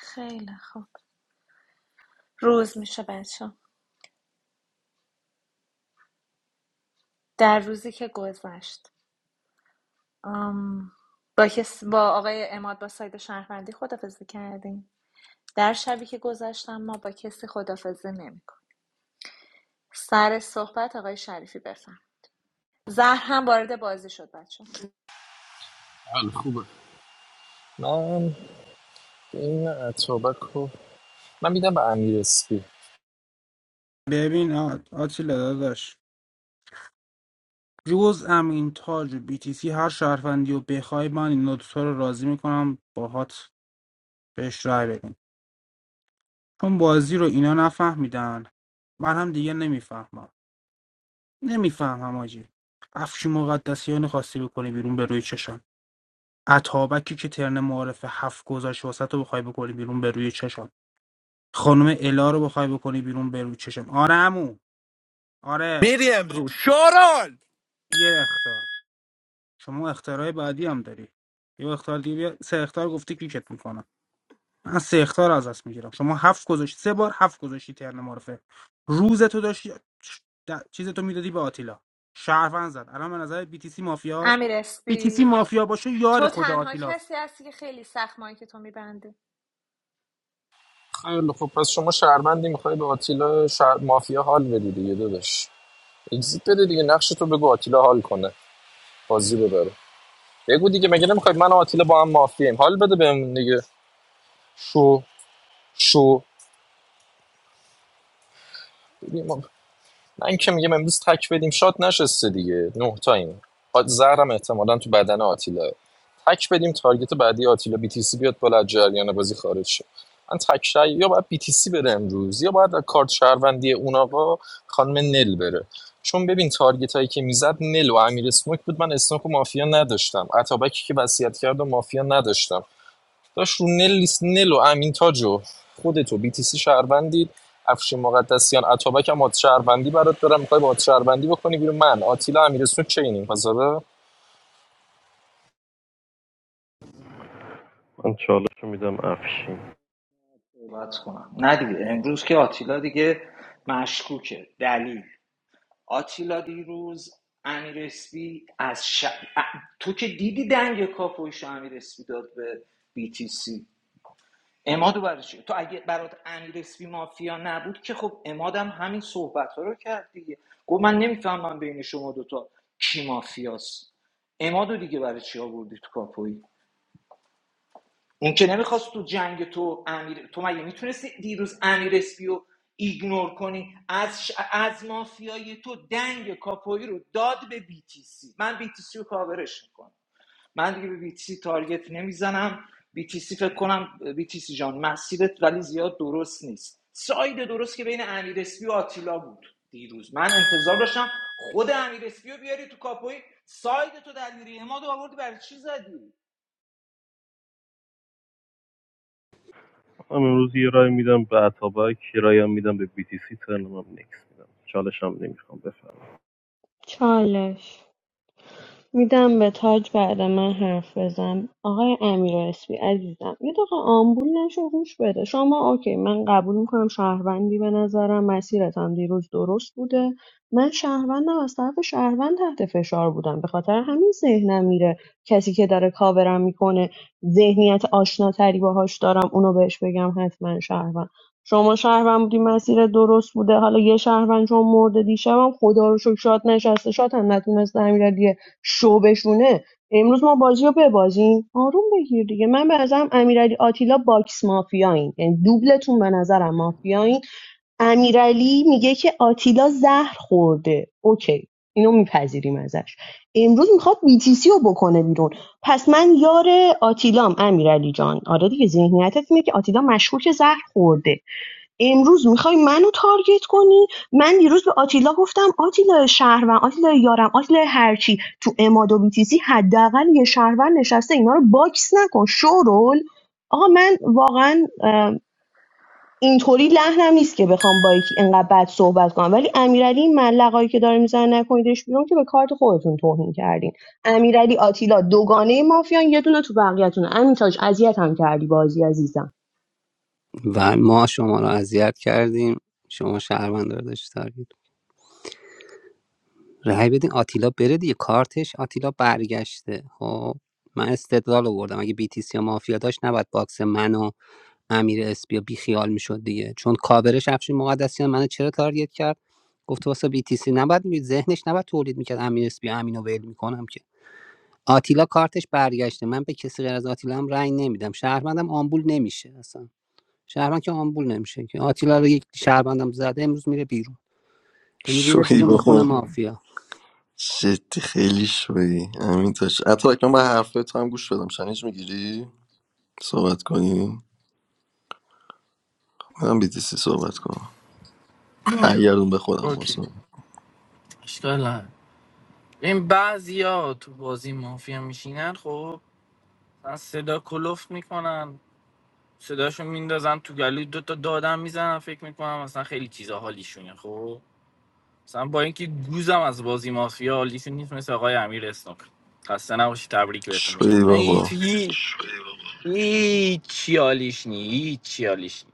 خیلی خوب روز میشه بچه در روزی که گذشت آم، با, کس با آقای اماد با سایت شهروندی خدافزی کردیم در شبی که گذشتم ما با کسی خدافزی نمیکنیم سر صحبت آقای شریفی بفهم زهر هم وارد بازی شد بچه
حال خوبه من این اتابک رو من میدم به امیر اسپی
ببین آ- آتیلا داداش جز ام این تاج و بی تی سی هر شهروندی و بخوای من این نوتو رو راضی میکنم باهات بهش رای بدیم چون بازی رو اینا نفهمیدن من هم دیگه نمیفهمم نمیفهمم آجی افشی مقدسیان خواستی بکنی بیرون به روی چشم عطابکی که ترن معارف هفت گذاشت واسه رو بخوای بکنی بیرون به روی چشم خانم الا رو بخوای بکنی بیرون به روی چشم آره عمو آره
میری امروز شارال
یه اختار شما اختراع بعدی هم داری یه اختار دیگه بیا سه اختار گفتی کلیکت میکنم من سه اختار از دست میگیرم شما هفت گذاشتی سه بار هفت گذاشتی ترن معرفه روز تو داشتی د- چیز تو میدادی به آتیلا شهروند زد الان به نظر بی تی سی مافیاست
امیر
بی تی سی
اسپی
مافیا باشه یار
تو
خود
تنها
آتیلاست
کسی هستی که خیلی سخت مایی که تو میبنده
خیلی خوب پس شما شهروندی میخوای به آتیلا شهر... مافیا حال بدی دیگه داداش اگزیت بده دیگه نقش تو بگو آتیلا حال کنه بازی ببره بگو دیگه مگه نمیخوای من و آتیلا با هم مافیاییم حال بده بهمون دیگه شو شو ما... من که میگم امروز تک بدیم شاد نشسته دیگه نه تا زهرم احتمالا تو بدن آتیلا تک بدیم تارگت بعدی آتیلا بی تی سی بیاد بالا از جریان بازی خارج شه من تک رأی- یا باید بی تی سی بره امروز یا باید کارت شهروندی اون آقا خانم نل بره چون ببین تارگت هایی که میزد نل و امیر اسموک بود من اسموک و مافیا نداشتم عطابکی که وصیت کرد و مافیا نداشتم داش رو نل, نل و امین تاج و خودتو بی تی سی شهروندی افشین مقدسیان عطابک هم آت شهروندی برات دارم میخوای با آت شهروندی بکنی بیرون من آتیلا امیرسون چینیم پس آره
صحبت کنم نه دیگه امروز که آتیلا دیگه مشکوکه دلیل آتیلا دیروز امیر اسپی از ش... تو که دیدی دنگ کاپویش امیر اسپی داد به بیتیسی امادو برای چی؟ تو اگه برات امیرسپی مافیا نبود که خب امادم همین صحبت رو کرد دیگه گفت من نمیفهمم بین شما دوتا کی مافیاست امادو دیگه برای چی آوردی تو کاپویی اون که نمیخواست تو جنگ تو امیر تو مگه میتونستی دیروز امیر اسپی رو ایگنور کنی از ش... از مافیای تو دنگ کاپویی رو داد به بیتیسی من بیتیسی رو کاورش میکنم من دیگه به BTC تارگت نمیزنم BTC فکر کنم BTC جان مسیرت ولی زیاد درست نیست ساید درست که بین امیر اسپی و آتیلا بود دیروز من انتظار داشتم خود امیر اسپی رو بیاری تو کاپوی ساید تو درگیری اماد رو آوردی برای چی زدی
چالش میدم به تاج بعد من حرف بزن آقای امیر اسپی عزیزم یه دقیقه آمبول نشو گوش بده شما اوکی من قبول میکنم شهروندی به نظرم مسیرتم دیروز درست بوده من شهروندم از طرف شهروند تحت فشار بودم به خاطر همین ذهنم میره کسی که داره کاورم میکنه ذهنیت آشناتری باهاش دارم اونو بهش بگم حتما شهروند شما شهروند بودی مسیر درست بوده حالا یه شهروند چون مرده دیشبم خدا رو شکر شاد نشسته شاد هم نتونسته امیرعلی شو بشونه امروز ما بازی رو ببازیم آروم بگیر دیگه من به نظرم امیرعلی آتیلا باکس مافیایین یعنی دوبلتون به نظرم مافیایین امیرعلی میگه که آتیلا زهر خورده اوکی اینو میپذیریم ازش امروز میخواد بیتیسی رو بکنه بیرون پس من یار آتیلام امیرعلی جان آره دیگه ذهنیتت اینه که آتیلا مشکوک زهر خورده امروز میخوای منو تارگت کنی من دیروز به آتیلا گفتم آتیلا شهروند آتیلا یارم آتیلا هرچی تو اماد و بیتیسی حداقل یه شهروند نشسته اینا رو باکس نکن شورول آقا من واقعا اینطوری لحنم نیست که بخوام با یکی اینقدر بد صحبت کنم ولی امیرعلی این ملقایی که داره میزنه نکنیدش بیرون که به کارت خودتون توهین کردین امیرعلی آتیلا دوگانه مافیان یه دونه تو بقیه‌تونه همین تاج اذیت هم کردی بازی عزیزم
و ما شما رو اذیت کردیم شما شهروند رو داشت رأی بدین آتیلا بره دیگه کارتش آتیلا برگشته خب من استدلال آوردم اگه بیتیسی یا مافیا داشت نباید باکس من و امیر اسپی بی خیال میشد دیگه چون کاورش افشین مقدسیان منو چرا تارگت کرد گفت واسه بیتیسی نباید می ذهنش نباید تولید میکرد امیر اسپی امینو ول میکنم که آتیلا کارتش برگشته من به کسی غیر از آتیلا هم رأی نمیدم شهروندم آمبول نمیشه اصلا شهروند که آمبول نمیشه که آتیلا رو یک شهروندم زده امروز میره بیرون امروز میره
شوی
بیرون میخونه
بابا
مافیا
جدی خیلی شوی امین داشت حتی اکنون به حرفای تو هم گوش بدم چنج میگیری صحبت کنیم من بیتیسی صحبت کنم برگردون به خودم
اوکی
واسه
اشکال نداره. این بعضیا تو بازی مافیا میشینن خب مثلا صدا کلوف میکنن صداشو میندازن تو گلوی دوتا دادم میزنن فکر میکنن مثلا خیلی چیزا حالیشونه خب مثلا با اینکه گوزم از بازی مافیا لیشون نیست مثل آقای امیر اسنوک خسته نباشی تبریک بهتون میگم
شوی بابا
هیچ هیچ هیچی حالیش نی هیچی حالیش نی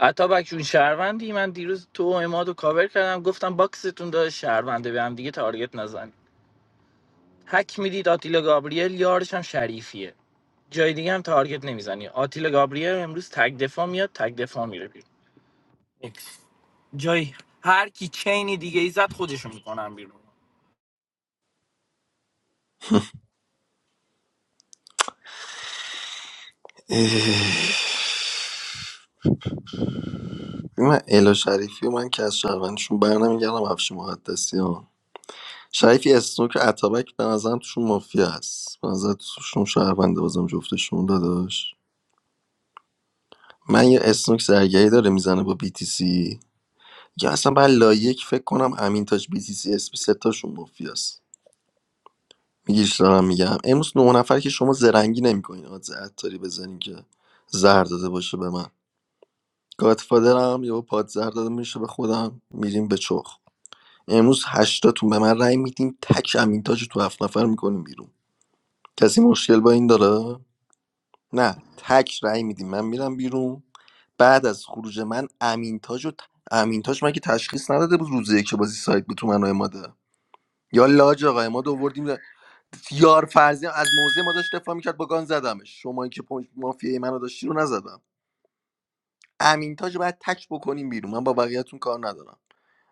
حتی بکشون شهروندی من دیروز تو و اماد و کاور کردم گفتم باکستون داره شهرونده به هم دیگه تارگت نزنید حک میدید آتیلا گابریل یارش هم شریفیه جای دیگه هم تارگت نمیزنی آتیلا گابریل امروز تگ دفاع میاد تگ دفاع میره بیرون Next. جای هر کی چینی دیگه ای زد خودشو میکنم بیرون
اه. من الا شریفی و من که از شهروندشون بر نمیگردم افشی مقدسی ها شریفی اسنوک و اتابک به نظرم توشون مافیا است به نظر توشون شهرونده بازم جفتشون داداش من یه اسنوک زرگری داره میزنه با BTC یا اصلا بعد لایک فکر کنم امین تاج بی سی سی اسپی ستاشون مافیاست میگیش دارم میگم امروز نه نفر که شما زرنگی نمیکنین آدز عطاری بزنین که زهر داده باشه به من گادفادرم یا پاد زهر داده میشه به خودم میریم به چخ امروز هشتاتون به من رأی میدین تک امین تاج رو تو هفت نفر میکنیم بیرون کسی مشکل با این داره نه تک رأی میدین من میرم بیرون بعد از خروج من امین تاج و امین تاج مگه تشخیص نداده بود روزه که بازی سایت بود تو منو عماد؟ یا لاج آقای ما دووردیم یار فرضی از موزه ما داشت دفاع میکرد با گان زدمش شما که پوینت مافیای منو داشتی رو نزدم امین تاج رو باید تک بکنیم بیرون من با بقیه‌تون کار ندارم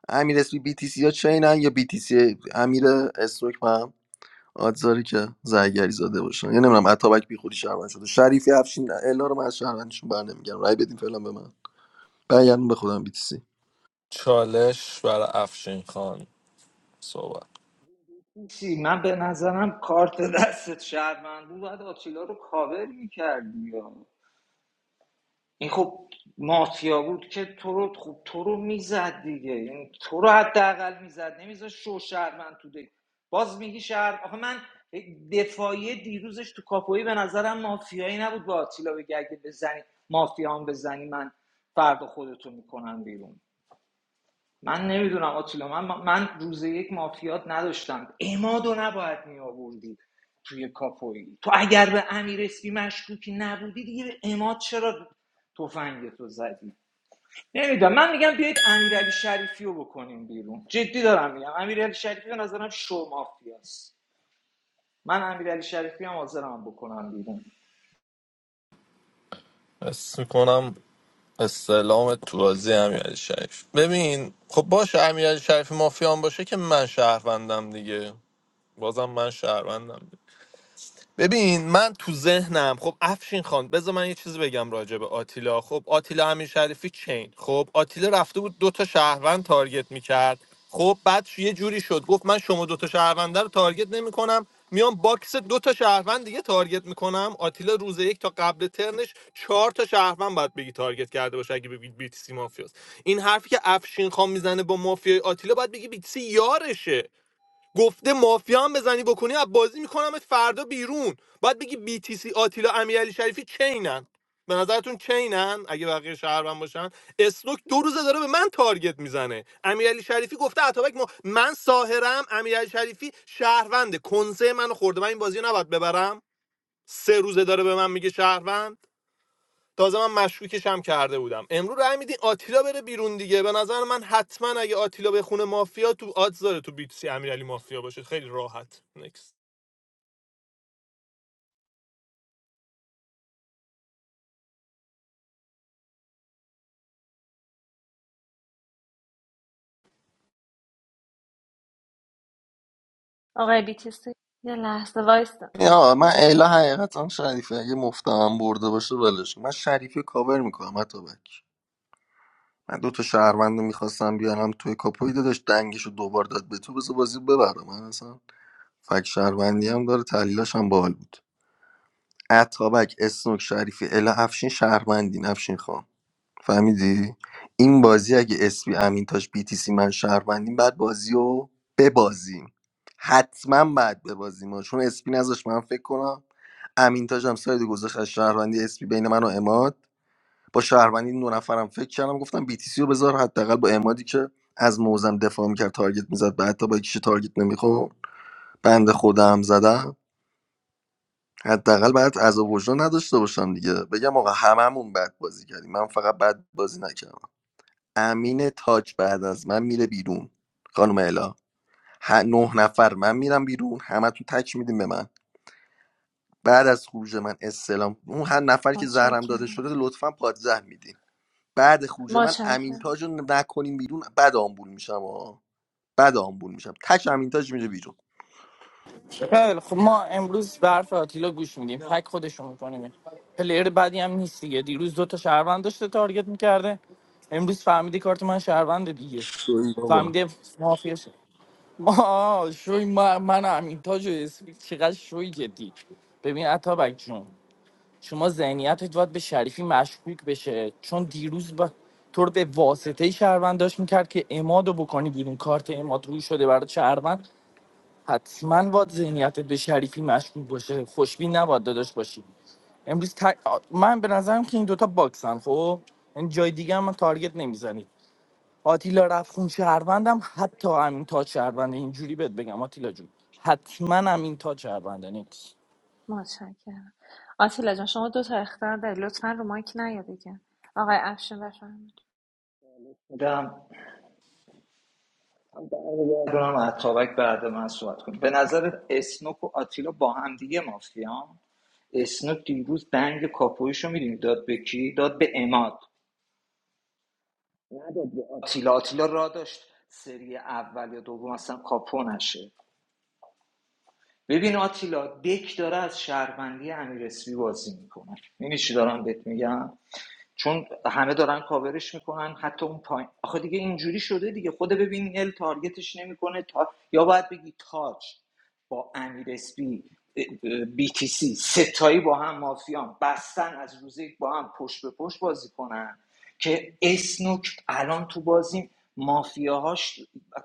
امیر اسپی بی تی سی ها چینن یا بی تی سی امیر استروک هم آدزاری که زرگری زاده باشن یا نمیدونم عطابک بی خودی شهروند شده شریفی افشین الا رو من از شهروندشون بر رای بدین فعلا به من برگردون به خودم بی تی سی
چالش برای افشین خان صحبت
چی من به نظرم کارت دستت شهروند بود باید آتیلا رو کاور میکردی این خب مافیا بود که تو رو خوب تو رو میزد دیگه یعنی تو رو حداقل میزد نمیزد شو شهروند تو دیگه باز میگی شهر آخه من دفاعی دیروزش تو کاپویی به نظرم مافیایی نبود با آتیلا بگه اگه بزنی مافیا هم بزنی من فردا خودتو میکنم بیرون من نمیدونم آتولا من, من روز یک مافیات نداشتم امادو نباید می توی کاپوی تو اگر به امیر اسپی مشکوکی نبودی دیگه به اماد چرا تفنگ تو زدی نمیدونم من میگم بیایید امیرعلی شریفی رو بکنیم بیرون جدی دارم میگم امیرعلی شریفی به نظرم شو مافیاست من امیرعلی شریفی هم حاضرم بکنم بیرون
حس می‌کنم استعلام تو بازی امیرعلی شریف ببین خب باشه امیرعلی شریف مافیان باشه که من شهروندم دیگه بازم من شهروندم ببین من تو ذهنم خب افشین خان بذار من یه چیزی بگم راجع به آتیلا خب آتیلا امیر شریفی چین خب آتیلا رفته بود دو تا شهروند تارگت میکرد خب بعد یه جوری شد گفت من شما دو تا شهرونده رو تارگت نمیکنم میام باکس دو تا شهروند دیگه تارگت میکنم آتیلا روز یک تا قبل ترنش چهار تا شهروند باید بگی تارگت کرده باشه اگه بگید بیتسی مافیاست این حرفی که افشین خان میزنه با مافیای آتیلا باید بگی بیتسی یارشه گفته مافیا هم بزنی بکنی از بازی میکنمت فردا بیرون باید بگی بی تی سی آتیلا امیرعلی شریفی چینن به نظرتون چینن اگه بقیه شهروند باشن اسنوک دو روزه داره به من تارگت میزنه امیرعلی شریفی گفته اتابک ما من ساهرم امیرعلی شریفی شهرونده کنسه منو خورده من این بازی رو نباید ببرم سه روزه داره به من میگه شهروند تازه من مشکوکش هم کرده بودم امروز رای میدین آتیلا بره بیرون دیگه به نظر من حتما اگه آتیلا به خونه مافیا تو آدز داره تو بیتسی امیرعلی مافیا باشه خیلی راحت نکست.
آقای بیتیسی یه لحظه وایست من
یا من الا حقیقتا شریفی اگه مفتم برده باشه ولش کن. من شریفی رو کاور میکنم عطابک من دو تا شهروند رو میخواستم بیارم توی کاپوی داداش دنگش رو دوبار داد به تو بذار بازی ببرم من اصلا فک شهروندی هم داره تحلیلاش هم باحال بود اتابک اسنوک شریفی الا افشین شهروندین افشین خان فهمیدی این بازی اگه اسپی امینتاش بی تی سی من شهروندیم بعد بازی رو ببازیم حتما بعد ببازیم ها. چون اسپی نذاش من فکر کنم امینتاج هم ساید گذاشت از شهروندی اسپی بین من و اماد با شهروندی دو نفرم فکر کردم گفتم بیتیسی رو بذار حداقل با امادی که از موزم دفاع میکرد تارگت میزد و حتی با کیش تارگت نمیخورد بند خودم زدم حداقل بعد از وجدان نداشته باشم دیگه بگم آقا هممون بد بازی کردیم من فقط بد بازی نکردم امین تاج بعد از من میره بیرون خانم الا ه- نه نفر من میرم بیرون همتون تک میدیم به من بعد از خروج من استلام اون هر نفر که زهرم داده
متشکرم
شده لطفا پادزهر میدین بعد خروج من
متشکرم
امینتاج رو نکنیم بیرون بد آمبول میشم ها بد آمبول میشم تک امین تاج میره بیرون
خیلی خب ما امروز به حرف آتیلا گوش میدیم حک خودشو میکنیم پلیر بدی هم نیست دیگه دیروز دوتا تا شهروند داشته تارگت میکرده امروز فهمیده کارت من شهروند دیگه
شوی بابا
فهمیده مافیا شد ما شوی ما من همین تاج و اسمی چقدر شوی جدی ببین عطابک جون شما ذهنیتت باید به شریفی مشکوک بشه چون دیروز با تو رو به واسطه شهروند داشت میکرد که اماد بکنی بیرون کارت اماد روی شده برای شهروند حتما با ذهنیت به شریفی مشکوک باشه خوشبین نباید داداش باشی امروز ت- من به نظرم که این دوتا باکسن خب یعنی جای دیگه هم من تارگت نمیزنید آتیلا رفخون شهروندم حتی همین تا شهرونده اینجوری بهت بگم آتیلا جون حتما همین تا شهرونده نیست
متشکرم آتیلا جان شما دو تا اختار داری لطفا رو مایک نیا دیگه آقای افشین بفرمایید
میدم دارم اتابک بعد من صحبت کنم به نظر اسنوک و آتیلا با هم دیگه مافیان اسنوک دیروز دنگ کاپویشو میدونی داد به کی داد به اماد نداد به آتیلا آتیلا را داشت سری اول یا دوم اصلا کاپو نشه ببین آتیلا دک داره از شهروندی امیر اسپی بازی میکنه می‌بینی چی دارم بهت میگم چون همه دارن کاورش میکنن حتی اون پایین آخه دیگه اینجوری شده دیگه خود ببین ال تارگتش نمیکنه تا یا باید بگی تاج با امیر اسپی بی تی سی ستایی با هم مافیان بستن از روز یک با هم پشت به پشت بازی کنن که اسنوک الان تو بازی مافیاهاش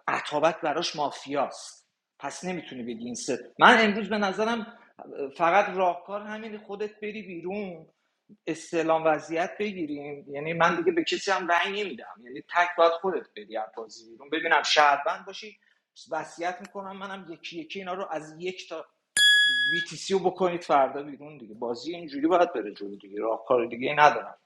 عطابک براش مافیاست پس نمیتونی بگی این ست من امروز به نظرم فقط راهکار همین خودت بری بیرون استعلام وضعیت بگیریم یعنی من دیگه به کسی هم رأی نمیدم یعنی تک باید خودت بدی از بازی بیرون ببینم شهروند باشی وصیت میکنم منم یکی یکی اینا رو از یک تا VTC رو بکنید فردا بیرون دیگه بازی اینجوری باید بره جلو دیگه راهکار دیگه ای ندارم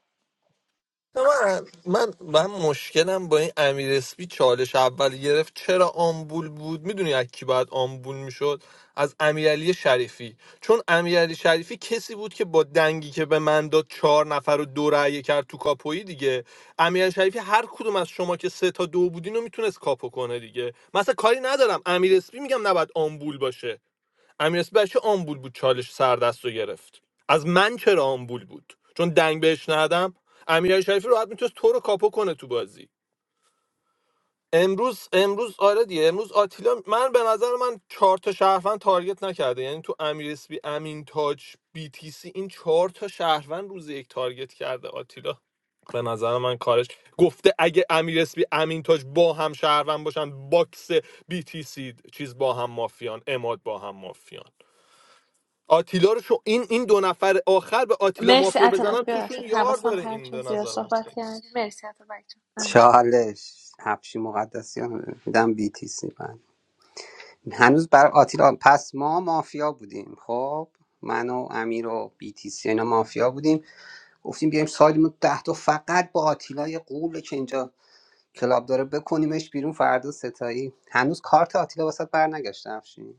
من من من مشکلم با این امیر اسپی چالش اول گرفت چرا آمبول بود میدونی از کی باید آمبول میشد از امیرعلی شریفی چون امیرعلی شریفی کسی بود که با دنگی که به من داد چهار نفر رو دو رأی کرد تو کاپویی دیگه امیرعلی شریفی هر کدوم از شما که سه تا دو بودین رو میتونست کاپو کنه دیگه مثلا کاری ندارم امیر اسپی میگم نباید آمبول باشه امیر اسپی آمبول بود چالش سر دست رو گرفت از من چرا آمبول بود چون دنگ بهش ندم امیر شریفی راحت میتونست تو رو کاپو کنه تو بازی امروز امروز آره دیگه امروز آتیلا من به نظر من چهار تا شهروند تارگت نکرده یعنی تو امیر اسپی امین تاج بی تی سی این چهار تا شهروند روز یک تارگت کرده آتیلا به نظر من کارش گفته اگه امیر اسپی امین تاج با هم شهروند باشن باکس بی تی سی چیز با هم مافیان اماد با هم مافیان آتیلا رو شو این این دو نفر آخر به آتیلا
مرسی
مافیا
اتابک
بزنن
ببخشید
توشون یار
حواسم
داره
پرت
این
شد
به
زیاد
نظرم
صحبت کرد مرسی اتابک جان امین.
چالش هفشی مقدسیان میدم بی تی سی بعد هنوز برای آتیلا پس ما مافیا بودیم خب من و امیر و بی تی سی اینا مافیا بودیم گفتیم بیایم سالیمون ده تا فقط با آتیلا یه قوله که اینجا کلاب داره بکنیمش بیرون فردا ستایی هنوز کارت آتیلا واسه بر نگشته افشین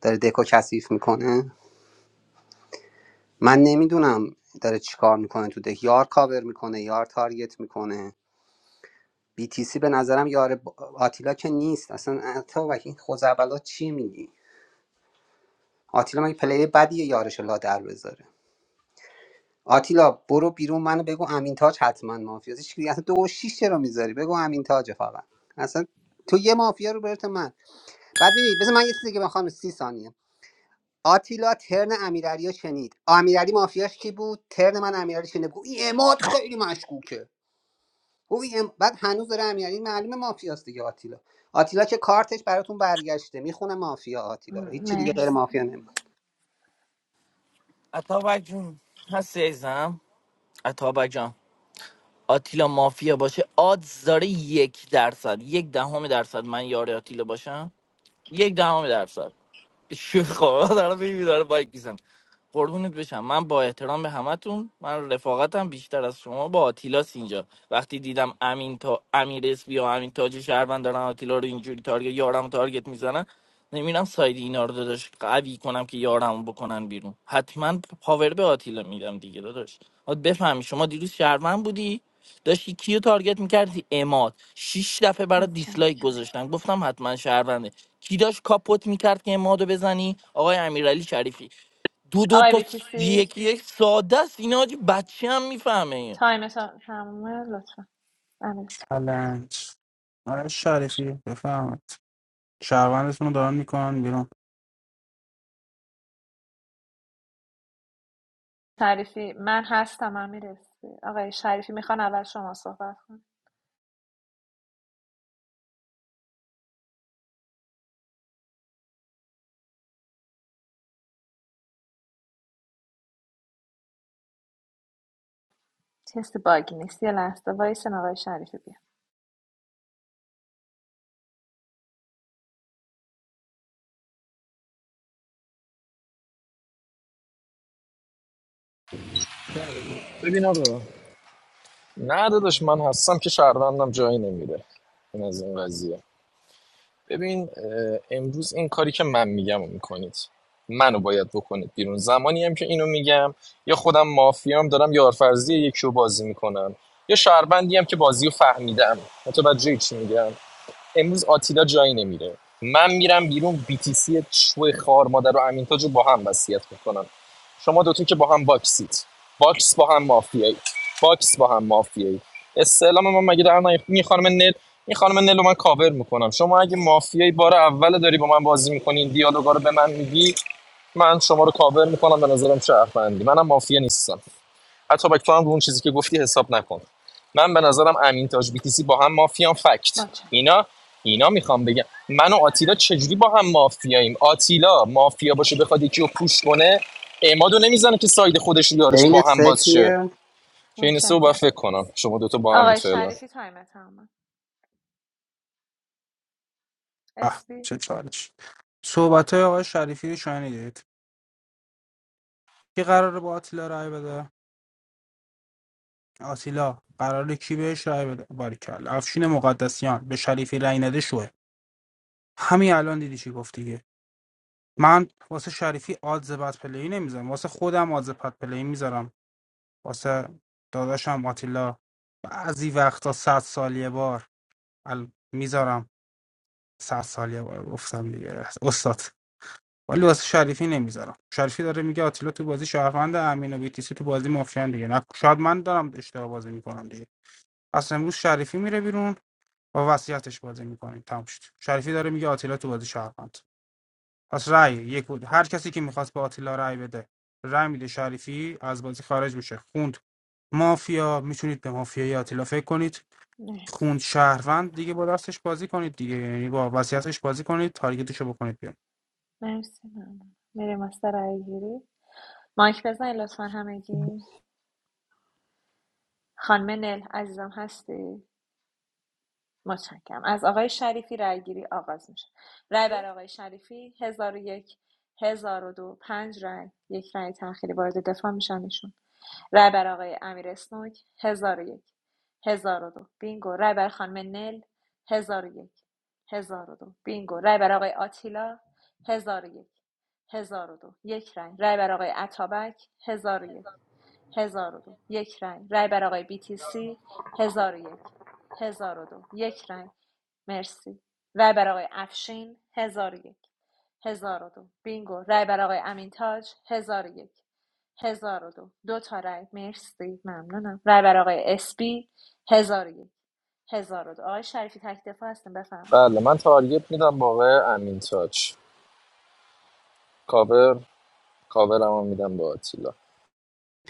داره دکو کثیف میکنه من نمیدونم داره چیکار میکنه تو دک یار کاور میکنه یار تارگت میکنه BTC به نظرم یار آتیلا که نیست اصلا تا و این خوزعبلات چی میگی آتیلا مگه پلی بدیه یارش لا در بذاره آتیلا برو بیرون منو بگو امین تاج حتما مافیاست هیچ کی- اصلا دو و شیش چرا میذاری بگو امین تاج فقط اصلا تو یه مافیا رو برت من بعد ببین بذار من یه چیزی که بخوام سی ثانیه آتیلا ترن امیرعلی شنید امیرعلی مافیاش کی بود ترن من امیرعلی شنید بگو این اماد خیلی مشکوکه خب ام- بعد هنوز داره امیر این معلومه مافیاست دیگه آتیلا آتیلا که کارتش براتون برگشته میخونه مافیا
م،
آتیلا رو هیچی دیگه غیر
مرسی
مافیا نمیخونه
عطابک جون هستی عزیزم عطابک جان آتیلا مافیا باشه آدز داره یک درصد یک دهم درصد من یار آتیلا باشم یک دهم درصد شوخ خب دارم میبینم داره بایک میزنم قربونت بشم من با احترام به همتون من رفاقتم بیشتر از شما با آتیلاس اینجا وقتی دیدم امین تا امیر اسبی یا امین تاج شهروند دارن آتیلا رو اینجوری تارگت یارم تارگت میزنن نمیرم ساید اینا رو داداش قوی کنم که یارم بکنن بیرون حتما پاور به آتیلا میدم دیگه داداش باید بفهمی شما دیروز شهروند بودی داشتی کیو تارگت میکردی اماد شیش دفعه برای دیسلایک
متشکرم
گذاشتن گفتم حتما شهرونده کی داشت کاپوت میکرد که امادو بزنی آقای امیرعلی شریفی دو دو
آقای
تا س-
بیتیسی
یکی یک ساده است اینا حاجی بچه هم میفهمه این
تایم تمومه لطفا امیر
چلنج آره شریفی بفهمید شهروندتون رو دارن میکنن بیرون
شریفی من هستم امیر اسمی. آقای شریفی میخوان اول شما صحبت کنید کسی باگ نیست یه لحظه وایسن آقای شریفی بیا
ببین آقا نه داداش من هستم که شهروندم جایی نمیره این از این قضیه ببین امروز این کاری که من میگم رو میکنید منو باید بکنید بیرون زمانی هم که اینو میگم یا خودم مافیام دارم یارفرزی یکی رو بازی میکنم یا شهروندی هم که بازی رو فهمیدم متوجه چی میگم امروز آتیلا جایی نمیره من میرم بیرون بیتیسی شو خار مادر و امین تاج رو با هم وصیت میکنم شما دوتون که با هم باکسید باکس با هم مافیایی باکس با هم مافیایی استعلام من مگه در نیفت این خانم نل این خانم نل رو من کاور میکنم شما اگه مافیایی بار اول داری با من بازی میکنین دیالوگا رو به من میگی من شما رو کاور میکنم به نظرم شهروندی منم مافیا نیستم اتابک تو هم رو اون چیزی که گفتی حساب نکن من به نظرم امین تاج بیتیسی با هم مافیان فکت
متشکرم
اینا اینا میخوام بگم من و آتیلا چجوری با هم مافیاییم آتیلا مافیا باشه بخواد یکی رو پوش کنه اعمادو نمیزنه که ساید خودش رو یارش با
بین
هم باز شه
سکیه
که این سه رو باید
متشکرم
فکر کنم شما دوتا با هم
آقای
فعلا
شریفی تایم تمومه
به
اسبی
چه چالش صحبت های آقای شریفی رو شنیدید کی قراره با آتیلا رای بده آتیلا قراره کی بهش رای بده باریکلا افشین مقدسیان به شریفی رای نده شوه همین الان دیدی چی گفت دیگه من واسه شریفی آدز بد پلی نمیذارم واسه خودم آدز بد پلی میذارم واسه داداشم آتیلا بعضی وقتا صد سال یه بار ال... میذارم صد سال یه بار گفتم دیگه استاد ولی واسه شریفی نمیذارم شریفی داره میگه آتیلا تو بازی شهروند امین و بیتیسی تو بازی مافیان دیگه نه شاید من دارم اشتباه بازی میکنم دیگه پس امروز شریفی میره بیرون با وصیتش بازی میکنیم تموم شد شریفی داره میگه آتیلا تو بازی شهروند پس رأی یک بود هر کسی که میخواست به آتیلا رأی بده رأی میده شریفی از بازی خارج میشه خوند مافیا میتونید به مافیای آتیلا فکر کنید
نه
خوند شهروند دیگه با دستش بازی کنید دیگه یعنی با وصیتش بازی کنید تارگتشو بکنید بیرون
مرسی ممنون میریم از سر رای گیری مایک بزنید لطفا همگی خانم نل عزیزم هستی متشکرم از آقای شریفی رای گیری آغاز میشه رای بر آقای شریفی هزار و یک هزار و دو پنج رای یک رای تأخیری وارد دفاع میشن ایشون. رای بر آقای امیر اسنوک 1001 دو بینگو رای بر خانم نل 1001 دو بینگو رای بر آقای آتیلا هزار 1002 یک رای رای بر آقای عطابک هزار 1002 یک رای رای بر آقای BTC هزار 1002 یک رای مرسی رای بر آقای افشین 1001 دو بینگو رای بر آقای امین تاج 1001 هزار و دو دو تا رای مرسی ممنونم رای برای آقای اسپی هزار و یک هزار و دو آقای شریفی تک دفاع هستیم بفهم
بله من تارگت میدم با آقای امین کاور کاورم میدم با آتیلا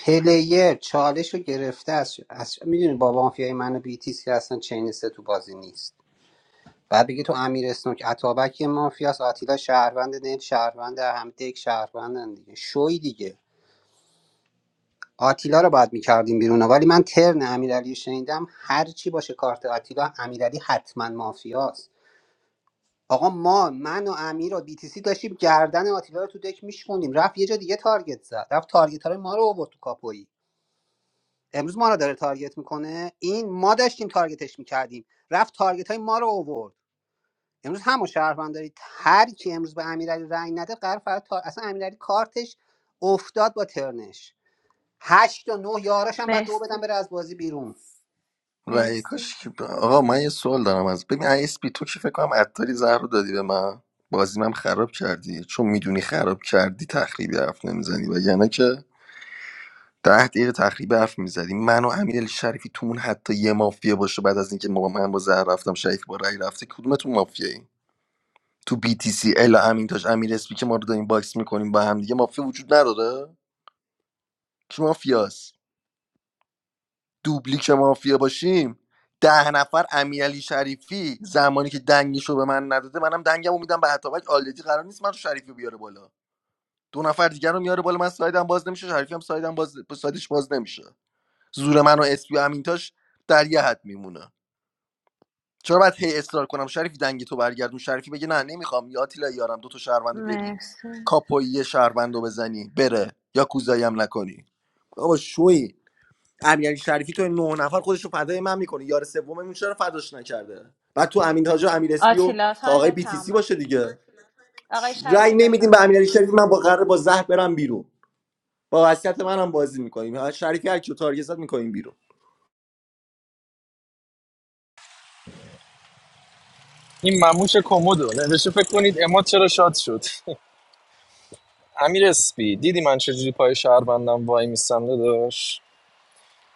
پلیر چالش رو گرفته از, از میدونی با مافیای منو بیتیس که اصلا چین سه تو بازی نیست بعد بگی تو امیر اسنوک اتابک یه مافیاست آتیلا شهروند نیل شهروند هم دک شهروندن دیگه شوی دیگه آتیلا رو باید میکردیم بیرون ولی من ترن امیرعلی رو شنیدم هر چی باشه کارت آتیلا امیرعلی حتما مافیاست آقا ما من و امیر و بیتیسی داشتیم گردن آتیلا رو تو دک میشکونیم رفت یه جا دیگه تارگت زد رفت تارگت های ما رو آورد تو کاپویی امروز ما رو داره تارگت میکنه این ما داشتیم تارگتش میکردیم رفت تارگت های ما رو آورد امروز همون شهروند دارید هر کی امروز به امیرعلی رأی نده قرار فردا تار... اصلا امیرعلی کارتش افتاد با ترنش هشت و نه یاراش هم بعد دو بدم
مرسی
بره از بازی بیرون
رأی کاش
مرسی
که- آقا من یه سوال دارم از ببین اسپی تو که فکر کنم عطاری زهر رو دادی به من بازی من خراب کردی چون میدونی خراب کردی تخریبی حرف نمیزنی و یعنی که ده دقیقه تخریبی حرف میزدی من و امیر شریفی تومون حتی یه مافیا باشه بعد از اینکه ما من با زهر رفتم شریفی با رأی رفته کدومتون مافیایی تو BTC ال امین تاج امیر اسپی که ما رو داریم باکس میکنیم با هم دیگه مافیا وجود نداره کی مافیاست دوبلی که مافیا باشیم ده نفر امیرعلی شریفی زمانی که دنگش رو به من نداده منم دنگمو میدم به عطابک آلدی قرار نیست من رو شریفی رو بیاره بالا دو نفر دیگر رو میاره بالا من سایدم باز نمیشه شریفی هم سایدم باز سایدش باز نمیشه زور من و اسپی و امینتاش در یه حد میمونه چرا باید هی اصرار کنم شریفی دنگی تو برگردون شریفی بگه نه نمیخوام یا آتیلا یارم دو تا شهروندو بیاری
مرسی
کاپویی یه شهروندو بزنی بره یا کوزایی هم نکنی بابا شوی امیرعلی شریفی تو این نه نفر خودشو رو فدای من میکنه یار سوممون چرا فداش نکرده بعد تو امین تاج و امیر اسپی و
آتیلا
آقای
تایم
بی تی سی
تمامه
باشه دیگه
آقای
ش- رأی
شریفی
نمیدیم به
بفهمه
امیرعلی شریفی من با قرار با زهر برم بیرون با وصیت منم بازی میکنیم شریفی هر کیو تارگت زد میکنیم بیرون
این مموش کمدو نوشته فکر کنید اماد چرا شاد شد امیر اسپی دیدی من چجوری پای شهروندم وای میستم داداش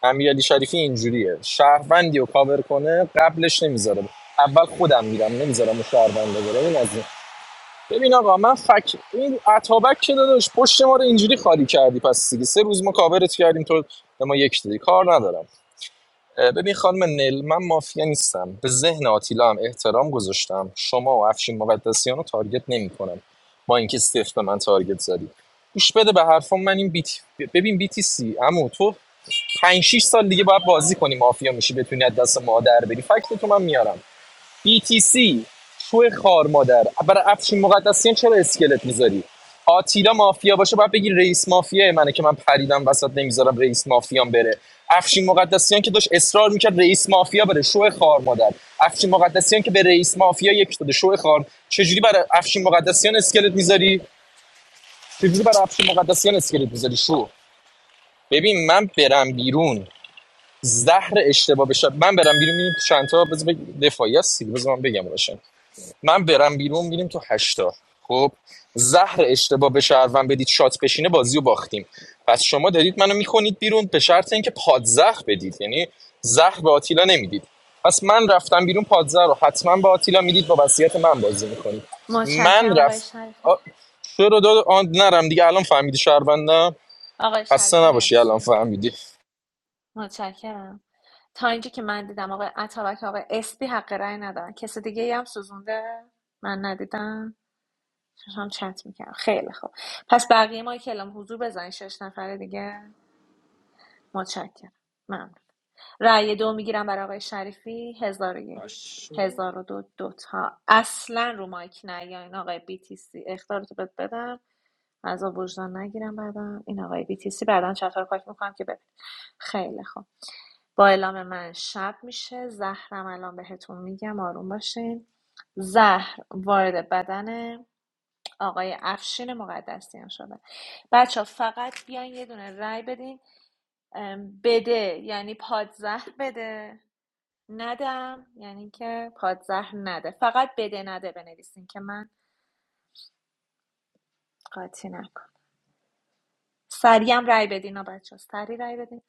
امیر شریفی اینجوریه شهروندی رو کاور کنه قبلش نمیذاره اول خودم میرم نمیذارم اون شهرونده بره این از این ببین آقا من فک این عطابک که داداش پشت ما رو اینجوری خالی کردی پس دیگه سه روز ما کاورت کردیم تو به ما یک دادی کار ندارم ببین خانم نل من مافیا نیستم به ذهن آتیلا هم احترام گذاشتم شما و افشین مقدسیان رو تارگت نمیکنم با اینکه صفر به من تارگت زدی گوش بده به حرفم من این بیت ببین بیتی سی عمو تو 5 6 سال دیگه باید بازی کنی مافیا میشی بتونی از دست ما در بری فکت تو من میارم BTC شو خار مادر برای افشین مقدسیان چرا اسکلت میذاری آتیلا مافیا باشه باید بگی رئیس مافیا منه که من پریدم وسط نمیذارم رئیس مافیام بره افشین مقدسیان که داشت اصرار میکرد رئیس مافیا بره شو خار مادر افشین مقدسیان که به رئیس مافیا یک داده شو خار چجوری برای افشین مقدسیان اسکلت میذاری چجوری برای افشین مقدسیان اسکلت میذاری شو ببین من برم بیرون زهر اشتباه بشه من برم بیرون میبینیم چند تا بذار دفاعی هستی بذار من بگم باشه. من برم بیرون میریم تو هشتا خب زهر اشتباه به شهروند بدید شات بشینه بازی رو باختیم پس شما دارید منو میکنید بیرون به شرط اینکه پادزهر بدید یعنی زهر به آتیلا نمیدید پس من رفتم بیرون پادزهر رو حتما به آتیلا میدید با وصیت من بازی میکنید من
متشکرم آقای
رفت
شریفی
آ... چرا داد آن نرم دیگه الان فهمیدی شهروندم
آقای
خسته
شریفی
نباشی الان
مرسی
فهمیدی
متشکرم تا اینجا که من دیدم آقای عطابک آقای اسپی حق رای ندارن کسی دیگه ای هم سوزونده من ندیدم چشم چت میکنم خیلی خوب پس بقیه ما که اعلام حضور بزنین شش نفر دیگه متشکرم ممنون رأی دو میگیرم برای آقای شریفی هزار و یک هزار و دو دوتا اصلا رو مایک نیاین آقای بی تی سی اختارتو بهت بدم از وجدان نگیرم بعدم این آقای بی تی سی بعدا چطور پاک میکنم که ببین خیلی خوب با اعلام من شب میشه زهرم الان بهتون میگم آروم باشین زهر وارد بدن آقای افشین مقدسیان شده بچه فقط بیاین یه دونه رای بدین بده یعنی پادزهر بده ندم یعنی که پادزهر نده فقط بده نده بنویسین که من قاطی نکنم سریع هم رای بدین ها بچه ها، سریع رای بدین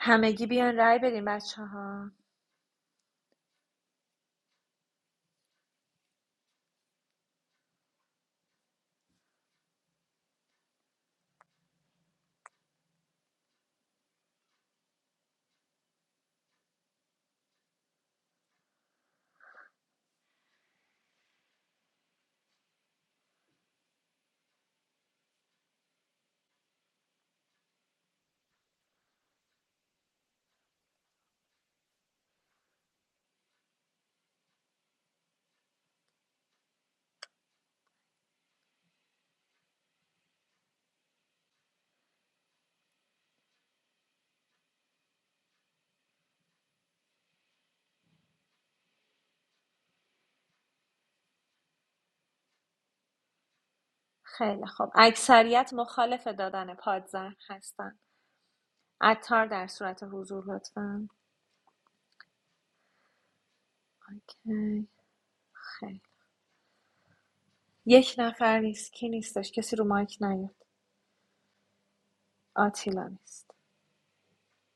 همگی بیان رای بدین بچه ها خیلی خوب اکثریت مخالف دادن پادزهر هستن عطار در صورت حضور لطفا اوکی. خیلی یک نفر نیست کی نیستش کسی رو مایک نیاد آتیلا نیست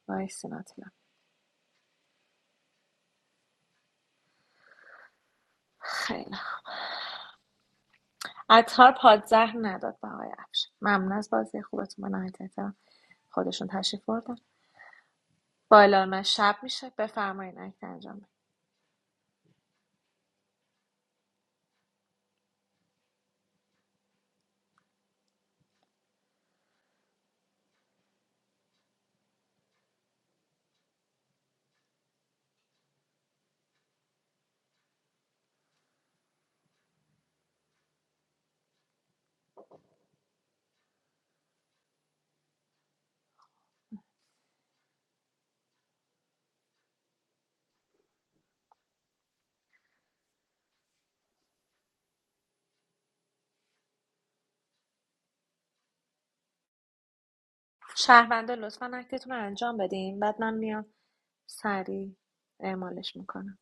وایسین آتیلا خیلی خوب. عطار پادزهر نداد به آقای افش ممنون از بازی خوبتون من نهایت احترام خودشون تشریف بردن با اعلام من شب میشه بفرمایین اکت انجام بدین شهروندا لطفا اکتتون رو انجام بدین بعد من میام سریع اعمالش میکنم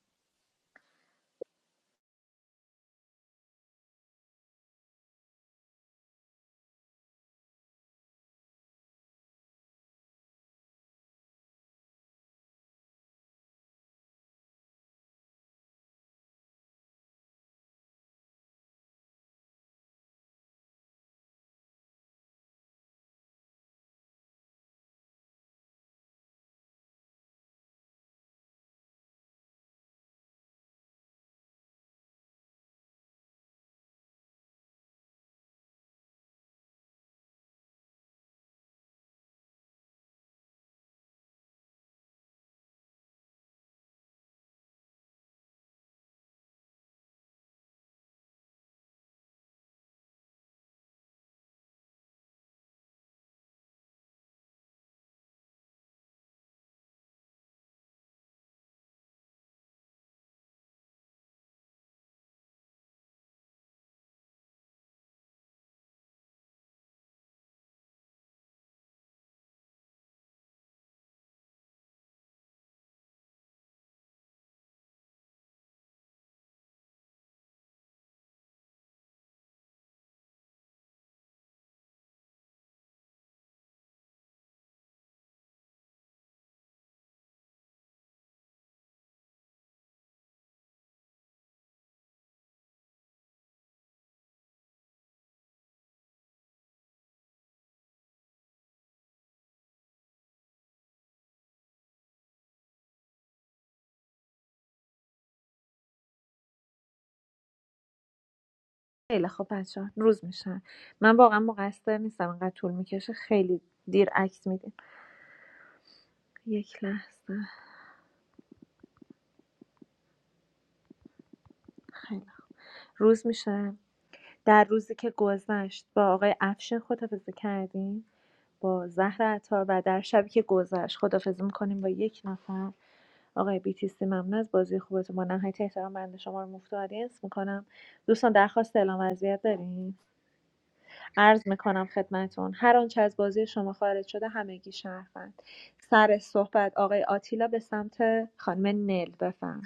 خیلی خب بچه روز میشه من واقعا مقصر نیستم انقدر طول میکشه خیلی دیر عکس میدین یک لحظه خیلی خوب. روز میشه در روزی که گذشت با آقای افشین خدافزی کردیم با زهر عطار و در شبی که گذشت خدافزی میکنیم با یک نفر آقای بیتیسی ممنون از بازی خوبتون با نهایت احترام بنده شما رو مفت آدینس میکنم دوستان درخواست اعلام وضعیت داریم عرض میکنم خدمتون هر آنچه از بازی شما خارج شده همگی شهروند سر صحبت آقای آتیلا به سمت خانم نل بفهم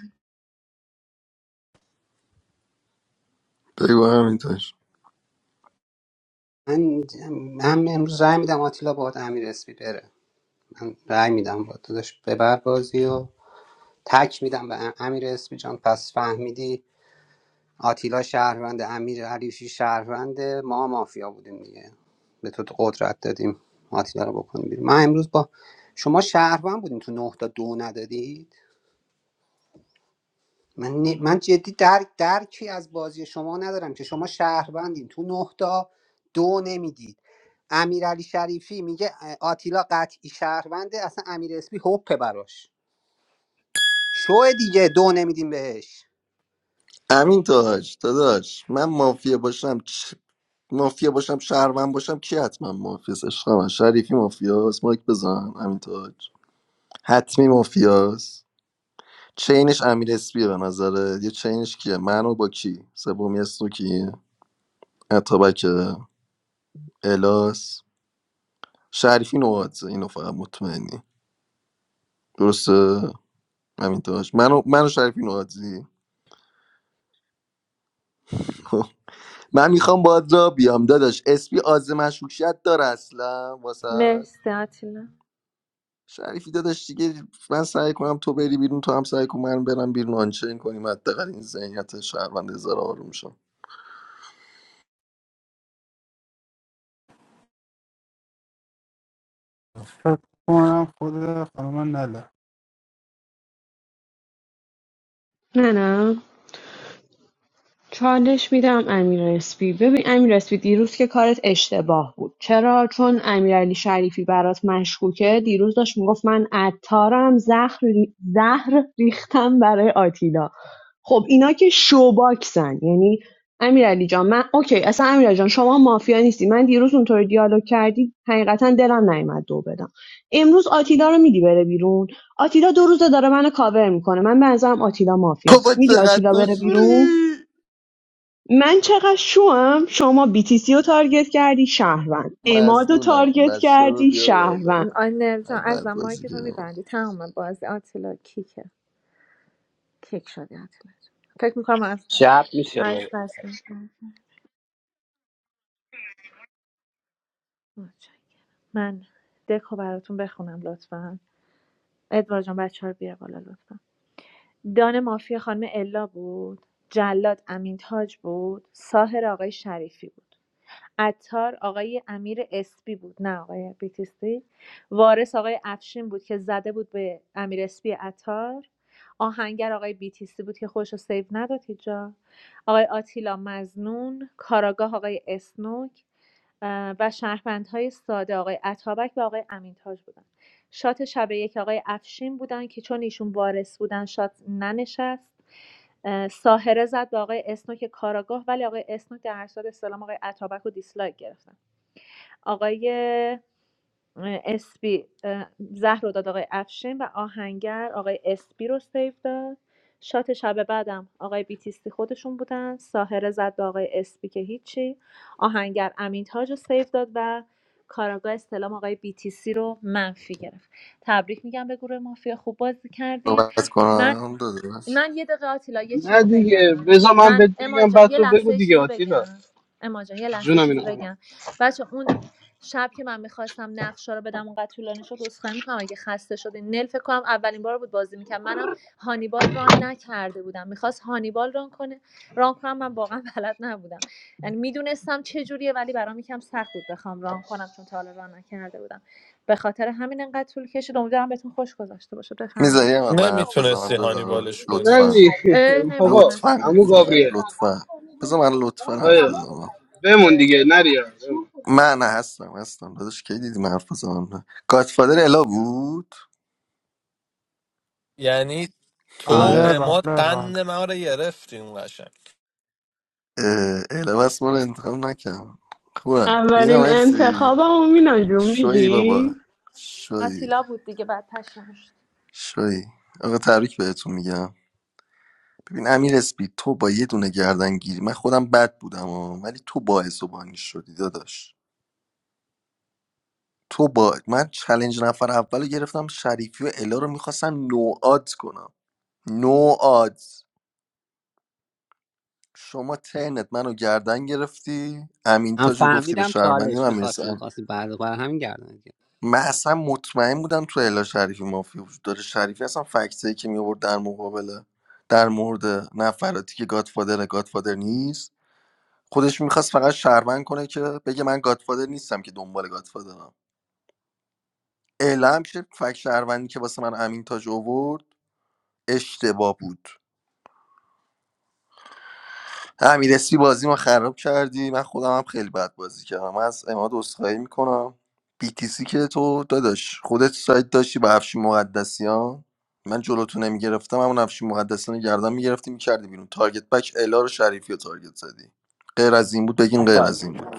بگو همین تاج
من من امروز رأی میدم آتیلا با امیر اسپی بره من رأی میدم با داداش ببر بازی و تک میدم به امیر اسمی جان پس فهمیدی آتیلا شهروند امیر علیفی شهروند ما مافیا بودیم دیگه به تو قدرت دادیم آتیلا رو بکنیم. بیرون من امروز با شما شهروند بودیم تو نه تا دو ندادید من, نی- من جدی درک درکی از بازی شما ندارم که شما شهروندین تو نه تا دو نمیدید امیرعلی شریفی میگه اه، آتیلا قطعی شهرونده اصلا امیر اسمی هپه براش شو دیگه دو نمیدیم بهش
امین تاج داداش من مافیا باشم مافیا باشم شهروند باشم کی حتما مافیاس عشقم شریفی مافیاس مایک بزن امین تاج حتمی مافیاس چینش امیر اسپیه به نظره یه چینش کیه منو با کی سومی اسمو کیه اتابک الاس شریفی نوادزه اینو فقط مطمئنی درسته همین تاج منو منو شریفی نوادزی من میخوام باید را بیام داداش اسپی آز مشکوکیت داره اصلا واسه
مرسی آتیلا
شریفی داداش دیگه من سعی کنم تو بری بیرون تو هم سعی کن من برم بیرون آنچین کنیم حداقل این ذهنیت شهروند زر آروم شم
فکر کنم خود خانم نله
نه نه چالش میدم امیر اسپی ببین امیر اسپی دیروز که کارت اشتباه بود چرا چون امیرعلی شریفی برات مشکوکه دیروز داشت میگفت من عطارم زهر ری- زهر ریختم برای آتیلا خب اینا که شوباکسن یعنی امیرعلی جان من اوکی اصلا امیرعلی جان شما مافیا نیستی من دیروز اونطور دیالوگ کردی حقیقتا دلم نیومد دو بدم امروز آتیلا رو میدی بره بیرون آتیلا دو روزه داره منو کاور میکنه من به نظرم آتیلا مافیاست
بابا
میدی
چقدر
آتیلا
تو
بره بیرون
شوری
من چقدر شوم شما BTC رو تارگت کردی شهروند اماد رو
مزنونم
تارگت
بچه رو
کردی
بیار بالا
شهروند
آی نرجان
من بد
ازم مایک
بازی
تو
کردم
میبندی تمام بازی آتیلا کیکه کیک شدی آتیلا جان. فکر میکنم از
شب میشه
از دست می‌کنم. متشکرم. من دکو براتون بخونم لطفا ادوار جان بچه ها رو بیار بالا لطفا دان مافیا خانم الا بود جلاد امین تاج بود ساهر آقای شریفی بود عطار آقای امیر اسپی بود نه آقای بیتیستی، وارث آقای افشین بود که زده بود به امیر اسپی عطار آهنگر آقای بیتیستی بود که خودش رو سیو نداد هیچ آقای آتیلا مزنون کاراگاه آقای اسنوک و شهروندهای ساده آقای عطابک و آقای امینتاج بودن شات شب یک آقای افشین بودن که چون ایشون وارث بودن شات ننشست اه، ساهره زد به آقای اسنوک کاراگاه ولی آقای اسنوک در هر صورت استلام آقای عطابک و دیسلایک گرفتن آقای اسپی اه، زهر رو داد آقای افشین و آهنگر آقای اسپی رو سیو داد شات شب بعدم آقای بیتیستی خودشون بودن ساهره زد به آقای اسپی که هیچی آهنگر امین تاج رو سیو داد و کاراگاه استلام آقای بیتیسی رو منفی گرفت تبریک میگم به گروه مافیا خوب بازی کردین
صحبت
من
کنم داداش
من یه دقیقه آتیلا یه
نه
چیزی
دیگه
بگم
بذار من
من
بهت
اما
بگم
جان
بعد
یه
تو
لحظه
بگو
یه
دیگه
چیزی
آتیلا
بگم اما جان یه لحظه یه
جونم
چیزی
مینا خانم
بگم بچه اون شب که من میخواستم نقشه رو بدم اونقدر طولانی شد عذرخواهی میکنم اگه خسته شده نل فکر کنم اولین بار بود بازی میکنم منم هانیبال ران نکرده بودم میخواست هانیبال ران کنه ران کنم من واقعا بلد نبودم یعنی میدونستم چه جوریه ولی برام یکم سخت بود بخوام ران کنم چون تا حالا ران نکرده بودم به خاطر همین انقدر طول کشید امیدوارم بهتون خوش گذشته باشه
میذاری
بفرمایید
هم من حرف بزنم
نمیتونستی هانی
داداش
بالش کنی
نه
لطفا
دیگه
اصلا
اه،
بابا
نمیدونستم
لطفا
عمو
گفتم
گابریل
لطفا بذار من لطفا حرف
آره.
بزنم
بمون دیگه نریا بمون.
من هستم هستم داداش کی دیدی من حرف بزنم گادفادر الا بود
یعنی تو
بله
آره
بله
اماد
بله
قند ما رو گرفتی اون قشنگ
اه، اله ما رو انتخاب نکردم خوبم مینا
اولین
مرسی
انتخابم مینا جون
شوی بابا
میگی
شوی
آتیلا بود دیگه بعد پشمش
شوی آقا تبریک بهتون میگم ببین امیر اسپی تو با یه دونه گردن گیری من خودم بد بودم و ولی تو باعث و بانی شدی داداش تو با من چلنج نفر اول رو گرفتم شریفی و الا رو میخواستم نوآت کنم نوآت شما ترنت منو گردن گرفتی امین
من
تاجو گفتی به
فهمیدم
شهروندی
چالش میخواستی
من
میخواستی بعد بر همین گردن گرفت.
من اصلا مطمئن بودم تو الا شریفی مافیا وجود داره شریفی اصلا فکتایی که میورد در مقابل در مورد نفراتی که گادفادر گادفادر نیست خودش میخواست فقط شهروند کنه که بگه من گادفادر نیستم که دنبال گادفادرم اعلام شد فکت شهروندی که واسه من امین تاج آورد اشتباه بود امیر اسپی بازی ما خراب کردی من خودم هم خیلی بد بازی کردم من از اماد عذرخواهی میکنم بیتیسی که تو داداش خودت سایت داشتی با افشین مقدسیان من جلوتو نمیگرفتم همون افشین مقدسیان رو گردن میگرفتی میکردی بیرون تارگت بک الا رو شریفی رو تارگت زدی غیر از این بود بگین غیر از این بود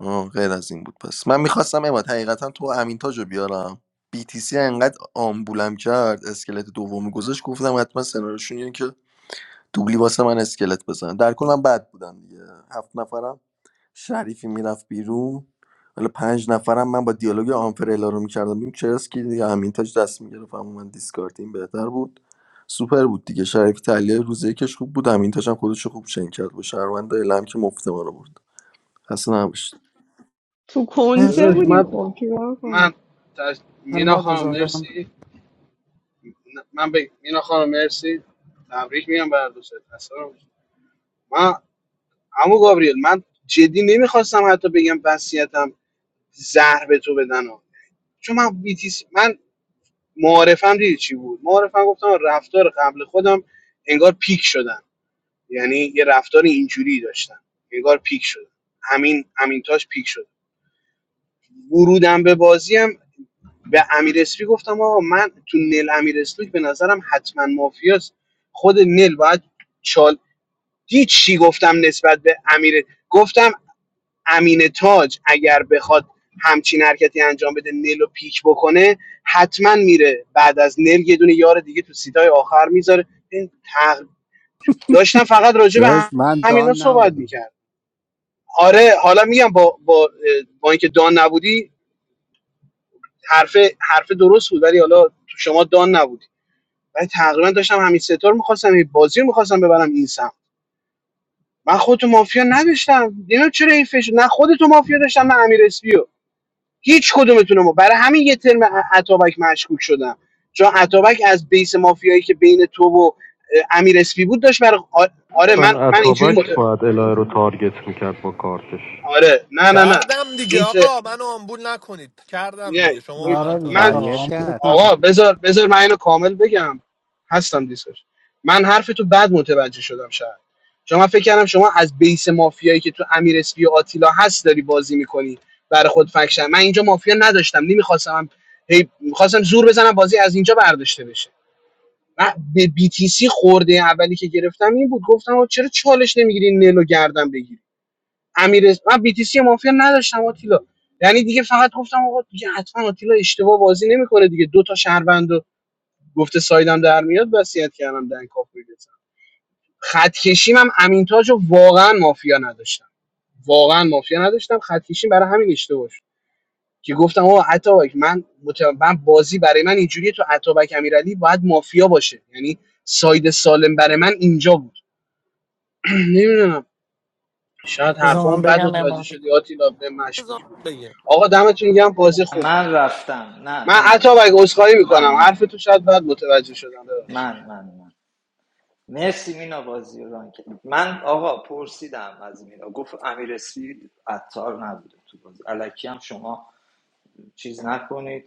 آه غیر از این بود پس من میخواستم اماد حقیقتا تو و امین تاج رو بیارم BTC انقدر آمبولم کرد اسکلت دومی گذاشت گفتم حتما سناریوشون اینه که دوبلی واسه من اسکلت بزن در کل من بد بودم دیگه هفت نفرم شریفی میرفت بیرون حالا پنج نفرم من با دیالوگ آنفرلا رو میکردم بیم چرس دیگه همین تاج دست میگرفت اما من دیسکارد این بهتر بود سوپر بود دیگه شریفی تحلیل روزه یکش خوب بود همین تاج هم خودش رو خوب چنگ کرد با شهروند الم که مفت ما رو برد اصلا نباشت
تو کنسه
داداش
مرسی
بودی
من
خب چیکار کنم
من تش... مینا
نماد
خانم
آزادم
مرسی من به مینا خانم مرسی تبریک میگم بر دوست اصلا من عمو گابریل من جدی نمیخواستم حتی بگم وصیتم زهر به تو بدن ها. چون من بیتیس من معارفم دیدی چی بود معارفم گفتم رفتار قبل خودم انگار پیک شدن یعنی یه رفتار اینجوری داشتم انگار پیک شدم همین همین تاش پیک شد ورودم به بازی هم به امیر اسپی گفتم آقا من تو نل امیر اسلوک به نظرم حتما مافیاست خود نل باید چال دید چی گفتم نسبت به امیر گفتم امین تاج اگر بخواد همچین حرکتی انجام بده نل رو پیک بکنه حتما میره بعد از نل یه دونه یار دیگه تو سیتای آخر میذاره این تق- داشتم فقط راجع به هم-
داشت من دان
همینا صحبت
نبودم
میکرد آره حالا میگم با با با اینکه دان نبودی حرف حرف درست بود ولی حالا تو شما دان نبودی ولی تقریبا داشتم همین ستار میخواستم این بازی رو میخواستم ببرم این سمت من خودتو مافیا نداشتم نمیدونم چرا این فش نه خودتو مافیا داشتم نه امیر اسپیو هیچ کدومتون ما برای همین یه ترم ع- عطابک مشکوک شدم چون عطابک از بیس مافیایی که بین تو و امیر اسپی بود داشت برای آره من من اینجوری مت... آره نه نه نه
کردم دیگه
این ت
آقا منو آمبول نکنید کردم
نه
دیگه شما به من
آره دیگه
من
تارگت
آقا
تارگت
زدید
آمودت
کرد
آقا
نکنید
بذار بذار من اینو کامل بگم هستم دیسکش من حرف تو بد متوجه شدم شاید چون من فکر کردم شما از بیس مافیایی که تو امیر اسپی و آتیلا هست داری بازی میکنی برای خود فکشن من اینجا مافیا نداشتم نمیخواستم هم هی میخواستم زور بزنم بازی از اینجا برداشته بشه من به BTC خورده اولی که گرفتم این بود گفتم آقا چرا چالش نمیگیری نلو گردم بگیری امیر من بیتیسی مافیا نداشتم آتیلا یعنی دیگه فقط گفتم آقا دیگه حتما آتیلا اشتباه بازی نمیکنه دیگه دو تا شهروند رو گفته سایدم در میاد وصیت کردم دنگ کاپوی بزنم خط کشیم هم امین تاج رو واقعا مافیا نداشتم واقعا مافیا نداشتم خط کشیم برای همین اشتباه شد که گفتم آقا عطابک من مت... من بازی برای من اینجوریه تو عطابک امیرعلی باید مافیا باشه یعنی ساید سالم برای من اینجا بود نمیدونم شاید
بذار
حرفامو
من
بد
بگم
متوجه
اما
شدی آتیلا به
بذار
مشکوک بود
بگم
آقا دمتون گرم بازی خوب
من رفتم نه
من
من
عطا اگه
رفتم
عذرخواهی میکنم
من من
حرف تو شاید بد متوجه شدم ببخشید
من من من مرسی مینا بازی رو ران کردی. من آقا پرسیدم از مینا گفت امیر اسپی عطار نبوده تو بازی الکی هم شما چیز نکنید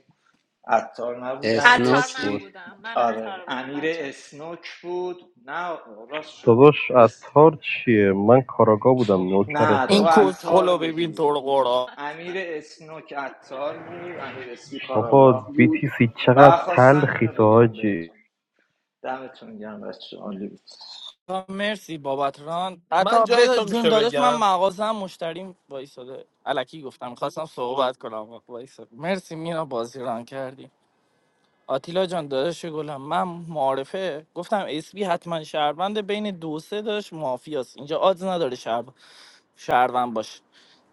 عطار نبود امیر
عطار
اسنوک
من
بود
اسپی
بودم من
آره
عطار بودم
امیر
بچه
اسنوک بود نه آقا، راست شد اس... نه تو
این کسخل
عطار
رو ببین تو
بودی
رو قرآن.
امیر اسنوک عطار بود امیر اسپی کاراگاه بود و خواستم اینو بگم بهتون دمتون گرم بچه عالی بود
آقا مرسی بابت ران
من
حتی
جای
بذار
تو
جون
میشه
داداش من
بگم
مغازم مشتریم وایساده الکی گفتم خواستم صحبت کنم وایساده مرسی مینا بازی ران کردی آتیلا جان داداش گلم من معارفه گفتم اسبی حتما شهروند بین دو سه داشت مافیاست اینجا آدز نداره شهر شهروند باشه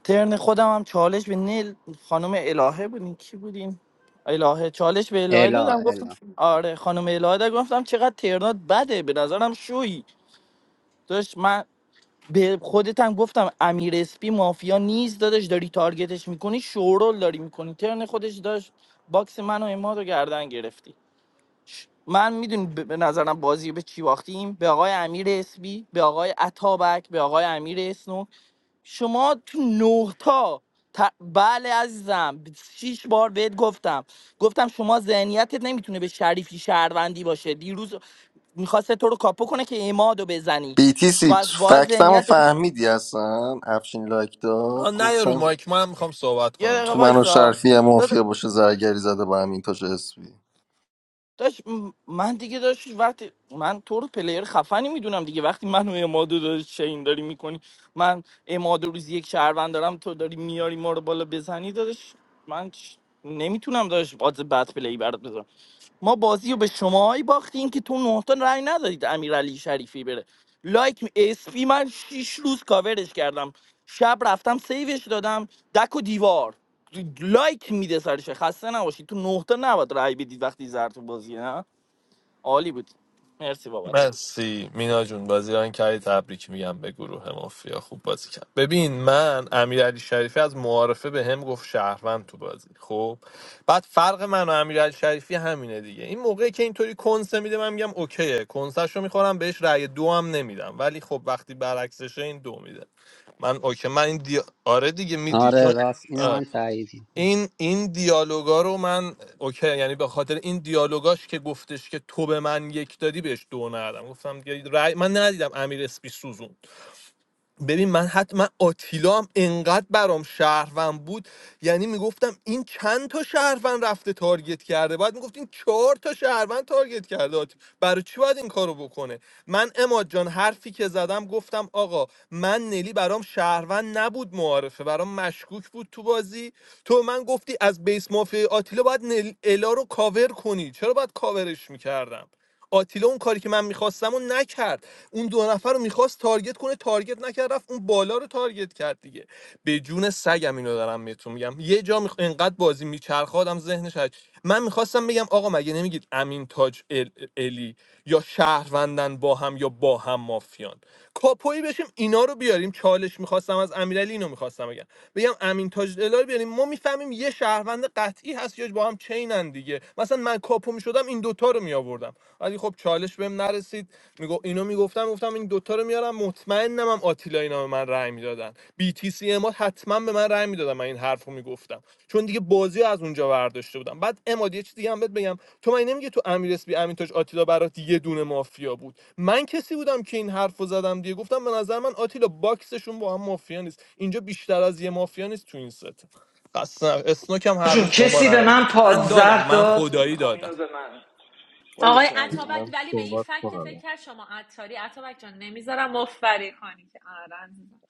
ترن خودم هم چالش به نیل خانم الهه بودین کی بودین الهه چالش به الهه
الا
دادم گفتم
الا
آره خانم الهه دادم گفتم چقدر ترنات بده به نظرم شوی داشت من به خودت هم گفتم امیر اسپی مافیا نیست دادش داری تارگتش میکنی شورول داری میکنی ترن خودش داشت باکس من و اماد رو گردن گرفتی ش- من میدونی به به نظرم بازی به چی باختیم به آقای امیر اسبی به آقای عطابک به آقای امیر اسنو شما تو نه تا ت- بله عزیزم شیش بار بهت گفتم گفتم شما ذهنیتت نمیتونه به شریفی شهروندی باشه دیروز میخواست تو رو کاپو کنه که امادو بزنی
بیتی سی
بس باید
فکتم رو
ذهنیت یه
فهمیدی اصلا افشین لایک
آ
داد
نه یا رو
گفتم
مایک من میخوام صحبت کنم
دقیقه
تو منو
آتیلا
وایسا
شرفی یه مافیا باشه زرگری زده با همین تاج اسمی
داشت من دیگه داشت وقتی من تو رو پلیر خفنی میدونم دیگه وقتی منو امادو داری چین داری میکنی من امادو روز یک شهروند دارم تو داری میاری ما رو بالا بزنی دادش من نمیتونم داشت باز بد پلی برات بذارم ما بازی رو به شماهایی باختیم که تو نهتا رای ندادید امیرعلی شریفی بره لایک اسپی من شیش روز کاورش کردم شب رفتم سیوش دادم دک و دیوار لایک میده سرش خسته نباشید تو نه تا نباید رای بدید وقتی زر تو بازیه نه عالی بود مرسی بابت رو
مرسی مینا جون بازی ران کردی تبریک میگم به گروه مافیا خوب بازی کرد ببین من امیرعلی شریفی از معارفه به هم گفت شهروند تو بازی خب بعد فرق من و امیرعلی شریفی همینه دیگه این موقعی که اینطوری کنسه میده من میگم اوکیه کنسش رو میخورم بهش رأی دو هم نمیدم ولی خب وقتی برعکسشه این دو میده من اوکی من این دی... آره دیگه میدی
آره
چون
راست اینو
آره.
من تایید میکنم
این این دیالوگا رو من اوکی یعنی به خاطر این دیالوگاش که گفتش که تو به من یک دادی بهش دو ندادم گفتم دیگه رأی من ندیدم امیر اسپی سوزون ببین من حتی من آتیلا هم انقدر برام شهروند بود یعنی میگفتم این چند تا شهروند رفته تارگت کرده بعد میگفت چهار تا شهروند تارگت کرده آتی- برای چی باید این کارو بکنه من اماد جان حرفی که زدم گفتم آقا من نلی برام شهروند نبود معارفه برام مشکوک بود تو بازی تو من گفتی از بیس مافیا آتیلا باید نل... الا رو کاور کنی چرا باید کاورش میکردم آتیلا اون کاری که من میخواستم اون نکرد اون دو نفر رو میخواست تارگت کنه تارگت نکرد رفت اون بالا رو تارگت کرد دیگه به جون سگم اینو دارم بهتون میگم یه جا میخ... انقدر بازی میچرخادم ذهنش هج. من میخواستم بگم آقا مگه نمیگید امین تاج ال... الی یا شهروندن با هم یا با هم مافیان کاپوی بشیم اینا رو بیاریم چالش میخواستم از امیرعلی اینو میخواستم بگم بگم امین تاج الا رو بیاریم ما میفهمیم یه شهروند قطعی هست یا با هم چینن دیگه مثلا من کاپو میشدم این دوتا رو میآوردم ولی خب چالش بهم نرسید میگو اینو میگفتم گفتم گفتم این دوتا رو میارم مطمئنم هم آتیلا اینا به من رأی میدادن بی تی سی اما حتما به من رأی میدادن من این حرفو میگفتم چون دیگه بازی از اونجا برداشته بودم بعد اماد یه چیز دیگه هم بهت بگم تو من نمیگه تو امیر اسپی امین تاج آتیلا برات یه دونه مافیا بود من کسی بودم که این حرفو زدم دیگه گفتم به نظر من آتیلا باکسشون با هم مافیا نیست اینجا بیشتر از یه مافیا نیست تو این ست اصلا اسنوک هم هر
جون
روز به ما
کسی به
رأی.
من
من دادم
پادزر
من
داد
خدایی
میخوام
دادم
اینو به من باری
آقای
کردم
عطابک ولی به این فکت که فکر کرد شما عطاری عطابک جان نمیذارم مفبری کنی که آره عزیزم.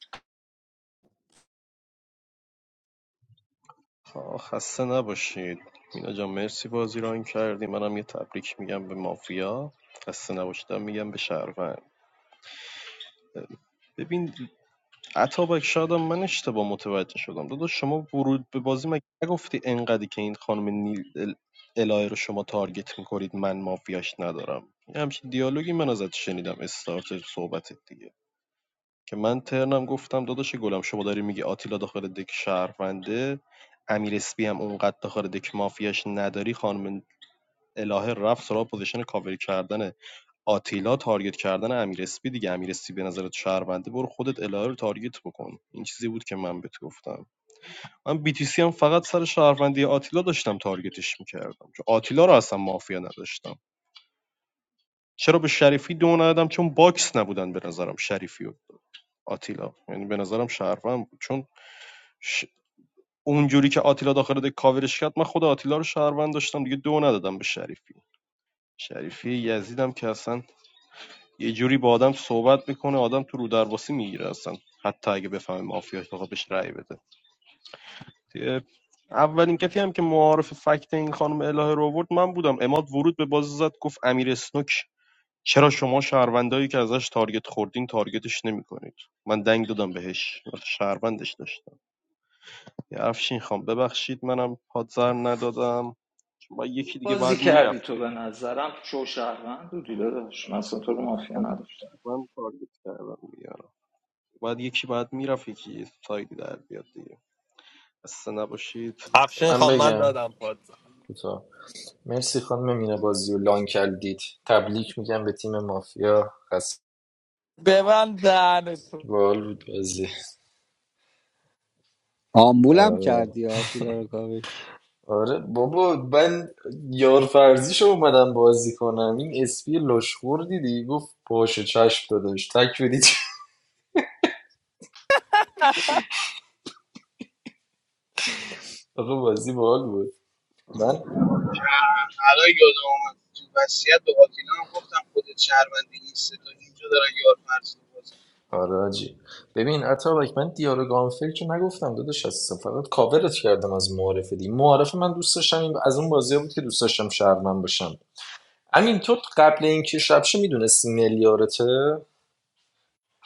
بازی کردی تو به نظرم شوشهروند بودی داداش من اصلا تو رو مافیا نداشتم
افشین
من
خواهم من
بگم
دادم پاد
کوتاه مرسی خانم مینا بازی و لان کردید تبلیک میگم به تیم مافیا خسته
ببند دهنتو
باحال بود بازی
آمبولم
آره
کردی آتیلا رو کابی
آره بابا من یار فرضیش اومدم بازی کنم این اسپی لشخور دیدی گفت باشه چشم داداش تک بدید آقا بازی باحال بود من
الان یادم اومد تو وصیت به آتیلا هم گفتم خودت شهروندی این سه تا اینجا دارن یار فرض بازی می‌کنن.
آره حاجی ببین اتابک من دیارو گانفل که نگفتم داداش از فقط کاورت کردم از معارفه دی معارفه من دوست داشتم این- از اون بازی بود که دوست داشتم شهرمن باشم همین تو قبل اینکه شبشه میدونستی میلیارته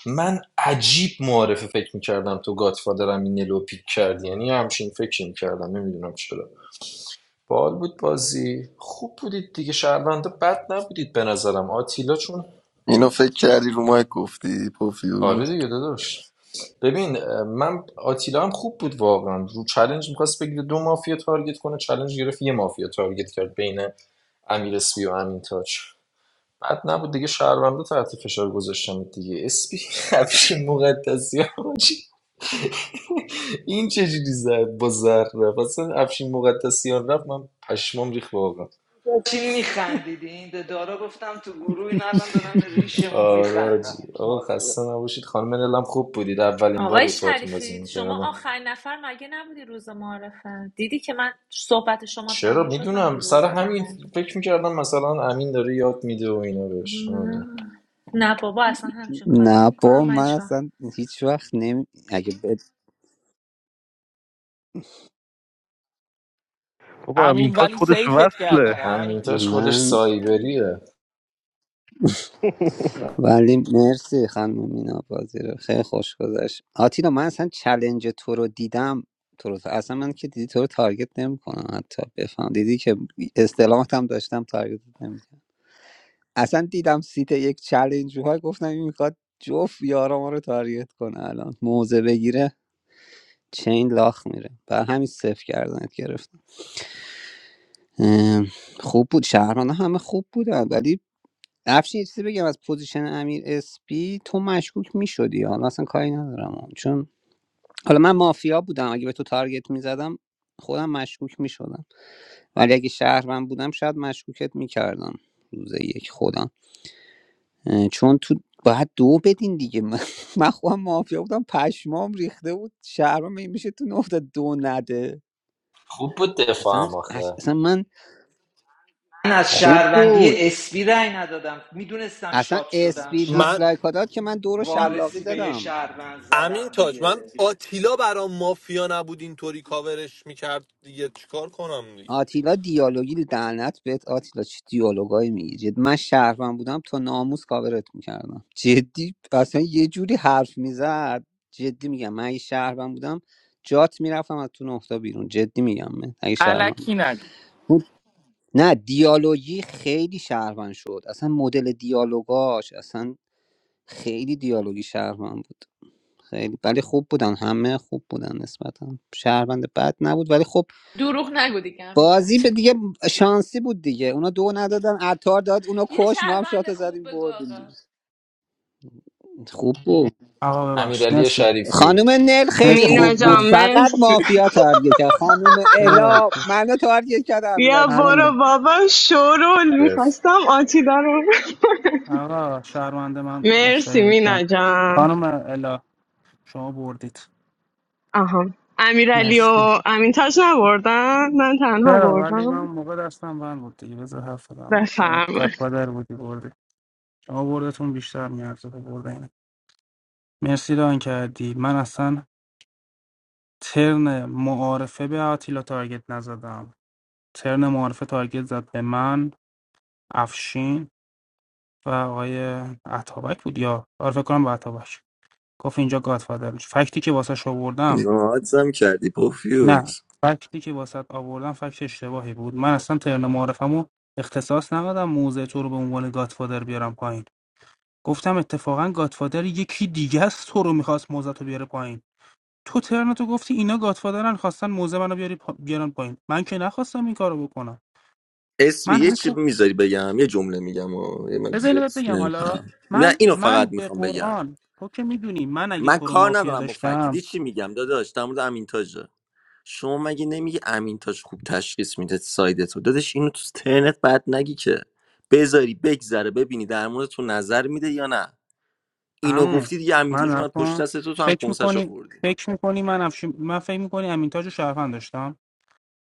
من عجیب معارفه فکر میکردم تو گاتفادرم این نلو پیک کردی یعنی یه همچین فکر میکردم نمیدونم چرا بال بود بازی خوب بودید دیگه شهروندا بد نبودید به نظرم آتیلا چون
اینو فکر کردی رو مایک گفتی
آره
پوفیوز
دیگه داداش ببین من آتیلا هم خوب بود واقعا رو چلنج میخواست بگیره دو مافیا تارگت کنه چلنج گرفت یه مافیا تارگت کرد بین امیر اسپی و امین تاج بعد نبود دیگه شهروندا تحت فشار گذاشتم دیگه اسپی همیشه مقدسی این چجوری زد با زهر رفت اصلا افشین مقدسیان رفت من پشمام ریخت واقعا
داشتیم میخندیدین به دارا گفتم تو گروه این الان دارم به ریشمون
آره آجی
میخندم
آقا
مافیا
خسته نباشید خانم نلم خوب بودید اولین بار
آقای
بود باهاتون بازی
شریفی شما
میکردم
آخرین نفر مگه نبودی روز معرفه دیدی که من صحبت شما
چرا
تموم شد من
میدونم
گروه
سر
زدم
همین
برجا
فکر میکردم مثلا امین داره یاد میده و اینا بهش همین.
نه نه بابا اصلا همچین کاری
نه
نمیکنم
با
من
من
هیچ وقت
اصلا هیچ وقت نمی اگه بد...
همین ولی سیفت کردم همین
امینتاش خودش
من
نه دیگه.
سایبریه
ولی مرسی خانم مینا بازی رو خیلی خوش گذشت آتیلا من اصلا چلنج تو رو دیدم تو رو اصلا من که دیدی تو رو تارگت نمیکنم حتی بفهم دیدی که استلامت هم داشتم تارگت نمیکنم اصلا دیدم سیت یک چلنج های گفتم این میخواد جفت یارا ما رو تارگت کنه الان موزه بگیره چین لاخ میره بر همین صفر کردنت گرفتم ام، خوب بود شهرمان همه خوب بودن ولی افشین یه چیزی بگم از پوزیشن امیر اسپی تو مشکوک میشدی حالا اصلا کاری ندارم چون حالا من مافیا بودم اگه به تو تارگت میزدم خودم مشکوک میشدم ولی اگه شهروند بودم شاید مشکوکت میکردم روز یک خودم اه، چون تو باید دو بدین دیگه من من خودم مافیا بودم پشمام ریخته بود شهروند می- میشه تو نقطه دو نده
خوب بود
اصلا
دفاعم آخه
اصلا من
من از
خوب بود
شهروندی اسبی رأی ندادم میدونستم
اصلا
شاد شدم
اسپی
شب
من
دیسلایک ها داد که من دو رو شلاقی
وارسی به یه
دادم
شهروند
امین
زدم
تاج
دیگه
من آتیلا برام مافیا نبود اینطوری کاورش میکرد دیگه چیکار کنم دیگه
آتیلا دیالوگی لعنت بهت آتیلا چه دیالوگایی میگی جد من شهروند بودم تا ناموس کاورت میکردم جدی اصلا یه جوری حرف میزد جدی میگم من اگه شهروند بودم جات میرفتم از تو نقطه بیرون جدی میگم من اگه شهروند
الکی نگو
بود نه دیالوگی خیلی شهروند شد اصلا مدل دیالوگاش اصلا خیلی دیالوگی شهروند بود خیلی ولی خوب بودن همه خوب بودن نسبتا شهروند بد نبود ولی خوب
دروغ نگو دیگه همین تاج
بازی به دیگه شانسی بود دیگه اونا دو ندادن عطار داد اونا
یه
کش ما هم
شهروند
شات زدیم
خوب بگو
بردیم
آقا
دیگه. خوب بود
آقا ببخش
امیرعلی
مرسی
شریفی
خانم نل خیلی
مرسی
مینا
خوب بود
ایران
جان
فقط
مرسی
مافیا تارگت کرد خانم
ببخش
الا منو تارگت کرد
بیا
امیرعلی شریف
برو
امین
بابا شورول میخواستم آتیلا رو
آقا شهرمنده من
مرسی
مشتری
مینا
داشتم
جان
خانم الا شما بردید
آها امیرعلی
مرسی
و امین تاج نبردن من تنها
چرا ولی من
بردم
اون موقع دستم بند بود دیگه بذار حرف بزنم دیگه شما
بفرمایید
گادفادر بودی بردی شما بردتون بیشتر میارزه به برد اینه مرسی ران کردی من اصلا ترن معارفه به آتیلا تارگت نزدم ترن معارفه تارگت زد به من افشین و آقای عطابک بود یا آره فکر کنم به عطابک گفت اینجا گادفادر میشه فکتی که واسه شو بردم
نوازم کردی
نه
پوفیوز
فکتی که واسط آوردم فکت اشتباهی بود من اصلا ترن معارفمو اختصاص ندادم موضع تو رو به عنوان گادفادر بیارم پایین گفتم اتفاقا گادفادر یکی دیگه است تو رو میخواست موضع تو بیاره پایین تو ترن تو گفتی اینا گادفادرن خواستن موزه منو بیاری پا... بیارن پایین من که نخواستم این کارو بکنم
اسمی
من
یه چی
حتی
میذاری بگم یه جمله میگم و یه من
بذار اینو
زیاد
بهت بگم حالا
نمیپرم نه
من
اینو فقط
من به
میخوام بگم
قرآن تو که میدونی من اگه
من
تو رو
کار
مافیا
ندارم با فکت
داشتم
دیدی چی میگم داداش در مورد امینتاژه شما مگه نمیگی امینتاج خوب تشخیص میده سایدتو داداش اینو تو ترنت بعد نگی که بذاری بگذره ببینی در مورد تو نظر میده یا نه اینو
عمو
گفتی دیگه
من
امینتاج اومد پشت
نکن
دست تو تو هم
فکر
کنسش
میکنی
خوردی
فکر میکنی من افش... من فکر میکنی امین تاج رو شهروند داشتم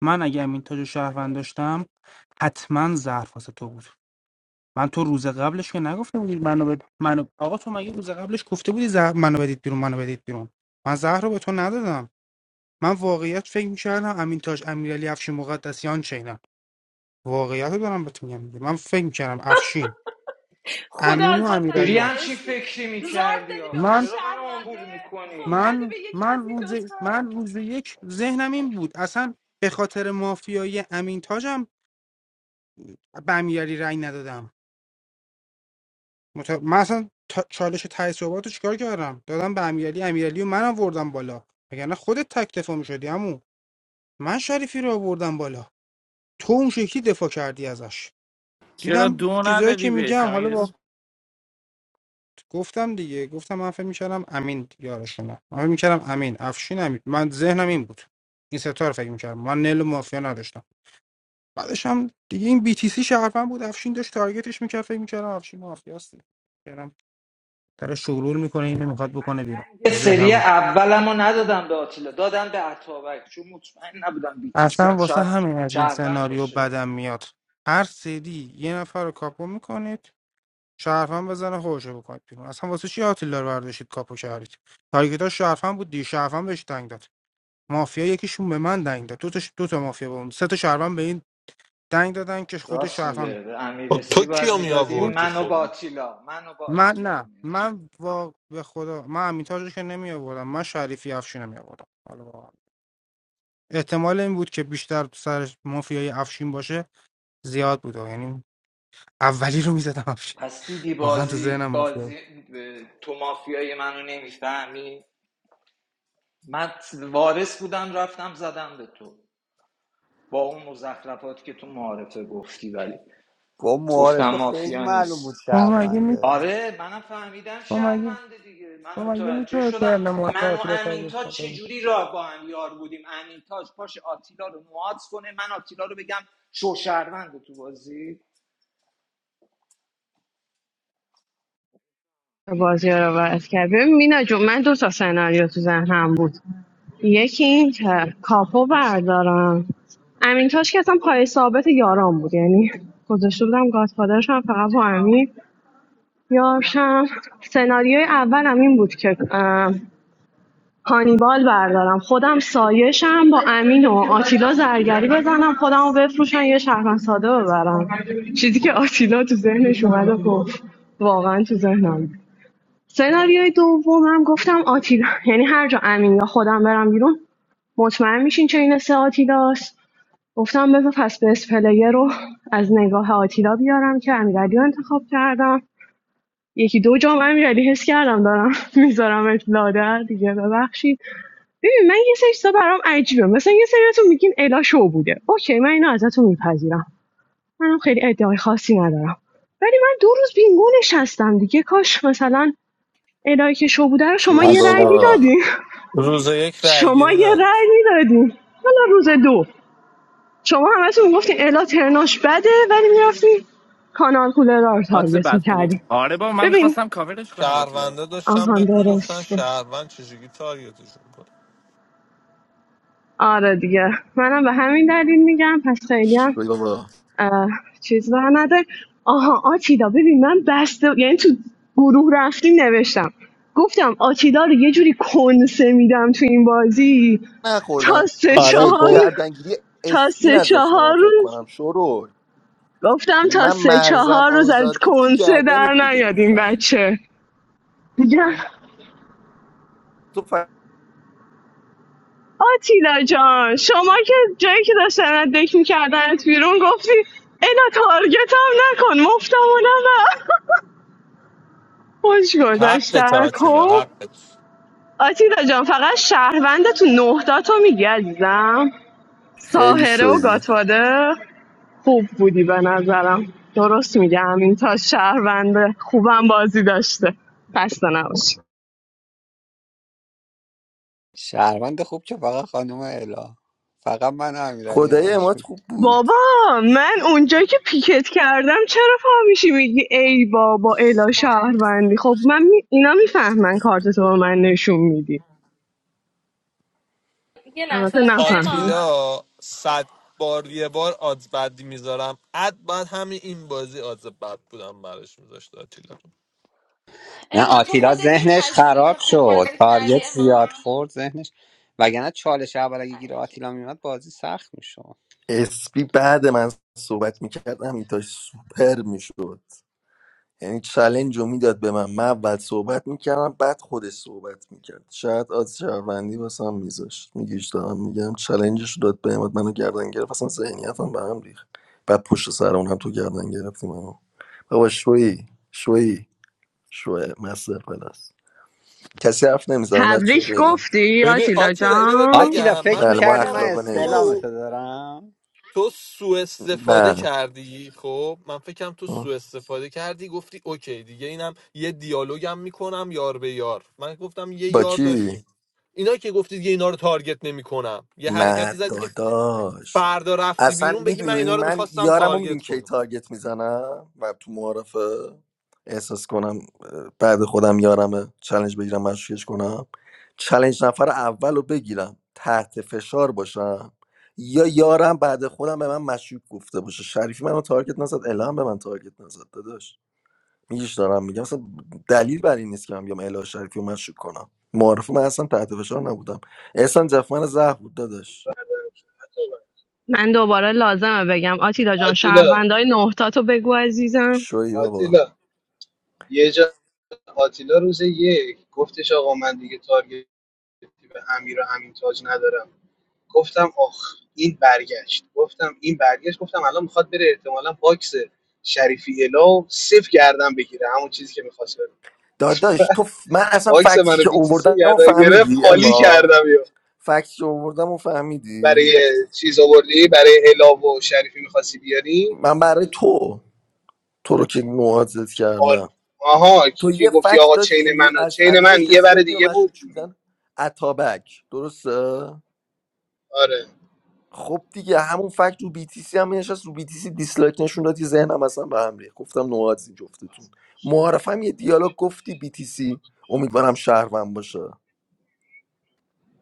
من اگه امین تاج رو شهروند داشتم حتما ظرف واسه تو بود من تو روز قبلش که نگفته بودی منو بد... منو آقا تو مگه روز قبلش گفته بودی زهر منو بدید بیرون منو بدید بیرون من زهر رو به تو ندادم من واقعیت فکر میکردم امین تاج امیرعلی افشین مقدسیان چینم واقعیت رو دارم بهت میگم دیگه. من فکر میکردم افشین
خدا
امین و
ازت
چوری
امیرعلی
نگذره
همچین
اسمی
فکری
زار
میکردی
دادی به
آخه
اون
من
چرا من آمبول
شهرونده خب
میکنی
میدادی
من
به یکی از
من
این
روز من
دوتا
روز یک ذهنم این بود اصلا به خاطر مافیای امین تاجم به امیرعلی رأی ندادم مت... من اصلا تا... چالش ته صحبت رو چیکار کردم دادم به امیرعلی امیرعلی و من آوردم بالا وگرنه خودت تک دفاع می‌شدی عمو من شریفی رو آوردم بالا تو اون شکلی دفاع کردی ازش
چرا
دیدم
دو
چیزایی که
ندادی بهش
میگم
همین
حالا با
رس-
گفتم دیگه گفتم من فکر می‌کردم امین یارشونه من فکر می‌کردم امین افشین امین من ذهنم این بود این ستا رو فکر می‌کردم من نل و مافیا نداشتم بعدش هم دیگه این بی تی سی شرفن بود افشین داشت تارگتش میکرد فکر میکردم افشین مافیاستی کردم داره شغلول میکنه اینو میخواد بکنه بیرون
یه
ذهنم
سری
این.
اولم رو ندادم به آتیلا دادم به عطابک چون مطمئن نبودم بیتیسی
اصلا
هم
واسه
شاید
همین از این
شهروند
سناریو
باشه
بدم میاد هر سری یه نفر رو کاپو میکنید شرفن بزنه خوشو بکنید بیرون اصلا واسه چی آتیلا رو برداشتید کاپو کردید تارگتاش شرفن بود دی شرفن بهش دنگ داد مافیا یکیشون به من دنگ داد دو تا دو تا مافیا به اون سه تا شرفن به این دنگ دادن که خود
راست
شرفن
میگه به امیر
خب
اسپی
تو
باید
کیو می
میدادی
آوردی
منو
خب
با آتیلا منو با
من
آتیلا رو
نه
میآورد
من وا... به خدا من امیتاج رو که نمی آوردم من شریفی افشین رو می آوردم حالا واقعا. احتمال این بود که بیشتر سر مافیای افشین باشه زیاد بود یعنی اولی رو میزدم افشین
پس دیدی
واقعا تو
بازی
ذهنم مافیا
بازی
بود
تو مافیای منو نمیفهمی من وارث بودم رفتم زدم به تو با اون مزخرفات که تو معارفه گفتی ولی
گفت
گفتم
معارفه خیلی
مافیا
معلوم
نیست
بود
با مگه می
شهرونده
آره منم فهمیدم
با مگه
شهرونده دیگه من
با مگه می
متوجه شدم من و امینتاج
تو
چجوری راه با هم یار بودیم امینتاج پاش آتیلا رو نواز کنه من آتیلا رو بگم شو شهرونده تو بازی
بازی ها رو عوض کرد ببین مینا جون من دو تا سناریو تو ذهنم بود یکی این که کاپو بردارم امین تاش که اصلا پای ثابت یاران بود یعنی گذاشته بودم گادفادرش هم فقط با امین یارشم سناریوی اولم این بود که ام، هانیبال بردارم خودم سایشم با امین و آتیلا زرگری بزنم خودم رو بفروشن یه شهرمن ساده ببرم چیزی که آتیلا تو ذهنش اومد و گفت واقعا تو ذهنم سناریوی دومم گفتم آتیلا یعنی هر جا امین یا خودم برم بیرون مطمئن میشین چه این مثل آتیلاست گفتم بذار پس به پلیر رو از نگاه آتیلا بیارم که امیرعلی رو انتخاب کردم یکی دو جام امیرعلی حس کردم دارم میذارم لادر دیگه ببخشید ببین من یه سری چیزا برام عجیبه مثلا یه سریاتون میگین الا شو بوده اوکی من اینو ازتون میپذیرم منم خیلی ادعای خاصی ندارم ولی من دو روز بینگو نشستم دیگه کاش مثلا الهی که شو بوده رو شما
شوی
یه رأی
ماشاءالله
بابا
میدادین
روز یک رای
شما
گیری
یه
نداشت
رأی میدادین حالا روز دو شما همتون میگفتین الا ترناش بده ولی میرفتین کانال کولر رو
حادث
تارگت
بد پلی
میکردین
آره با من
ببین
میخواستم کاورش کنم آتیلا.
شهرونده داشتم
آها
بهت میگفتن
درسته
شهروند چجوری تارگتش میکنه
آره دیگه منم به همین دلیل میگم پس خیلی هم
شوی بابا
اه، چیز بر نداره آها آتیلا ببین من بسته یعنی تو گروه رفتیم نوشتم گفتم آتیلا رو یه جوری کنسه میدم تو این بازی تا
نخوردم
سه
روز
آره
یک
گفت
چهار
گردنگیری
تا
اسپین
سه
ازش من
چهار
فکر
روز
کنم شروع
گفتم تا
من
سه
مغزم
چهار روز از
آزاد بود که
کنسه در
گردنت
نیاد این
میگرفتم
بچه میگم
تو ف-
آتیلا جان شما که جایی که داشتن از دک میکردنت بیرون گفتی اینا تارگت هم نکن مفتمونم نه." خوش گذاشت
حقت
در
آتیلا
کن
حقت
آتیلا جان فقط شهروند تو نه تو میگی عزیزم
خیلی
ساهره و
شویی
گاتواده خوب بودی به نظرم درست میگم این تا شهرونده خوبم بازی داشته خسته نباشی
شهروند خوب که فقط خانم الا فقط من و امیرعلی
خدای
همش
امات خوب بود
بابا من اونجا که پیکت کردم چرا پا میشی میگی ای بابا الا شهروندی خب من می... اینا میفهمن کارتتو به من نشون میدی
یه لحظه
البته
بس.
نفهمی
اما
آتیلا صد بار یه بار آدز بدی میذارم اد بعد همین این بازی آدز بد بودم براش میذاشت آتیلا
نه
اما تو
آتیلا
خودت
ذهنش
میپذیری
خراب
که خوب
شد
بازی
تاریت
کردی
زیاد
اما
خورد ذهنش وگرنه چالش اول اگه گیر آتیلا میومد بازی سخت میشد
اسپی بعد من صحبت میکرد همین سوپر میشد یعنی چلنج رو میداد به من من اول صحبت میکردم بعد خودش صحبت میکرد شاید آز شهروندی واسه هم میذاشت میگیش دارم میگم چلنجش رو داد به من منو گردن گرفت اصلا ذهنیتم به هم ریخت بعد پشت سر اون هم تو گردن گرفتی منو بابا شوی شوی شوی مستر پلاس کسی حرف نمیزنه بچه
تبریک
بریم
گفتی
ببین
آتیلا
آتیلا اینو بهت
جان
آتیلا
بگم من
فکر
بله
فکر
ما
میکردی من
میکردم
اخلاق
تو
نمیبازیم
استعلامتو دارم
تو سوء استفاده
نه
کردی خب من فکرم تو سوء استفاده کردی گفتی اوکی دیگه اینم یه دیالوگم میکنم یار به یار من گفتم یه
با
یار
کی
داشتیم اینا که گفتی دیگه اینا رو تارگت نمیکنم یه حرکتی
نه
زدی که
داداش
فردا رفتی
اصلا
بیرون بگی من
میدونی
اینا رو
من
میخواستم
یارم رو میدونی
تارگت
کی
کنم
تارگت میزنم و تو معارفه احساس کنم اه، بعد خودم یارمه چلنج بگیرم مشکش کنم چلنج نفر اول رو بگیرم تحت فشار باشم یا یارم بعد خودم به من مشکوک گفته باشه شریفی منو تارگت نزد الهام به من تارگت نزد داداش میگیش دارم میگم اصلا دلیل بر این نیست که من بیام اله شریفی رو مشکوک کنم معارفه من اصلا تحت فشار نبودم احسان جفمن زهر بود داداش
عطابک.
من دوباره لازمه بگم آتیلا جان
آتیلا
شهروندای نهتاتو بگو عزیزم
شوی بابا
آتیلا یه جا آتیلا روز یک گفتش آقا من دیگه تارگتی به امیر و همین تاج ندارم گفتم آخ این برگشت گفتم این برگشت گفتم الان میخواد بره احتمالا باکس شریفی الا و صفر گردم بگیره همون چیزی که میخواست بره.
داداش تو ف- من اصلا
باکس
فکتی
منو
که
بی تی سی
اووردم و
گردن گرفت
فهمیدی
خالی
اما
کردم یا
فکتی که اووردم و فهمیدی
برای چیز آوردی برای الا و شریفی میخواستی بیاری
من برای تو تو رو که نوازت
آر...
کردم
آها
تو
کی,
یه
کی گفتی
فکت
آقا چین
داشتی
من
از
چین من
طریقش
یه بر
رسیده بودی و
دیگه بود
مشروط بودن اتابک درسته
آره
خب دیگه همون فکت رو بیتیسی هم نشست رو بیتیسی دیسلایک نشون دادی ذهنم اصلا به هم ریخت گفتم نوازی جفتتون معارفم یه دیالوگ گفتی بیتیسی امیدوارم شهروند باشه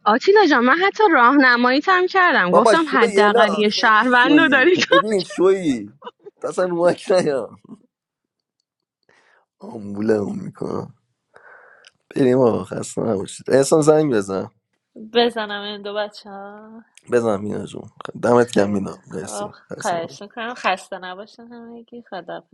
آتیلا جان من حتی راهنماییت هم کردم
بابا
گفتم
شوی الا
حداقل یه
خیلی
شهروند رو
شویی
داری
ببین شویی تا اصلا رو مک نیام آمبوله اون میکنم بریم آقا خسته نباشید احسان زنگ بزن
بزنم این دو بچه ها
بزن مینا جون دمت گرم
خیلی
مینا
خب
مرسی خسته نباشید.
خواهش میکنم خسته نباشن همه یکی خدا